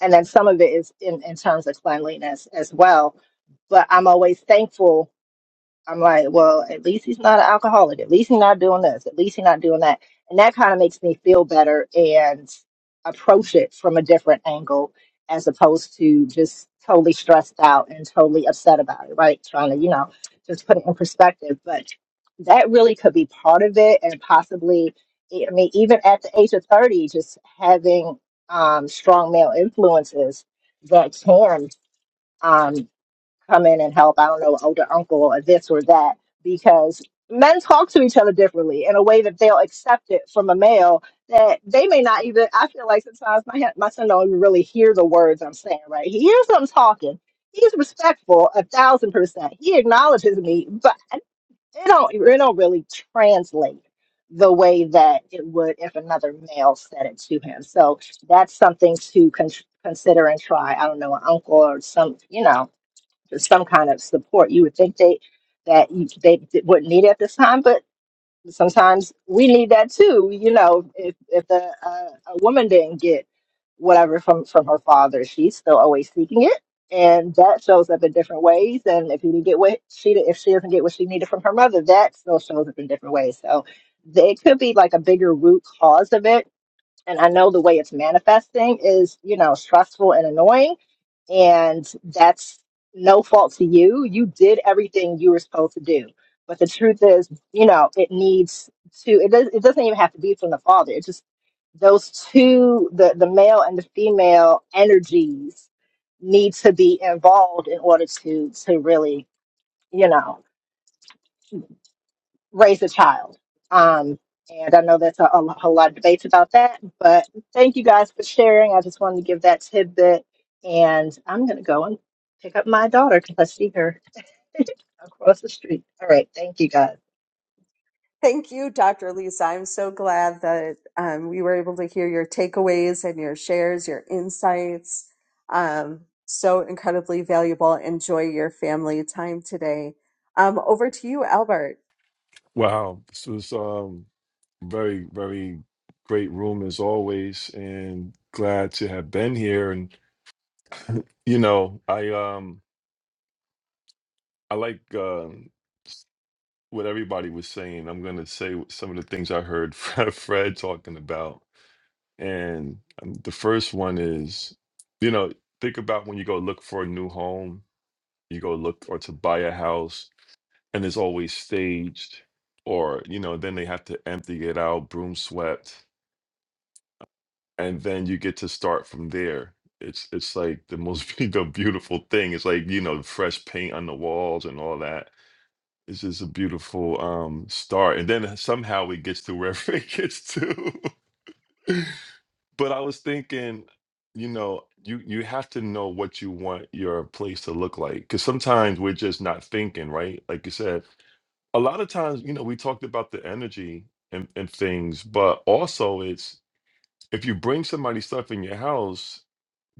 and then some of it is in, in terms of cleanliness as well but I'm always thankful I'm like, well, at least he's not an alcoholic. At least he's not doing this. At least he's not doing that. And that kind of makes me feel better and approach it from a different angle as opposed to just totally stressed out and totally upset about it, right? Trying to, you know, just put it in perspective. But that really could be part of it and possibly, I mean, even at the age of 30, just having um, strong male influences that can. Um, come in and help. I don't know, older uncle or this or that, because men talk to each other differently in a way that they'll accept it from a male that they may not even. I feel like sometimes my my son don't even really hear the words I'm saying. Right, he hears them talking. He's respectful a thousand percent. He acknowledges me, but it don't it don't really translate the way that it would if another male said it to him. So that's something to con- consider and try. I don't know, an uncle or some, you know, some kind of support. You would think they that you, they wouldn't need it at this time, but sometimes we need that too. You know, if if a, a, a woman didn't get whatever from from her father, she's still always seeking it, and that shows up in different ways. And if you didn't get what she did- if she doesn't get what she needed from her mother, that still shows up in different ways. So th- it could be like a bigger root cause of it. And I know the way it's manifesting is, you know, stressful and annoying and that's no fault to you. You did everything you were supposed to do. But the truth is, you know, it needs to. It does. It doesn't even have to be from the father. It's just those two, the the male and the female energies, need to be involved in order to to really, you know raise a child. Um, and I know that's a, a, a lot of debates about that, but thank you guys for sharing. I just wanted to give that tidbit. And I'm going to go and pick up my daughter because I see her across the street. All right. Thank you guys.
Thank you, Dr. Lisa. I'm so glad that um, we were able to hear your takeaways and your shares, your insights. Um, so incredibly valuable. Enjoy your family time today. Um, over to you, Albert.
Wow, this was um very, very great room as always, and glad to have been here. And you know, I um. I like um, what everybody was saying. I'm going to say what- some of the things I heard Fred, Fred talking about. And um, the first one is, you know, think about when you go look for a new home, you go look or to buy a house, and it's always staged, or, you know, then they have to empty it out, broom swept, and then you get to start from there. It's it's like the most the beautiful thing. It's like, you know, fresh paint on the walls and all that It's just a beautiful um start. And then somehow it gets to wherever it gets to. But I was thinking, you know, you you have to know what you want your place to look like. Cause sometimes we're just not thinking, right? Like you said, a lot of times, you know, we talked about the energy and, and things, but also it's if you bring somebody stuff in your house,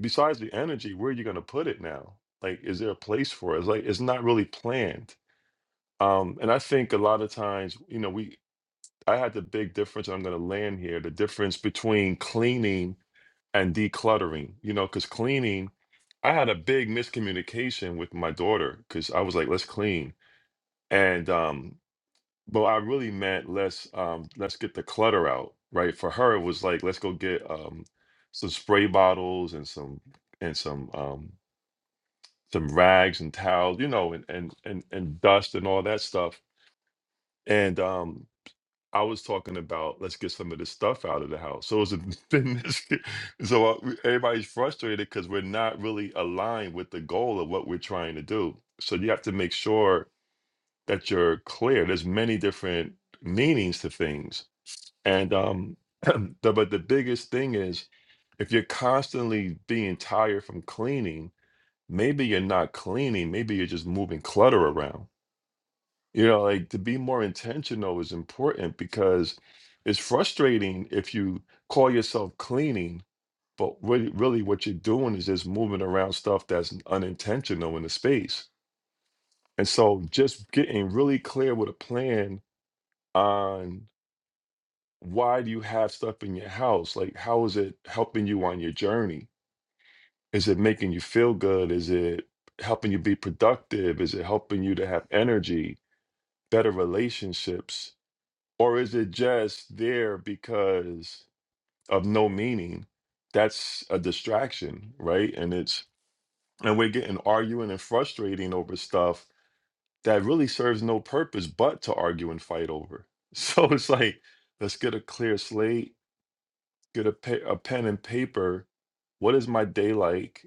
besides the energy, where are you gonna put it now? Like, is there a place for it? It's like it's not really planned um and i think a lot of times you know we I had the big difference. I'm going to land here. The difference between cleaning and decluttering, you know, because cleaning, I had a big miscommunication with my daughter because I was like, let's clean. And, um, but I really meant let's, um, let's get the clutter out, right? For her, it was like, let's go get, um, some spray bottles and some, and some, um, some rags and towels, you know, and, and, and, and dust and all that stuff. And, um, I was talking about let's get some of this stuff out of the house. So it's a been this- so uh, we- everybody's frustrated because we're not really aligned with the goal of what we're trying to do. So you have to make sure that you're clear. There's many different meanings to things, and um, the, but the biggest thing is if you're constantly being tired from cleaning, maybe you're not cleaning. Maybe you're just moving clutter around you know, like to be more intentional is important because it's frustrating if you call yourself cleaning, but really, really what you're doing is just moving around stuff that's unintentional in the space. And so just getting really clear with a plan on why do you have stuff in your house? Like, how is it helping you on your journey? Is it making you feel good? Is it helping you be productive? Is it helping you to have energy, better relationships? Or is it just there because of no meaning? That's a distraction, right? And it's and we're getting arguing and frustrating over stuff that really serves no purpose but to argue and fight over. So it's like, let's get a clear slate, get a, pe- a pen and paper. What is my day like?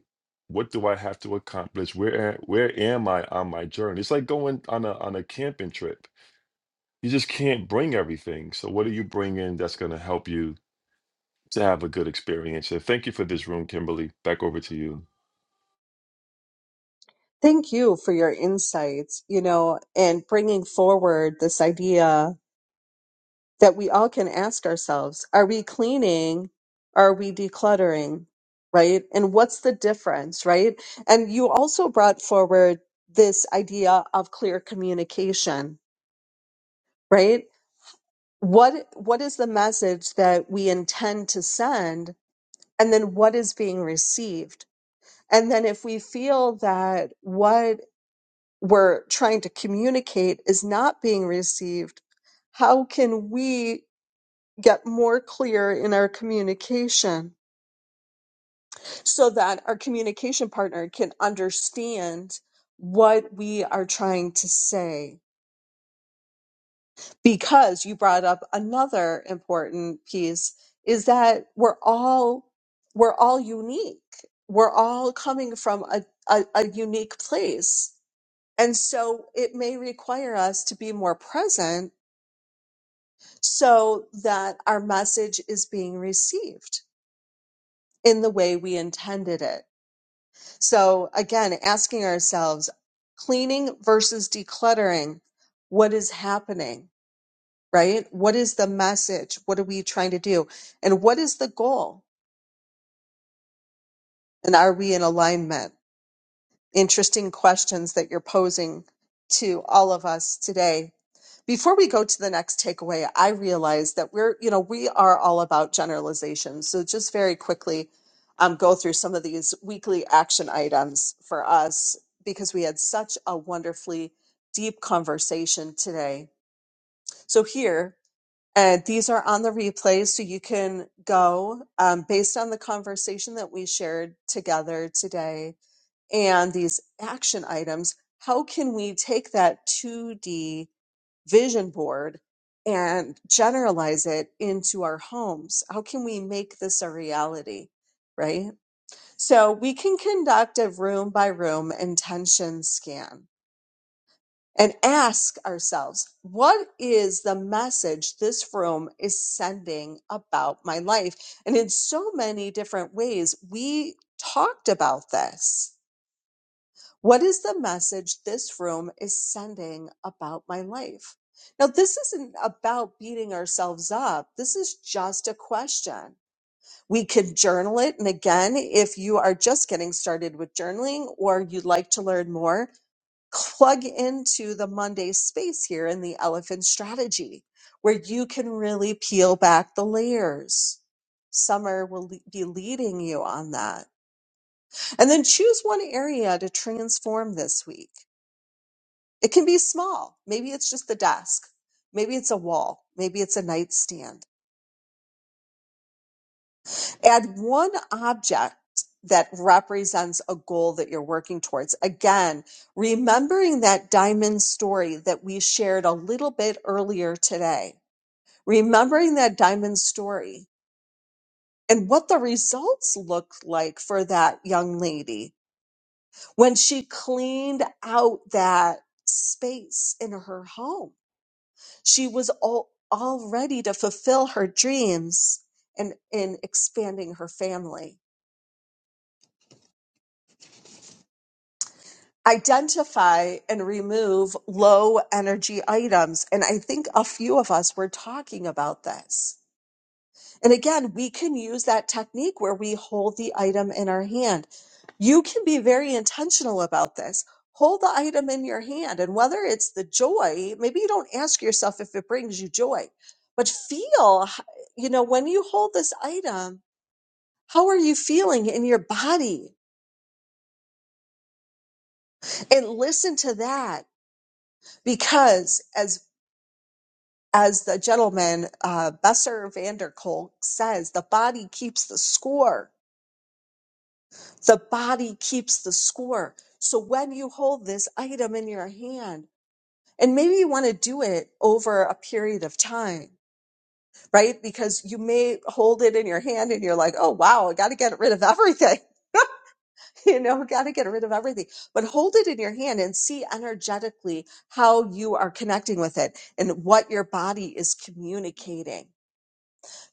What do I have to accomplish? Where a- where am I on my journey? It's like going on a on a camping trip you just can't bring everything. So what do you bring in that's going to help you to have a good experience. And thank you for this room, Kimberly. Back over to you.
Thank you for your insights, you know, and bringing forward this idea that we all can ask ourselves are we cleaning are we decluttering right and what's the difference right and you also brought forward this idea of clear communication right what what is the message that we intend to send and then what is being received and then if we feel that what we're trying to communicate is not being received how can we get more clear in our communication so that our communication partner can understand what we are trying to say. Because you brought up another important piece is that we're all we're all unique. We're all coming from a, a, a unique place. And so it may require us to be more present so that our message is being received in the way we intended it So again, asking ourselves, cleaning versus decluttering, what is happening, right? What is the message? What are we trying to do? And what is the goal? And are we in alignment? interesting questions that you're posing to all of us today. Before we go to the next takeaway, I realize that we're, you know, we are all about generalizations. So just very quickly um, go through some of these weekly action items for us because we had such a wonderfully deep conversation today. So here, uh, these are on the replay, so you can go um, based on the conversation that we shared together today and these action items, how can we take that 2D vision board and generalize it into our homes? How can we make this a reality? Right? So we can conduct a room by room intention scan and ask ourselves, what is the message this room is sending about my life? And in so many different ways, we talked about this what is the message this room is sending about my life? Now, this isn't about beating ourselves up. This is just a question. We could journal it. And again, if you are just getting started with journaling or you'd like to learn more, plug into the Monday space here in the elephant strategy where you can really peel back the layers. Summer will le- be leading you on that. And then choose one area to transform this week it can be small. Maybe it's just the desk. Maybe it's a wall. Maybe it's a nightstand. Add one object that represents a goal that you're working towards. Again, remembering that diamond story that we shared a little bit earlier today, remembering that diamond story and what the results looked like for that young lady when she cleaned out that space in her home She was all, all ready to fulfill her dreams and in expanding her family. Identify and remove low energy items. And I think a few of us were talking about this. And again, we can use that technique where we hold the item in our hand. You can be very intentional about this. Hold the item in your hand, and whether it's the joy, maybe you don't ask yourself if it brings you joy, but feel, h- you know, when you hold this item, how are you feeling in your body? And listen to that, because as as the gentleman uh, Besser Vanderkolk says, the body keeps the score The body keeps the score. So when you hold this item in your hand, and maybe you want to do it over a period of time, right? Because you may hold it in your hand and you're like, oh, wow, I got to get rid of everything. You know, got to get rid of everything, but hold it in your hand and see energetically how you are connecting with it and what your body is communicating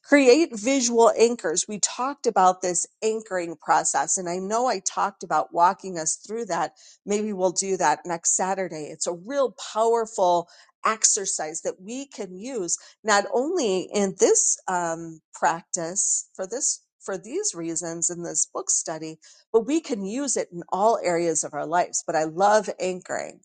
Create visual anchors. We talked about this anchoring process, and I know I talked about walking us through that. Maybe we'll do that next Saturday. It's a real powerful exercise that we can use not only in this um, practice for this for these reasons in this book study but we can use it in all areas of our lives but i love anchoring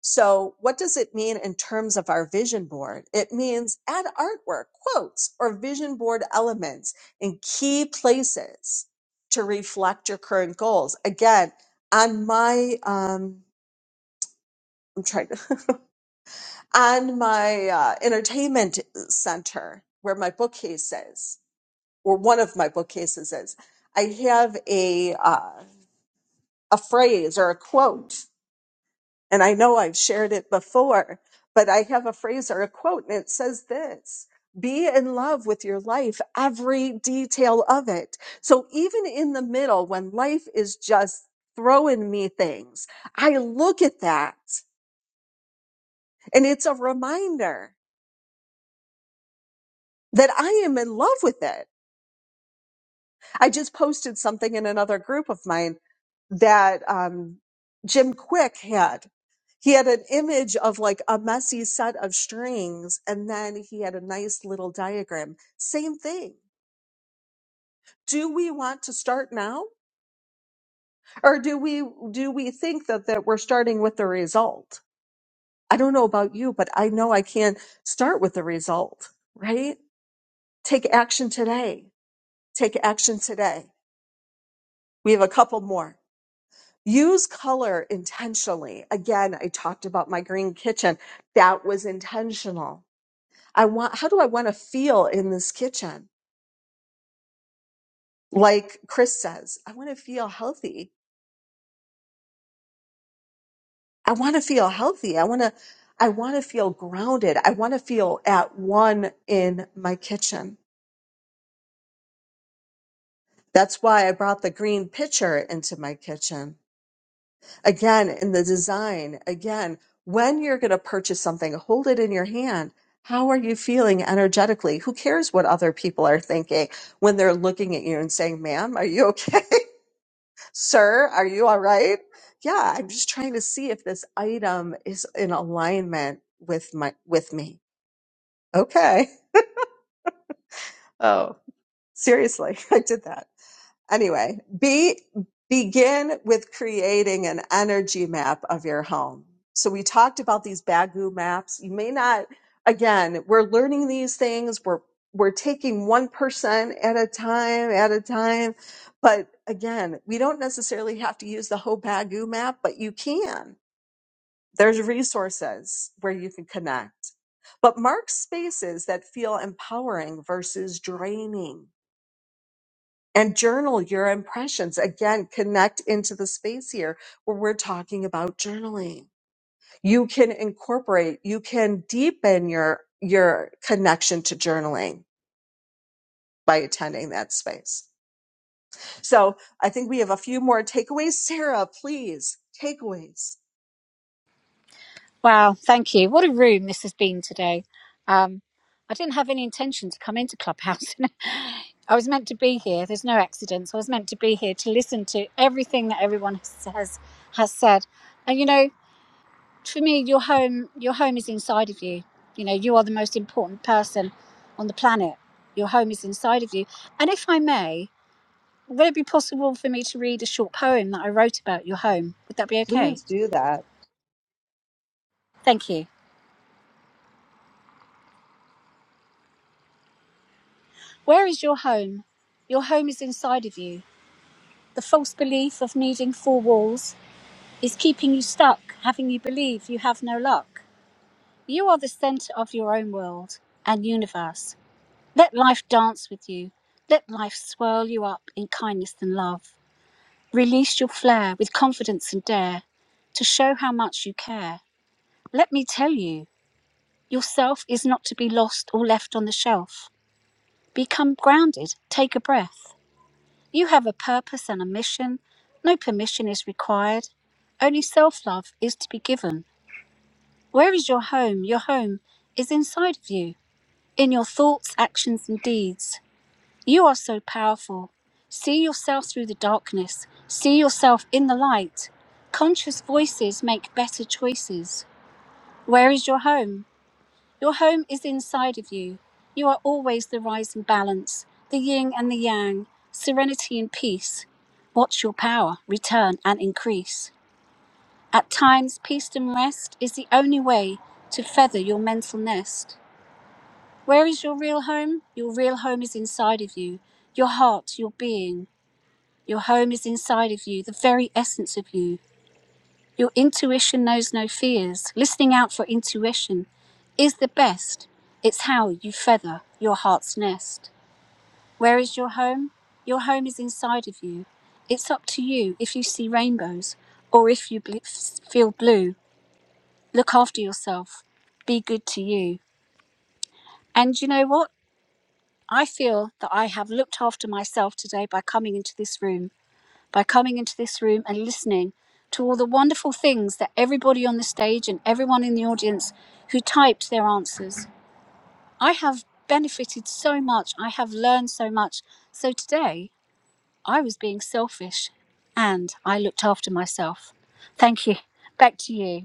so, what does it mean in terms of our vision board? It means add artwork, quotes, or vision board elements in key places to reflect your current goals. Again, on my, um, I'm trying to, on my uh, entertainment center where my bookcase is, or one of my bookcases is, I have a uh, a phrase or a quote And I know I've shared it before, but I have a phrase or a quote, and it says this Be in love with your life, every detail of it. So even in the middle, when life is just throwing me things, I look at that and it's a reminder that I am in love with it. I just posted something in another group of mine that um, Jim Quick had. He had an image of like a messy set of strings, and then he had a nice little diagram. Same thing. Do we want to start now, or do we do we think that that we're starting with the result? I don't know about you, but I know I can start with the result. Right? Take action today. Take action today. We have a couple more. Use color intentionally. Again, I talked about my green kitchen. That was intentional. I want, how do I want to feel in this kitchen? Like Chris says, I want to feel healthy. I want to feel healthy. I want to, I want to feel grounded. I want to feel at one in my kitchen. That's why I brought the green pitcher into my kitchen again in the design again when you're going to purchase something hold it in your hand how are you feeling energetically who cares what other people are thinking when they're looking at you and saying ma'am are you okay sir are you all right yeah i'm just trying to see if this item is in alignment with my with me okay oh seriously i did that Anyway, be begin with creating an energy map of your home. So we talked about these Bagu maps. You may not again, we're learning these things. We're we're taking 1% at a time, at a time. But again, we don't necessarily have to use the whole Bagu map, but you can. There's resources where you can connect. But mark spaces that feel empowering versus draining and journal your impressions. Again, connect into the space here where we're talking about journaling. You can incorporate, you can deepen your, your connection to journaling by attending that space. So I think we have a few more takeaways. Sarah, please, takeaways.
Wow, thank you. What a room this has been today. Um, I didn't have any intention to come into Clubhouse. I was meant to be here. There's no accidents. I was meant to be here to listen to everything that everyone has has, has said. And you know, for me your home your home is inside of you you know you are the most important person on the planet your home is inside of you and if i may would it be possible for me to read a short poem that i wrote about your home would that be okay
Please do that.
thank you where is your home your home is inside of you the false belief of needing four walls is keeping you stuck having you believe you have no luck you are the center of your own world and universe Let life dance with you. Let life swirl you up in kindness and love. Release your flair with confidence and dare to show how much you care. Let me tell you, yourself is not to be lost or left on the shelf. Become grounded, take a breath. You have a purpose and a mission. No permission is required. Only self love is to be given. Where is your home? Your home is inside of you, in your thoughts, actions, and deeds. You are so powerful. See yourself through the darkness. See yourself in the light. Conscious voices make better choices. Where is your home? Your home is inside of you. You are always the rising balance, the yin and the yang, serenity and peace. Watch your power return and increase. At times, peace and rest is the only way to feather your mental nest. Where is your real home? Your real home is inside of you, your heart, your being. Your home is inside of you, the very essence of you. Your intuition knows no fears. Listening out for intuition is the best. It's how you feather your heart's nest. Where is your home? Your home is inside of you. It's up to you if you see rainbows or if you bl- feel blue. Look after yourself. Be good to you. And you know what? I feel that I have looked after myself today by coming into this room by coming into this room and listening to all the wonderful things that everybody on the stage and everyone in the audience who typed their answers. I have benefited so much. I have learned so much. So today, I was being selfish and I looked after myself. Thank you. Back to you.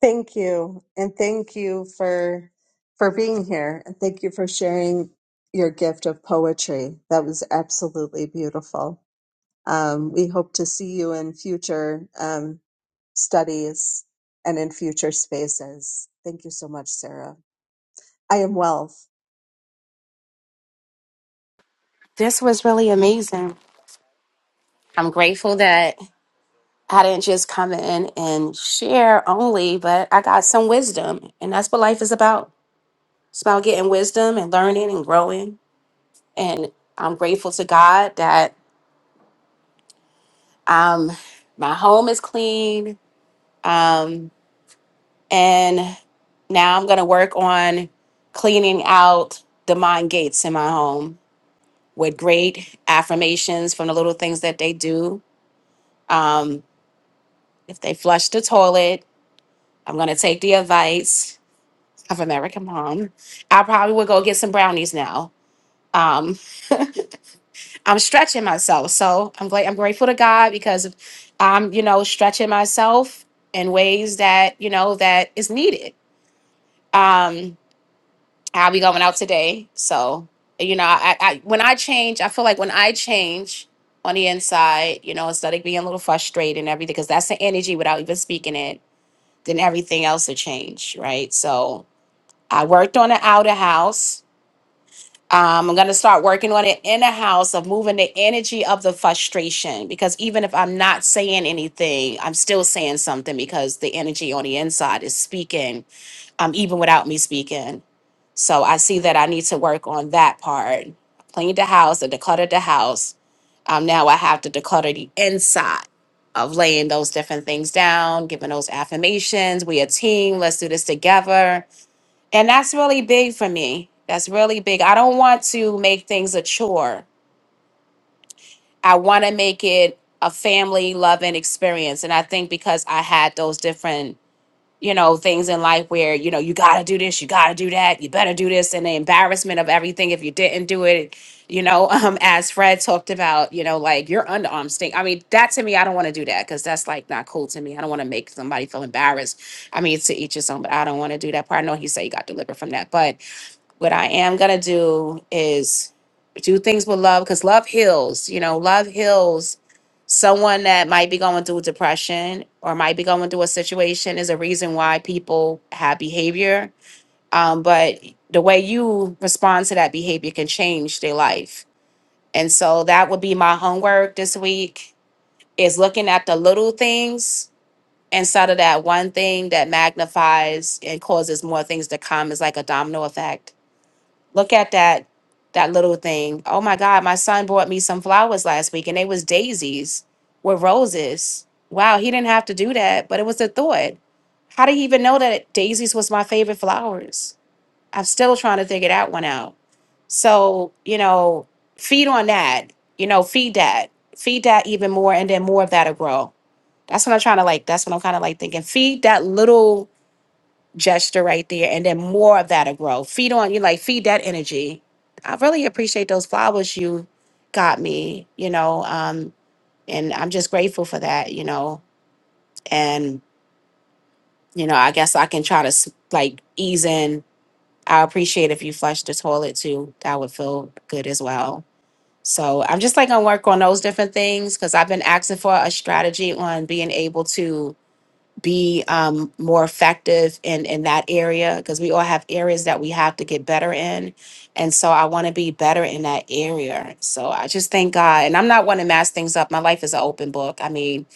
Thank you. And thank you for, for being here. And thank you for sharing your gift of poetry. That was absolutely beautiful. Um, we hope to see you in future um, studies and in future spaces. Thank you so much, Sarah. I am wealth.
This was really amazing. I'm grateful that I didn't just come in and share only, but I got some wisdom. And that's what life is about. It's about getting wisdom and learning and growing. And I'm grateful to God that um, my home is clean. Um, and now I'm going to work on cleaning out the mind gates in my home with great affirmations from the little things that they do. Um, if they flush the toilet, I'm going to take the advice of American Mom. I probably would go get some brownies now. Um, I'm stretching myself, so I'm glad I'm grateful to God because of- I'm, you know, stretching myself in ways that you know that is needed. Um, I'll be going out today, so you know, I, I when I change, I feel like when I change on the inside, you know, instead of being a little frustrated and everything, because that's the energy without even speaking it, then everything else will change, right? So I worked on the outer house Um, I'm going to start working on it in the house of moving the energy of the frustration because even if I'm not saying anything, I'm still saying something because the energy on the inside is speaking, um, even without me speaking. So I see that I need to work on that part. Cleaned the house and decluttered the house. Um, now I have to declutter the inside of laying those different things down, giving those affirmations. We a team. Let's do this together and that's really big for me. That's really big. I don't want to make things a chore. I want to make it a family loving experience. And I think because I had those different, you know, things in life where, you know, you got to do this, you got to do that, you better do this, and the embarrassment of everything if you didn't do it, you know, um, as Fred talked about, you know, like your underarm stink. I mean, that to me, I don't want to do that because that's like not cool to me. I don't want to make somebody feel embarrassed. I mean, to each his own, but I don't want to do that part. I know he said he got delivered from that, but what I am gonna do is do things with love because love heals. You know, love heals. Someone that might be going through depression or might be going through a situation is a reason why people have behavior. Um, but the way you respond to that behavior can change their life. And so that would be my homework this week is looking at the little things instead of that one thing that magnifies and causes more things to come is like a domino effect Look at that that little thing. Oh my God, my son bought me some flowers last week and they was daisies with roses. Wow, he didn't have to do that, but it was a thought. How did he even know that daisies was my favorite flowers? I'm still trying to figure that one out. So, you know, feed on that, you know, feed that, feed that even more, and then more of that'll grow. That's what I'm trying to like. That's what I'm kind of like thinking. Feed that little gesture right there and then more of that'll grow feed on you like feed that energy i really appreciate those flowers you got me you know um and i'm just grateful for that you know and you know i guess i can try to s- like ease in i appreciate if you flush the toilet too that would feel good as well so i'm just like gonna work on those different things because i've been asking for a strategy on being able to be um, more effective in in that area because we all have areas that we have to get better in and so i want to be better in that area so i just thank god and i'm not one to mess things up my life is an open book i mean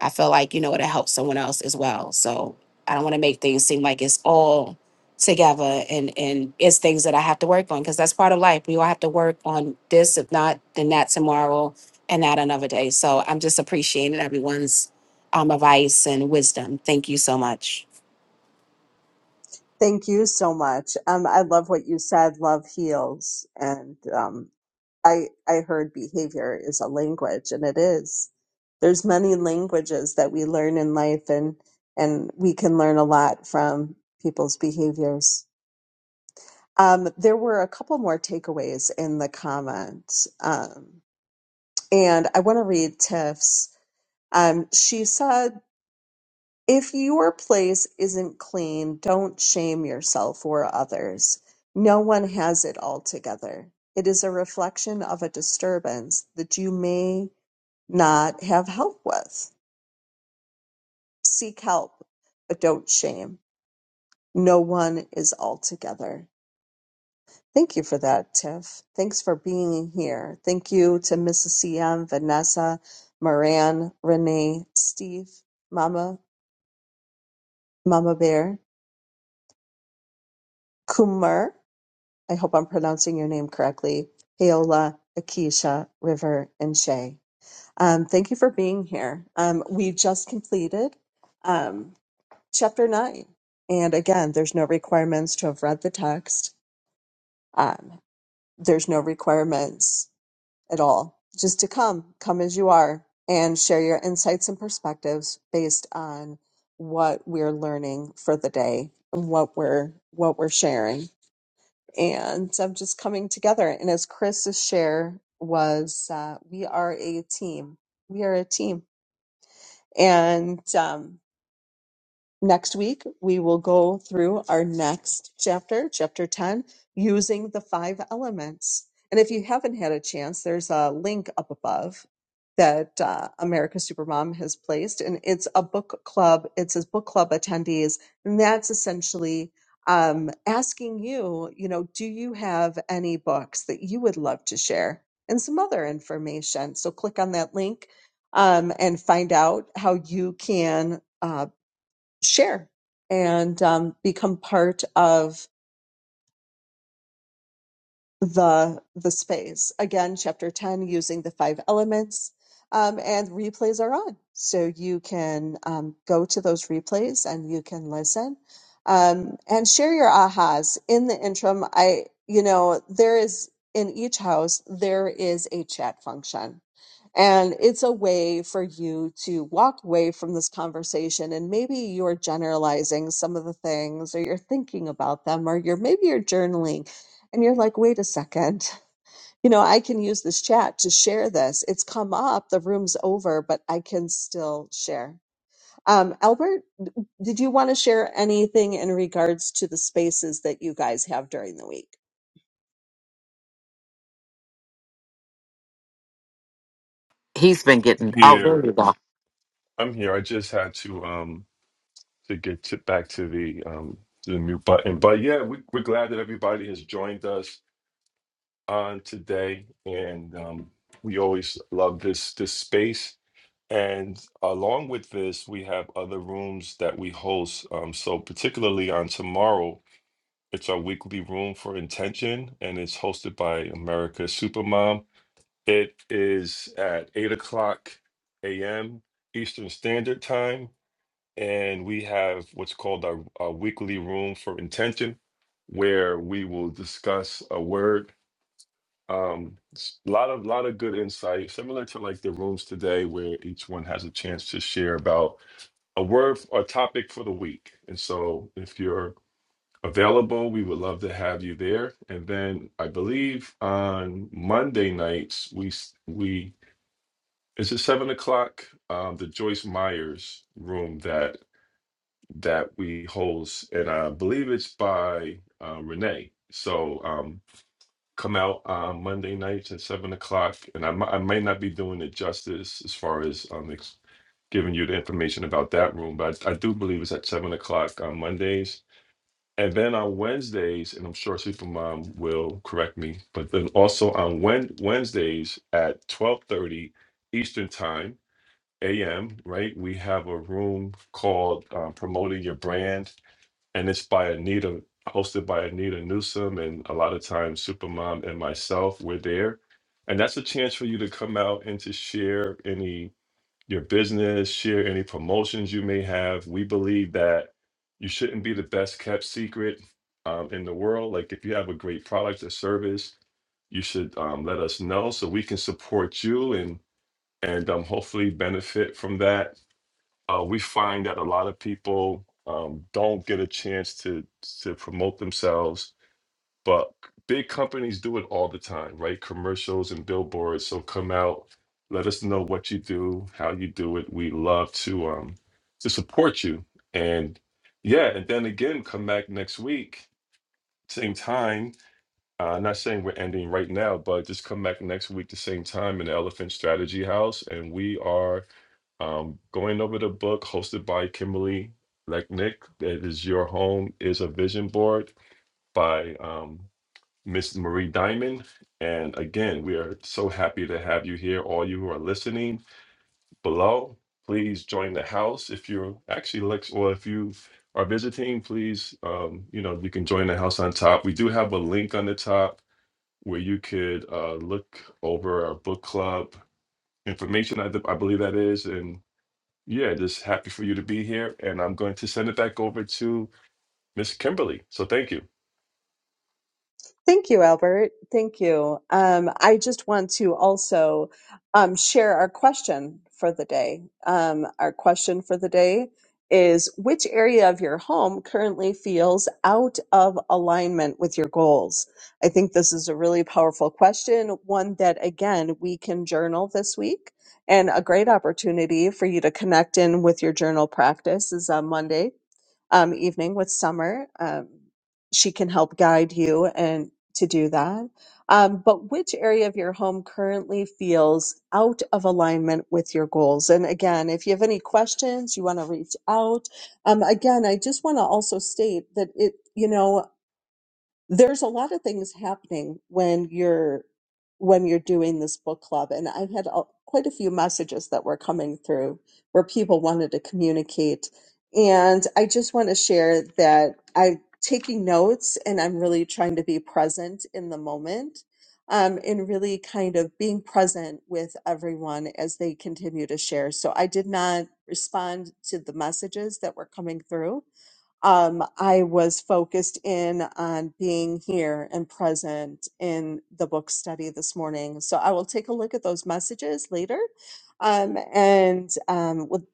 i feel like you know it'll help someone else as well so i don't want to make things seem like it's all together and and it's things that i have to work on because that's part of life we all have to work on this if not then that tomorrow and that another day so i'm just appreciating everyone's um, advice and wisdom. Thank you so much.
Thank you so much. Um, I love what you said. Love heals, and um, I I heard behavior is a language, and it is. There's many languages that we learn in life, and and we can learn a lot from people's behaviors. Um, there were a couple more takeaways in the comments. Um, and I want to read Tiff's. Um, she said, If your place isn't clean, don't shame yourself or others. No one has it all together. It is a reflection of a disturbance that you may not have help with. Seek help, but don't shame. No one is all together. Thank you for that, Tiff. Thanks for being here. Thank you to Mrs. CM, Vanessa, Moran, Renee, Steve, Mama Mama Bear, Kumar. I hope I'm pronouncing your name correctly, Paola, Akisha, River, and Shay. Um, thank you for being here. Um, we just completed um, chapter nine. And again, there's no requirements to have read the text. Um, there's no requirements at all. Just to come, come as you are, and share your insights and perspectives based on what we're learning for the day and what we're what we're sharing. and of just coming together. And as Chris's share was, uh, we are a team. We are a team. And um, Next week, we will go through our next chapter, chapter 10, using the five elements. And if you haven't had a chance, there's a link up above that uh, America Supermom has placed, and it's a book club. It says book club attendees, and that's essentially um, asking you, you know, do you have any books that you would love to share, and some other information. So click on that link um, and find out how you can. uh, share and um, become part of the the space again chapter 10 using the five elements um, and replays are on so you can um, go to those replays and you can listen um, and share your ahas in the interim i you know there is in each house there is a chat function and it's a way for you to walk away from this conversation. And maybe you're generalizing some of the things, or you're thinking about them, or you're maybe you're journaling and you're like, wait a second, you know, I can use this chat to share this. It's come up, the room's over, but I can still share. Um, Albert, did you want to share anything in regards to the spaces that you guys have during the week?
He's been getting. Oh, there you
Here,
go.
I'm here. I just had to um to get to, back to the um to the mute button, but yeah, we, we're glad that everybody has joined us on today, and um, we always love this this space. And along with this, we have other rooms that we host. Um, so particularly on tomorrow, it's our weekly room for intention, and it's hosted by America Supermom It is at 8 o'clock a.m. Eastern Standard Time, and we have what's called our, our weekly room for intention, where we will discuss a word. Um, s- a lot of lot of good insight, similar to like the rooms today, where each one has a chance to share about a word or topic for the week. And so, if you're available, we would love to have you there. And then I believe on Monday nights we s- we it's at seven o'clock? Um, the Joyce Myers room that that we host, and I believe it's by uh, Renee. So um, come out on Monday nights at seven o'clock, and I mi- I may not be doing it justice as far as um, ex- giving you the information about that room, but I, I do believe it's at seven o'clock on Mondays. And then on Wednesdays, and I'm sure Supermom will correct me, but then also on Wed- Wednesdays at twelve thirty Eastern time a.m., right? We have a room called um, Promoting Your Brand, and it's by Anita, hosted by Anita Newsom, and a lot of times Supermom and myself, we're there. And that's a chance for you to come out and to share any your business, share any promotions you may have. We believe that you shouldn't be the best kept secret um, in the world. Like if you have a great product or service, you should um, let us know so we can support you and and um, hopefully benefit from that uh, we find that a lot of people um, don't get a chance to to promote themselves, but big companies do it all the time, right? Commercials and billboards. So come out, let us know what you do, how you do it. We love to um, to support you, and yeah, and then again, come back next week, same time. Uh, not saying we're ending right now, but just come back next week, the same time in the Elephant Strategy House, and we are um, going over the book hosted by Kimberly Lechnick. That is Your Home is a Vision Board by um, Miss Marie Diamond. And again, we are so happy to have you here, all you who are listening below. Please join the house if you're actually Lex, or if you are visiting, please, um, you know, you can join the house on top. We do have a link on the top where you could uh, look over our book club information, I, I believe that is, and yeah, just happy for you to be here. And I'm going to send it back over to Miss Kimberly. So thank you.
Thank you, Albert. Thank you. Um, I just want to also um, share our question for the day. Um, our question for the day is Which area of your home currently feels out of alignment with your goals? I think this is a really powerful question, one that, again, we can journal this week. And a great opportunity for you to connect in with your journal practice is on Monday um, evening with Summer. Um, she can help guide you and to do that. Um, but which area of your home currently feels out of alignment with your goals? And again, if you have any questions, you want to reach out. Um, again, I just want to also state that it, you know, there's a lot of things happening when you're when you're doing this book club and i've had a, quite a few messages that were coming through where people wanted to communicate and i just want to share that i'm taking notes and i'm really trying to be present in the moment um, and really kind of being present with everyone as they continue to share so i did not respond to the messages that were coming through um, I was focused in on being here and present in the book study this morning. So I will take a look at those messages later. Um, and um, would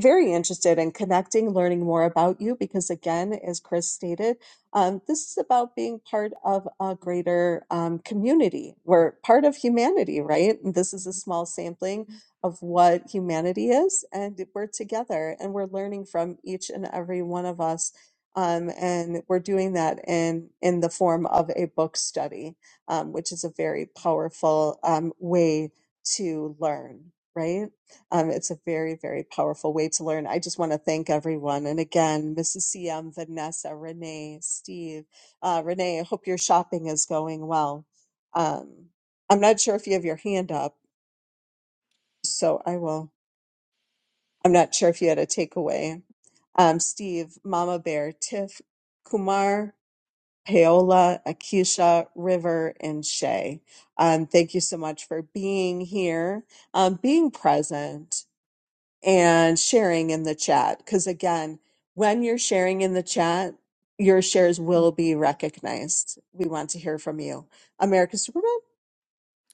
very interested in connecting, learning more about you, because again, as Chris stated, um, this is about being part of a greater um, community. We're part of humanity, right? And this is a small sampling of what humanity is, and we're together and we're learning from each and every one of us um, and we're doing that in, in the form of a book study, um, which is a very powerful um, way to learn, right? Um, it's a very, very powerful way to learn. I just want to thank everyone. And again, Mrs. CM, Vanessa, Renee, Steve, uh, Renee, I hope your shopping is going well. Um, I'm not sure if you have your hand up, so I will. I'm not sure if you had a takeaway. Um, Steve, Mama Bear, Tiff, Kumar, Paola, Akisha, River, and Shay. Um, thank you so much for being here, um, being present, and sharing in the chat. Because again, when you're sharing in the chat, your shares will be recognized. We want to hear from you. America Superman?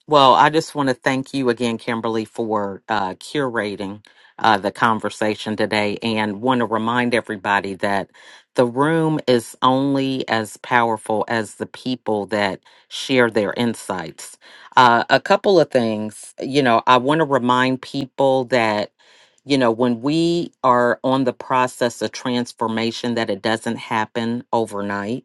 Well, I just want to thank you again, Kimberly, for uh, curating uh, the conversation today and want to remind everybody that the room is only as powerful as the people that share their insights. Uh, a couple of things, you know, I want to remind people that. You know, when we are on the process of transformation, that it doesn't happen overnight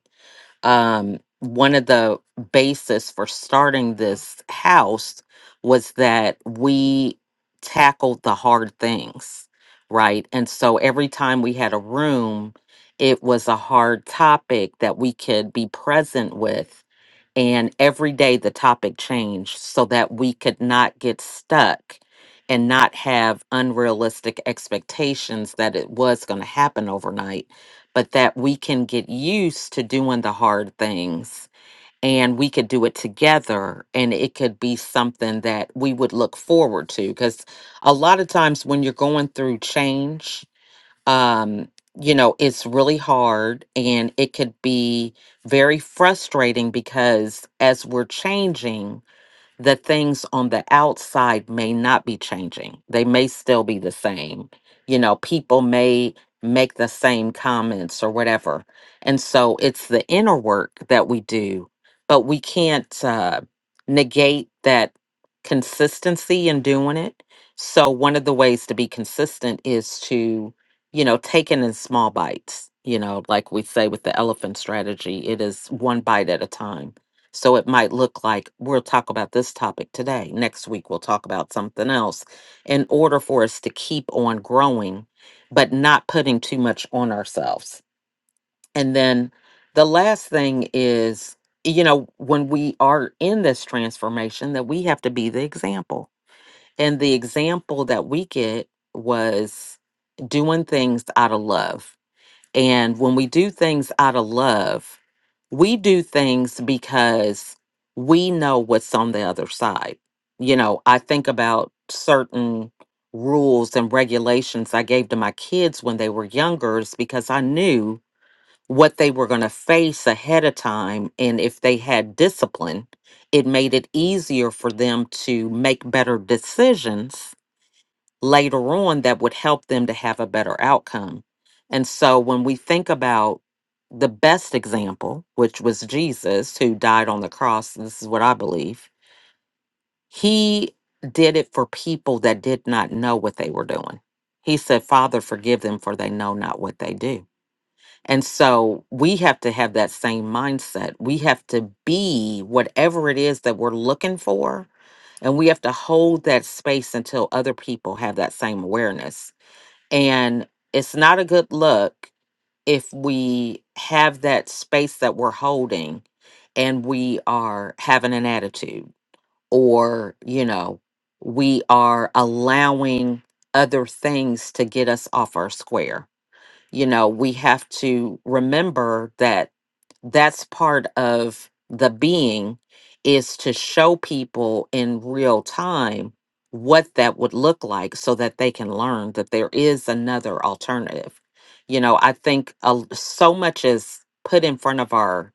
um, one of the basis for starting this house was that we tackled the hard things, right? And so every time we had a room, it was a hard topic that we could be present with and every day the topic changed so that we could not get stuck and not have unrealistic expectations that it was going to happen overnight but that we can get used to doing the hard things and we could do it together and it could be something that we would look forward to because a lot of times when you're going through change um, you know, it's really hard and it could be very frustrating because as we're changing, the things on the outside may not be changing. They may still be the same. You know, people may make the same comments or whatever. And so it's the inner work that we do, but we can't uh, negate that consistency in doing it. So one of the ways to be consistent is to, you know, take it in small bites. You know, like we say with the elephant strategy, it is one bite at a time so it might look like we'll talk about this topic today. Next week, we'll talk about something else in order for us to keep on growing, but not putting too much on ourselves. And then the last thing is, you know, when we are in this transformation, that we have to be the example. And the example that we get was doing things out of love and when we do things out of love, we do things because we know what's on the other side. You know, I think about certain rules and regulations I gave to my kids when they were younger is because I knew what they were going to face ahead of time. And if they had discipline, it made it easier for them to make better decisions later on that would help them to have a better outcome. And so when we think about the best example, which was Jesus, who died on the cross, this is what I believe, he did it for people that did not know what they were doing. He said, Father, forgive them, for they know not what they do. And so we have to have that same mindset. We have to be whatever it is that we're looking for. And we have to hold that space until other people have that same awareness and it's not a good look if we have that space that we're holding and we are having an attitude or, you know, we are allowing other things to get us off our square you know, we have to remember that that's part of the being is to show people in real time what that would look like so that they can learn that there is another alternative. You know, I think uh, so much is put in front of our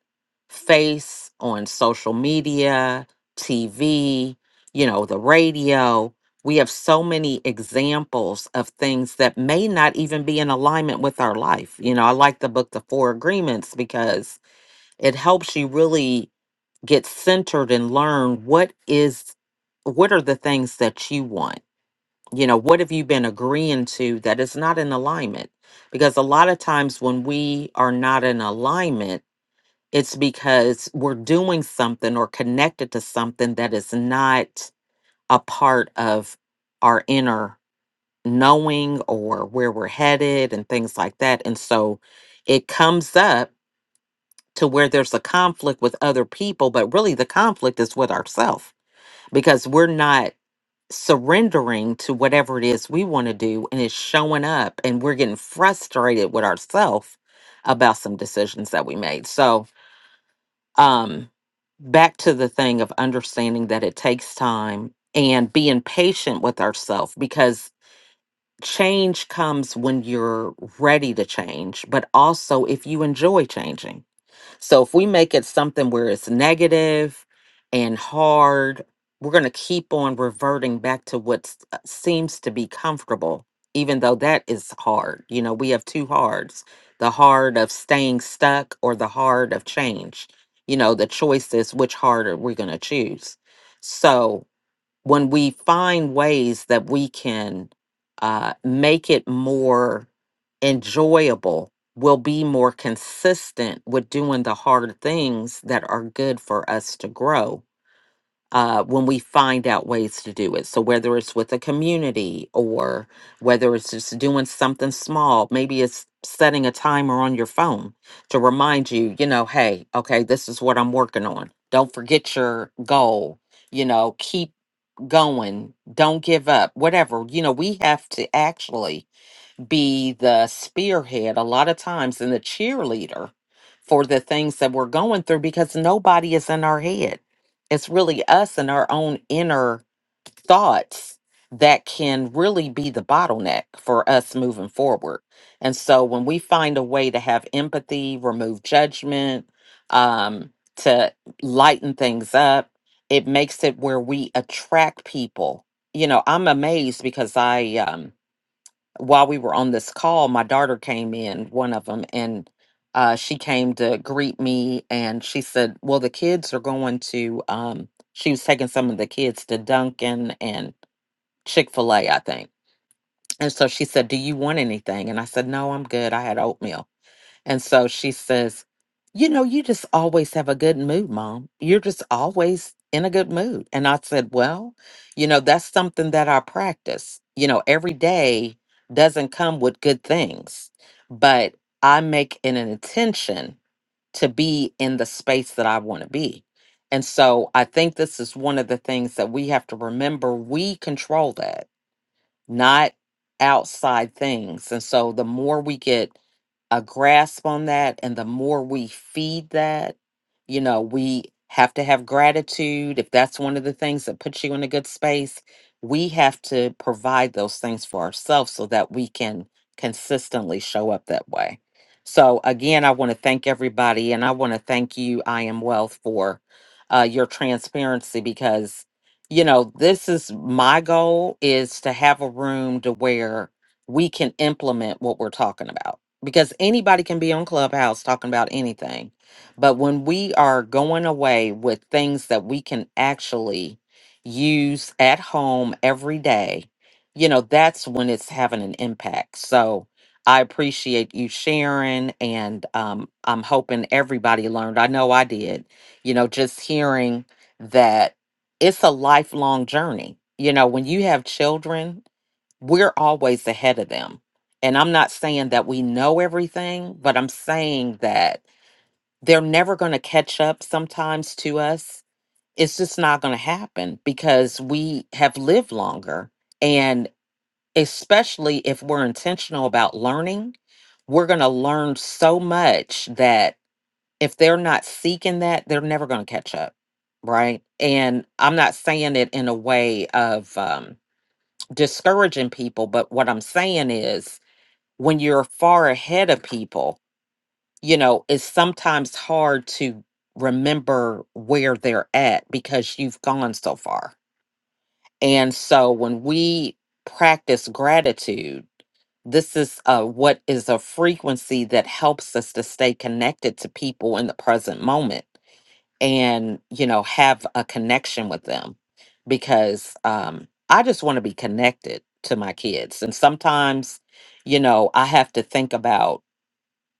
face on social media, TV, you know, the radio. We have so many examples of things that may not even be in alignment with our life. You know, I like the book, The Four Agreements, because it helps you really get centered and learn what is, what are the things that you want? You know, what have you been agreeing to that is not in alignment? Because a lot of times when we are not in alignment, it's because we're doing something or connected to something that is not a part of our inner knowing or where we're headed and things like that. And so it comes up to where there's a conflict with other people, but really the conflict is with ourselves because we're not surrendering to whatever it is we want to do and it's showing up and we're getting frustrated with ourselves about some decisions that we made. So, um back to the thing of understanding that it takes time and being patient with ourselves because change comes when you're ready to change, but also if you enjoy changing. So if we make it something where it's negative and hard, we're going to keep on reverting back to what s- uh, seems to be comfortable, even though that is hard. You know, we have two hards the hard of staying stuck or the hard of change. You know, the choice is which hard are we going to choose? So when we find ways that we can uh, make it more enjoyable, we'll be more consistent with doing the hard things that are good for us to grow uh, when we find out ways to do it. So, whether it's with a community or whether it's just doing something small, maybe it's setting a timer on your phone to remind you, you know, hey, okay, this is what I'm working on. Don't forget your goal you know keep going, don't give up, whatever. You know, we have to actually be the spearhead a lot of times and the cheerleader for the things that we're going through because nobody is in our head. It's really us and our own inner thoughts that can really be the bottleneck for us moving forward. And so when we find a way to have empathy, remove judgment, um, to lighten things up, it makes it where we attract people. You know, I'm amazed because I, um, while we were on this call, my daughter came in, one of them, and uh, she came to greet me and she said, Well, the kids are going to, um, she was taking some of the kids to Duncan and Chick fil A, I think. And so she said, Do you want anything? And I said, No, I'm good. I had oatmeal. And so she says, You know, you just always have a good mood, mom. You're just always in a good mood. And I said, Well, you know, that's something that I practice. You know, every day doesn't come with good things, but I make an intention to be in the space that I want to be. And so I think this is one of the things that we have to remember we control that not outside things. And so the more we get a grasp on that and the more we feed that you know we have to have gratitude if that's one of the things that puts you in a good space we have to provide those things for ourselves so that we can consistently show up that way so again i want to thank everybody and i want to thank you i am wealth for uh, your transparency because you know this is my goal is to have a room to where we can implement what we're talking about because anybody can be on clubhouse talking about anything but when we are going away with things that we can actually use at home every day you know that's when it's having an impact so i appreciate you sharing and um, i'm hoping everybody learned i know i did you know just hearing that it's a lifelong journey. You know, when you have children, we're always ahead of them. And I'm not saying that we know everything, but I'm saying that they're never going to catch up sometimes to us. It's just not going to happen because we have lived longer. And especially if we're intentional about learning, we're going to learn so much that if they're not seeking that, they're never going to catch up, right? And I'm not saying it in a way of um, discouraging people, but what I'm saying is when you're far ahead of people, you know, it's sometimes hard to remember where they're at because you've gone so far. And so when we practice gratitude, this is uh, what is a frequency that helps us to stay connected to people in the present moment and you know have a connection with them because um i just want to be connected to my kids and sometimes you know i have to think about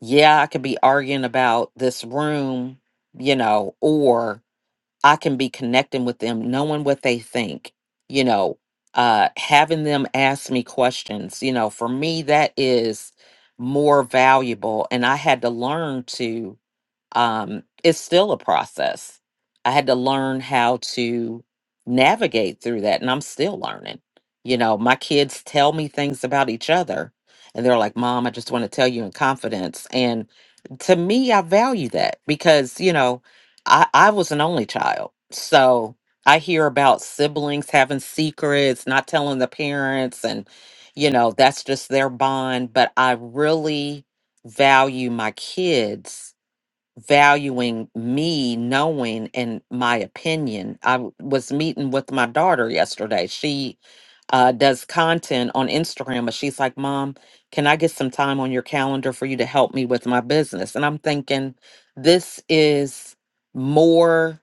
yeah i could be arguing about this room you know or i can be connecting with them knowing what they think you know uh having them ask me questions you know for me that is more valuable and i had to learn to um, it's still a process. I had to learn how to navigate through that, and I'm still learning. You know, my kids tell me things about each other, and they're like, Mom, I just want to tell you in confidence. And to me, I value that because, you know, I, I was an only child. So I hear about siblings having secrets, not telling the parents, and, you know, that's just their bond. But I really value my kids valuing me knowing and my opinion. I w- was meeting with my daughter yesterday. She uh, does content on Instagram, but she's like, Mom, can I get some time on your calendar for you to help me with my business? And I'm thinking, this is more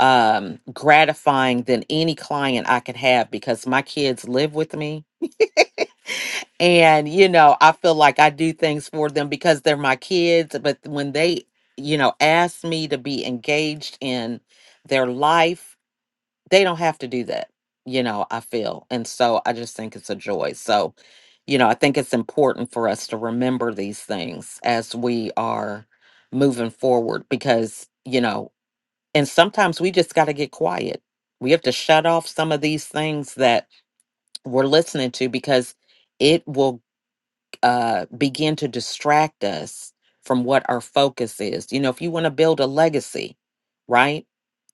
um gratifying than any client I could have because my kids live with me and you know i feel like i do things for them because they're my kids but when they you know ask me to be engaged in their life they don't have to do that you know i feel and so i just think it's a joy so you know i think it's important for us to remember these things as we are moving forward because you know and sometimes we just got to get quiet we have to shut off some of these things that we're listening to because it will uh, begin to distract us from what our focus is. You know, if you want to build a legacy, right?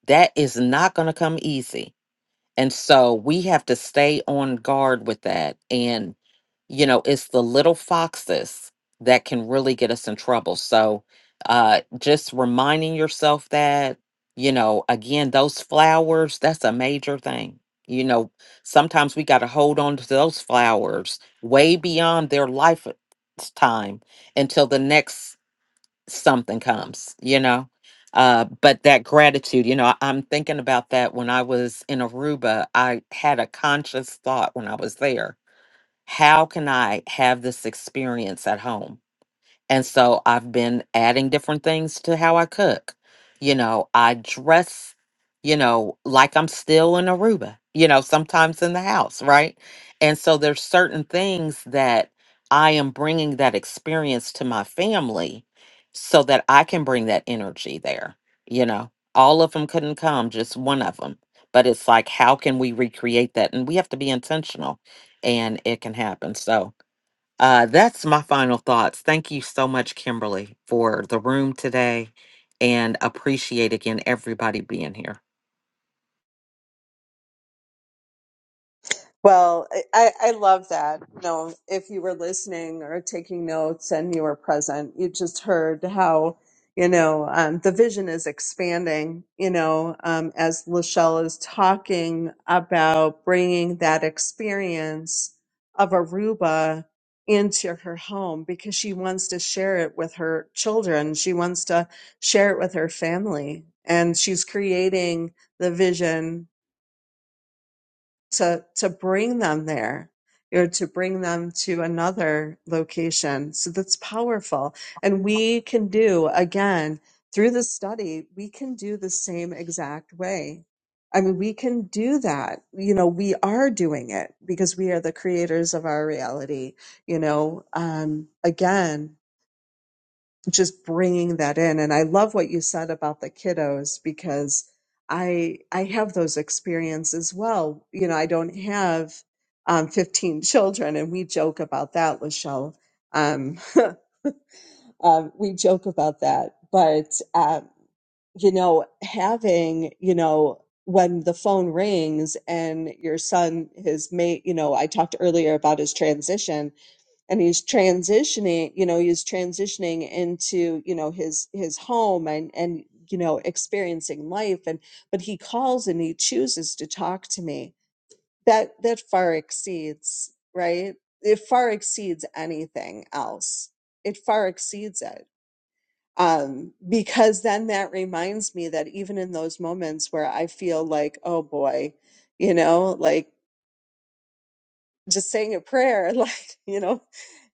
That is not going to come easy. And so we have to stay on guard with that. And, you know, it's the little foxes that can really get us in trouble. So uh, just reminding yourself that, you know, again, those flowers, that's a major thing. You know, sometimes we got to hold on to those flowers way beyond their lifetime until the next something comes, you know. Uh, but that gratitude, you know, I- I'm thinking about that when I was in Aruba. I had a conscious thought when I was there. How can I have this experience at home? And so I've been adding different things to how I cook. You know, I dress, you know, like I'm still in Aruba, you know, sometimes in the house, right? And so there's certain things that I am bringing that experience to my family so that I can bring that energy there. You know, all of them couldn't come, just one of them. But it's like, how can we recreate that? And we have to be intentional and it can happen. So, uh, that's my final thoughts. Thank you so much, Kimberly, for the room today and appreciate again everybody being here.
Well, I, I love that. You know, if you were listening or taking notes and you were present, you just heard how, you know, um, the vision is expanding, you know, um, as Lachelle is talking about bringing that experience of Aruba into her home because she wants to share it with her children. She wants to share it with her family. And she's creating the vision to to bring them there or to bring them to another location so that's powerful and we can do again through the study we can do the same exact way i mean we can do that you know we are doing it because we are the creators of our reality you know um again just bringing that in and i love what you said about the kiddos because i i have those experiences as well you know i don't have um, 15 children and we joke about that lachelle um, um, we joke about that but um, you know having you know when the phone rings and your son his mate you know i talked earlier about his transition and he's transitioning you know he's transitioning into you know his his home and and you know experiencing life and but he calls and he chooses to talk to me that that far exceeds right it far exceeds anything else it far exceeds it um because then that reminds me that even in those moments where i feel like oh boy you know like just saying a prayer like you know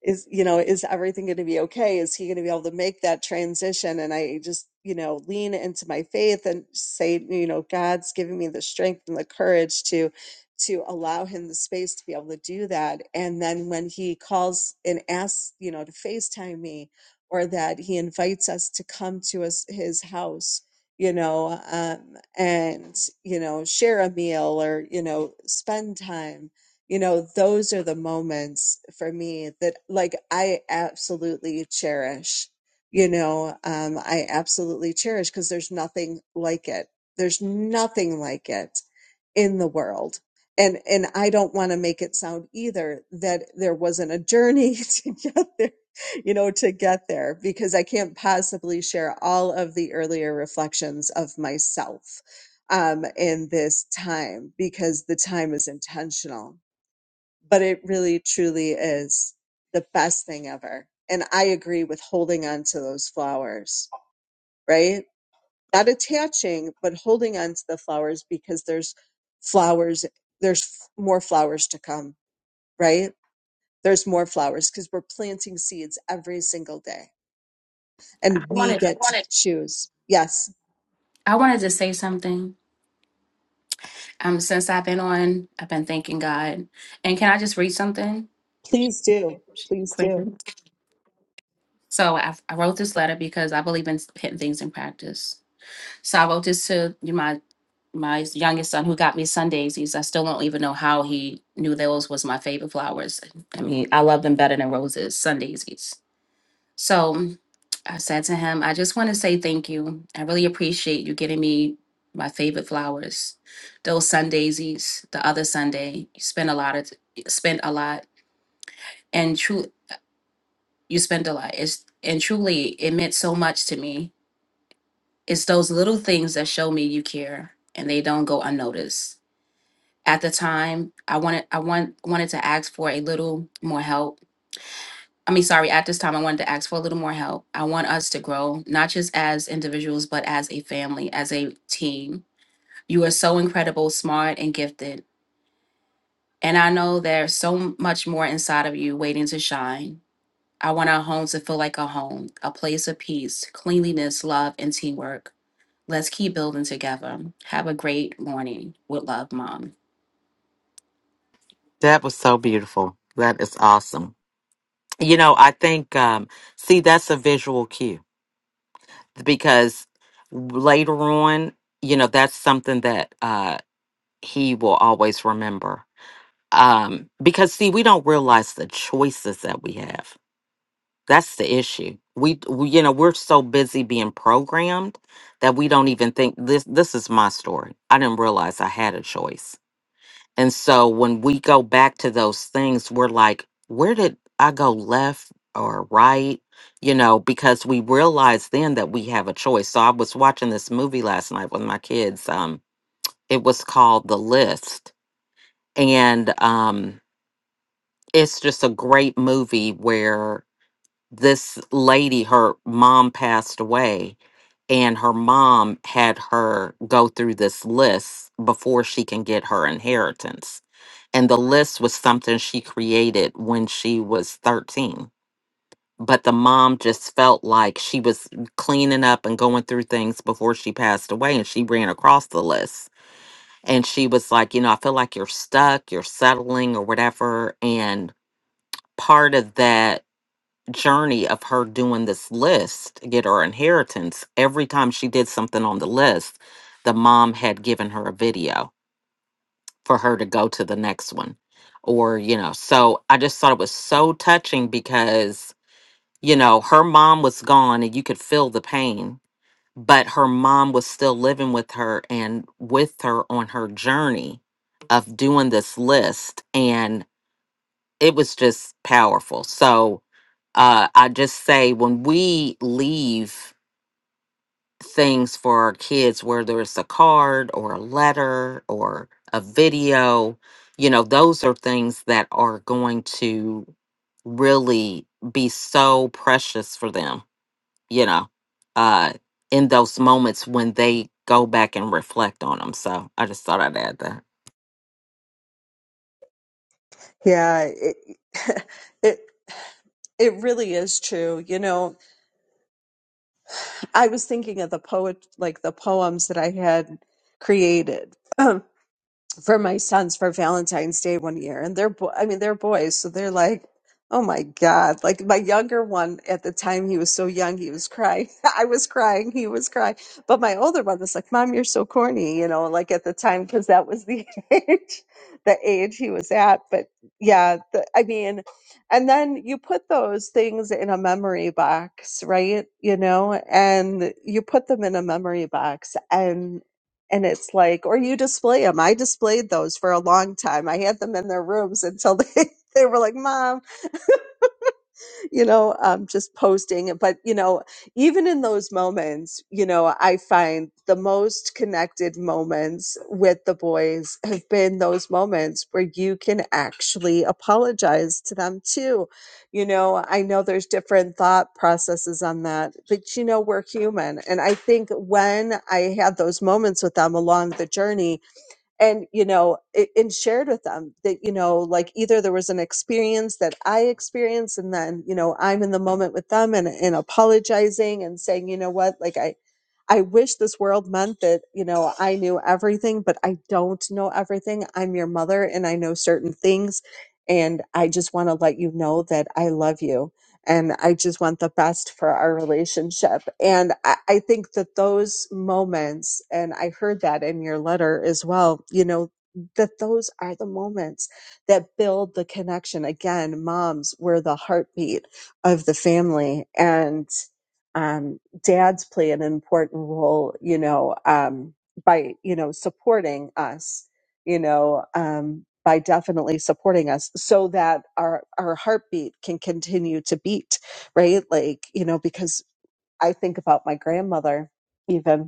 is you know is everything going to be okay is he going to be able to make that transition and i just you know lean into my faith and say you know god's giving me the strength and the courage to to allow him the space to be able to do that and then when he calls and asks you know to facetime me or that he invites us to come to us his house you know um and you know share a meal or you know spend time you know those are the moments for me that like i absolutely cherish you know um i absolutely cherish because there's nothing like it there's nothing like it in the world and and i don't want to make it sound either that there wasn't a journey to get there you know to get there because i can't possibly share all of the earlier reflections of myself um in this time because the time is intentional but it really truly is the best thing ever. And I agree with holding on to those flowers, right? Not attaching, but holding on to the flowers because there's flowers, there's f- more flowers to come, right? There's more flowers because we're planting seeds every single day
I
and we
wanted
get to choose. Yes,
I wanted to say something. Um, since I've been on, I've been thanking God. And can I just read something
please do. Please do.
quickly? So I, I wrote this letter because I believe in putting things in practice. So I wrote this to my my youngest son who got me sun daisies. I still don't even know how he knew those was my favorite flowers. I mean, I love them better than roses, sun daisies. So I said to him, I just want to say thank you. I really appreciate you getting me my favorite flowers, those sun daisies. The other Sunday, you spent a lot of spent a lot, and true, you spent a lot. It's and truly, it meant so much to me. It's those little things that show me you care, and they don't go unnoticed. At the time, I wanted I want wanted to ask for a little more help I mean, sorry, at this time, I wanted to ask for a little more help. I want us to grow, not just as individuals, but as a family, as a team. You are so incredible, smart, and gifted. And I know there's so much more inside of you waiting to shine. I want our home to feel like a home, a place of peace, cleanliness, love, and teamwork. Let's keep building together. Have a great morning. With love, Mom.
That was so beautiful. That is awesome. You know, I think, um, see, that's a visual cue because later on, you know, that's something that uh, he will always remember. um because see we don't realize the choices that we have that's the issue we, we you know we're so busy being programmed that we don't even think this this is my story i didn't realize i had a choice and so when we go back to those things we're like where did i go left or right you know because we realize then that we have a choice so i was watching this movie last night with my kids um it was called the list and um it's just a great movie where this lady, her mom passed away, and her mom had her go through this list before she can get her inheritance. And the list was something she created when she was 13. But the mom just felt like she was cleaning up and going through things before she passed away, and she ran across the list. And she was like, You know, I feel like you're stuck, you're settling, or whatever. And part of that journey of her doing this list to get her inheritance, every time she did something on the list, the mom had given her a video for her to go to the next one. Or, you know, so I just thought it was so touching because, you know, her mom was gone and you could feel the pain, but her mom was still living with her and with her on her journey of doing this list. And it was just powerful. So, uh, I just say when we leave things for our kids, whether it's a card or a letter or a video, you know, those are things that are going to really be so precious for them, you know, uh, in those moments when they go back and reflect on them. So I just thought I'd add that.
Yeah, it, it, it really is true. You know, I was thinking of the poet, like the poems that I had created. for my sons for Valentine's Day one year, and they're bo- I mean they're boys, so they're like, oh my god! Like my younger one at the time, he was so young, he was crying. I was crying, he was crying. But my older one was like, "Mom, you're so corny," you know, like at the time because that was the age, the age he was at. But yeah, the, I mean, and then you put those things in a memory box, right? You know, and you put them in a memory box, and. And it's like, or you display them. I displayed those for a long time. I had them in their rooms until they, they were like, Mom, you know, um, just posting it. But, you know, even in those moments, you know, I find the most connected moments with the boys have been those moments where you can actually apologize to them too. You know, I know there's different thought processes on that, but you know, we're human. And I think when I had those moments with them along the journey, and you know it, and shared with them that you know like either there was an experience that i experienced and then you know i'm in the moment with them and, and apologizing and saying you know what like i i wish this world meant that you know i knew everything but i don't know everything i'm your mother and i know certain things and i just want to let you know that i love you and I just want the best for our relationship. And I, I think that those moments, and I heard that in your letter as well, you know, that those are the moments that build the connection. Again, moms were the heartbeat of the family, and um, dads play an important role, you know, um, by, you know, supporting us you know, um, by definitely supporting us so that our, our heartbeat can continue to beat, right? Like, you know, because I think about my grandmother even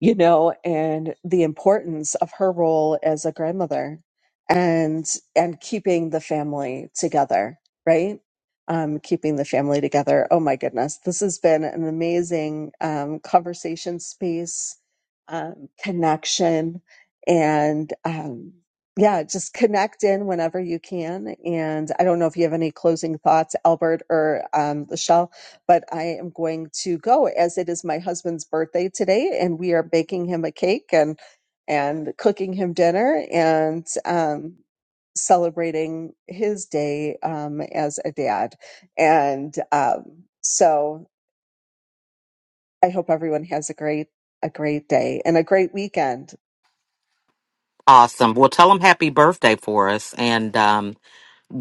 you know, and the importance of her role as a grandmother and and keeping the family together, right? Um, keeping the family together. Oh my goodness, this has been an amazing um, conversation space, um, connection, and um, yeah, just connect in whenever you can. And I don't know if you have any closing thoughts, Albert or um, Michelle but I am going to go as it is my husband's birthday today, and we are baking him a cake and and cooking him dinner and um, celebrating his day um, as a dad. And um, so I hope everyone has a great a great day and a great weekend.
Awesome. Well, tell them happy birthday for us. And, um,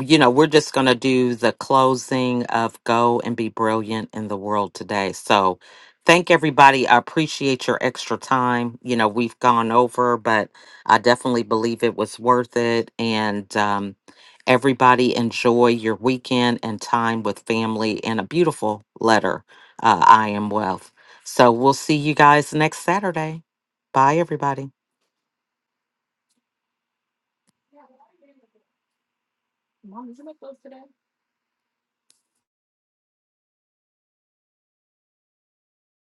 you know, we're just going to do the closing of Go and Be Brilliant in the World today. So, thank everybody. I appreciate your extra time. You know, we've gone over, but I definitely believe it was worth it. And um, everybody enjoy your weekend and time with family and a beautiful letter, uh, I Am Wealth. So, we'll see you guys next Saturday. Bye, everybody.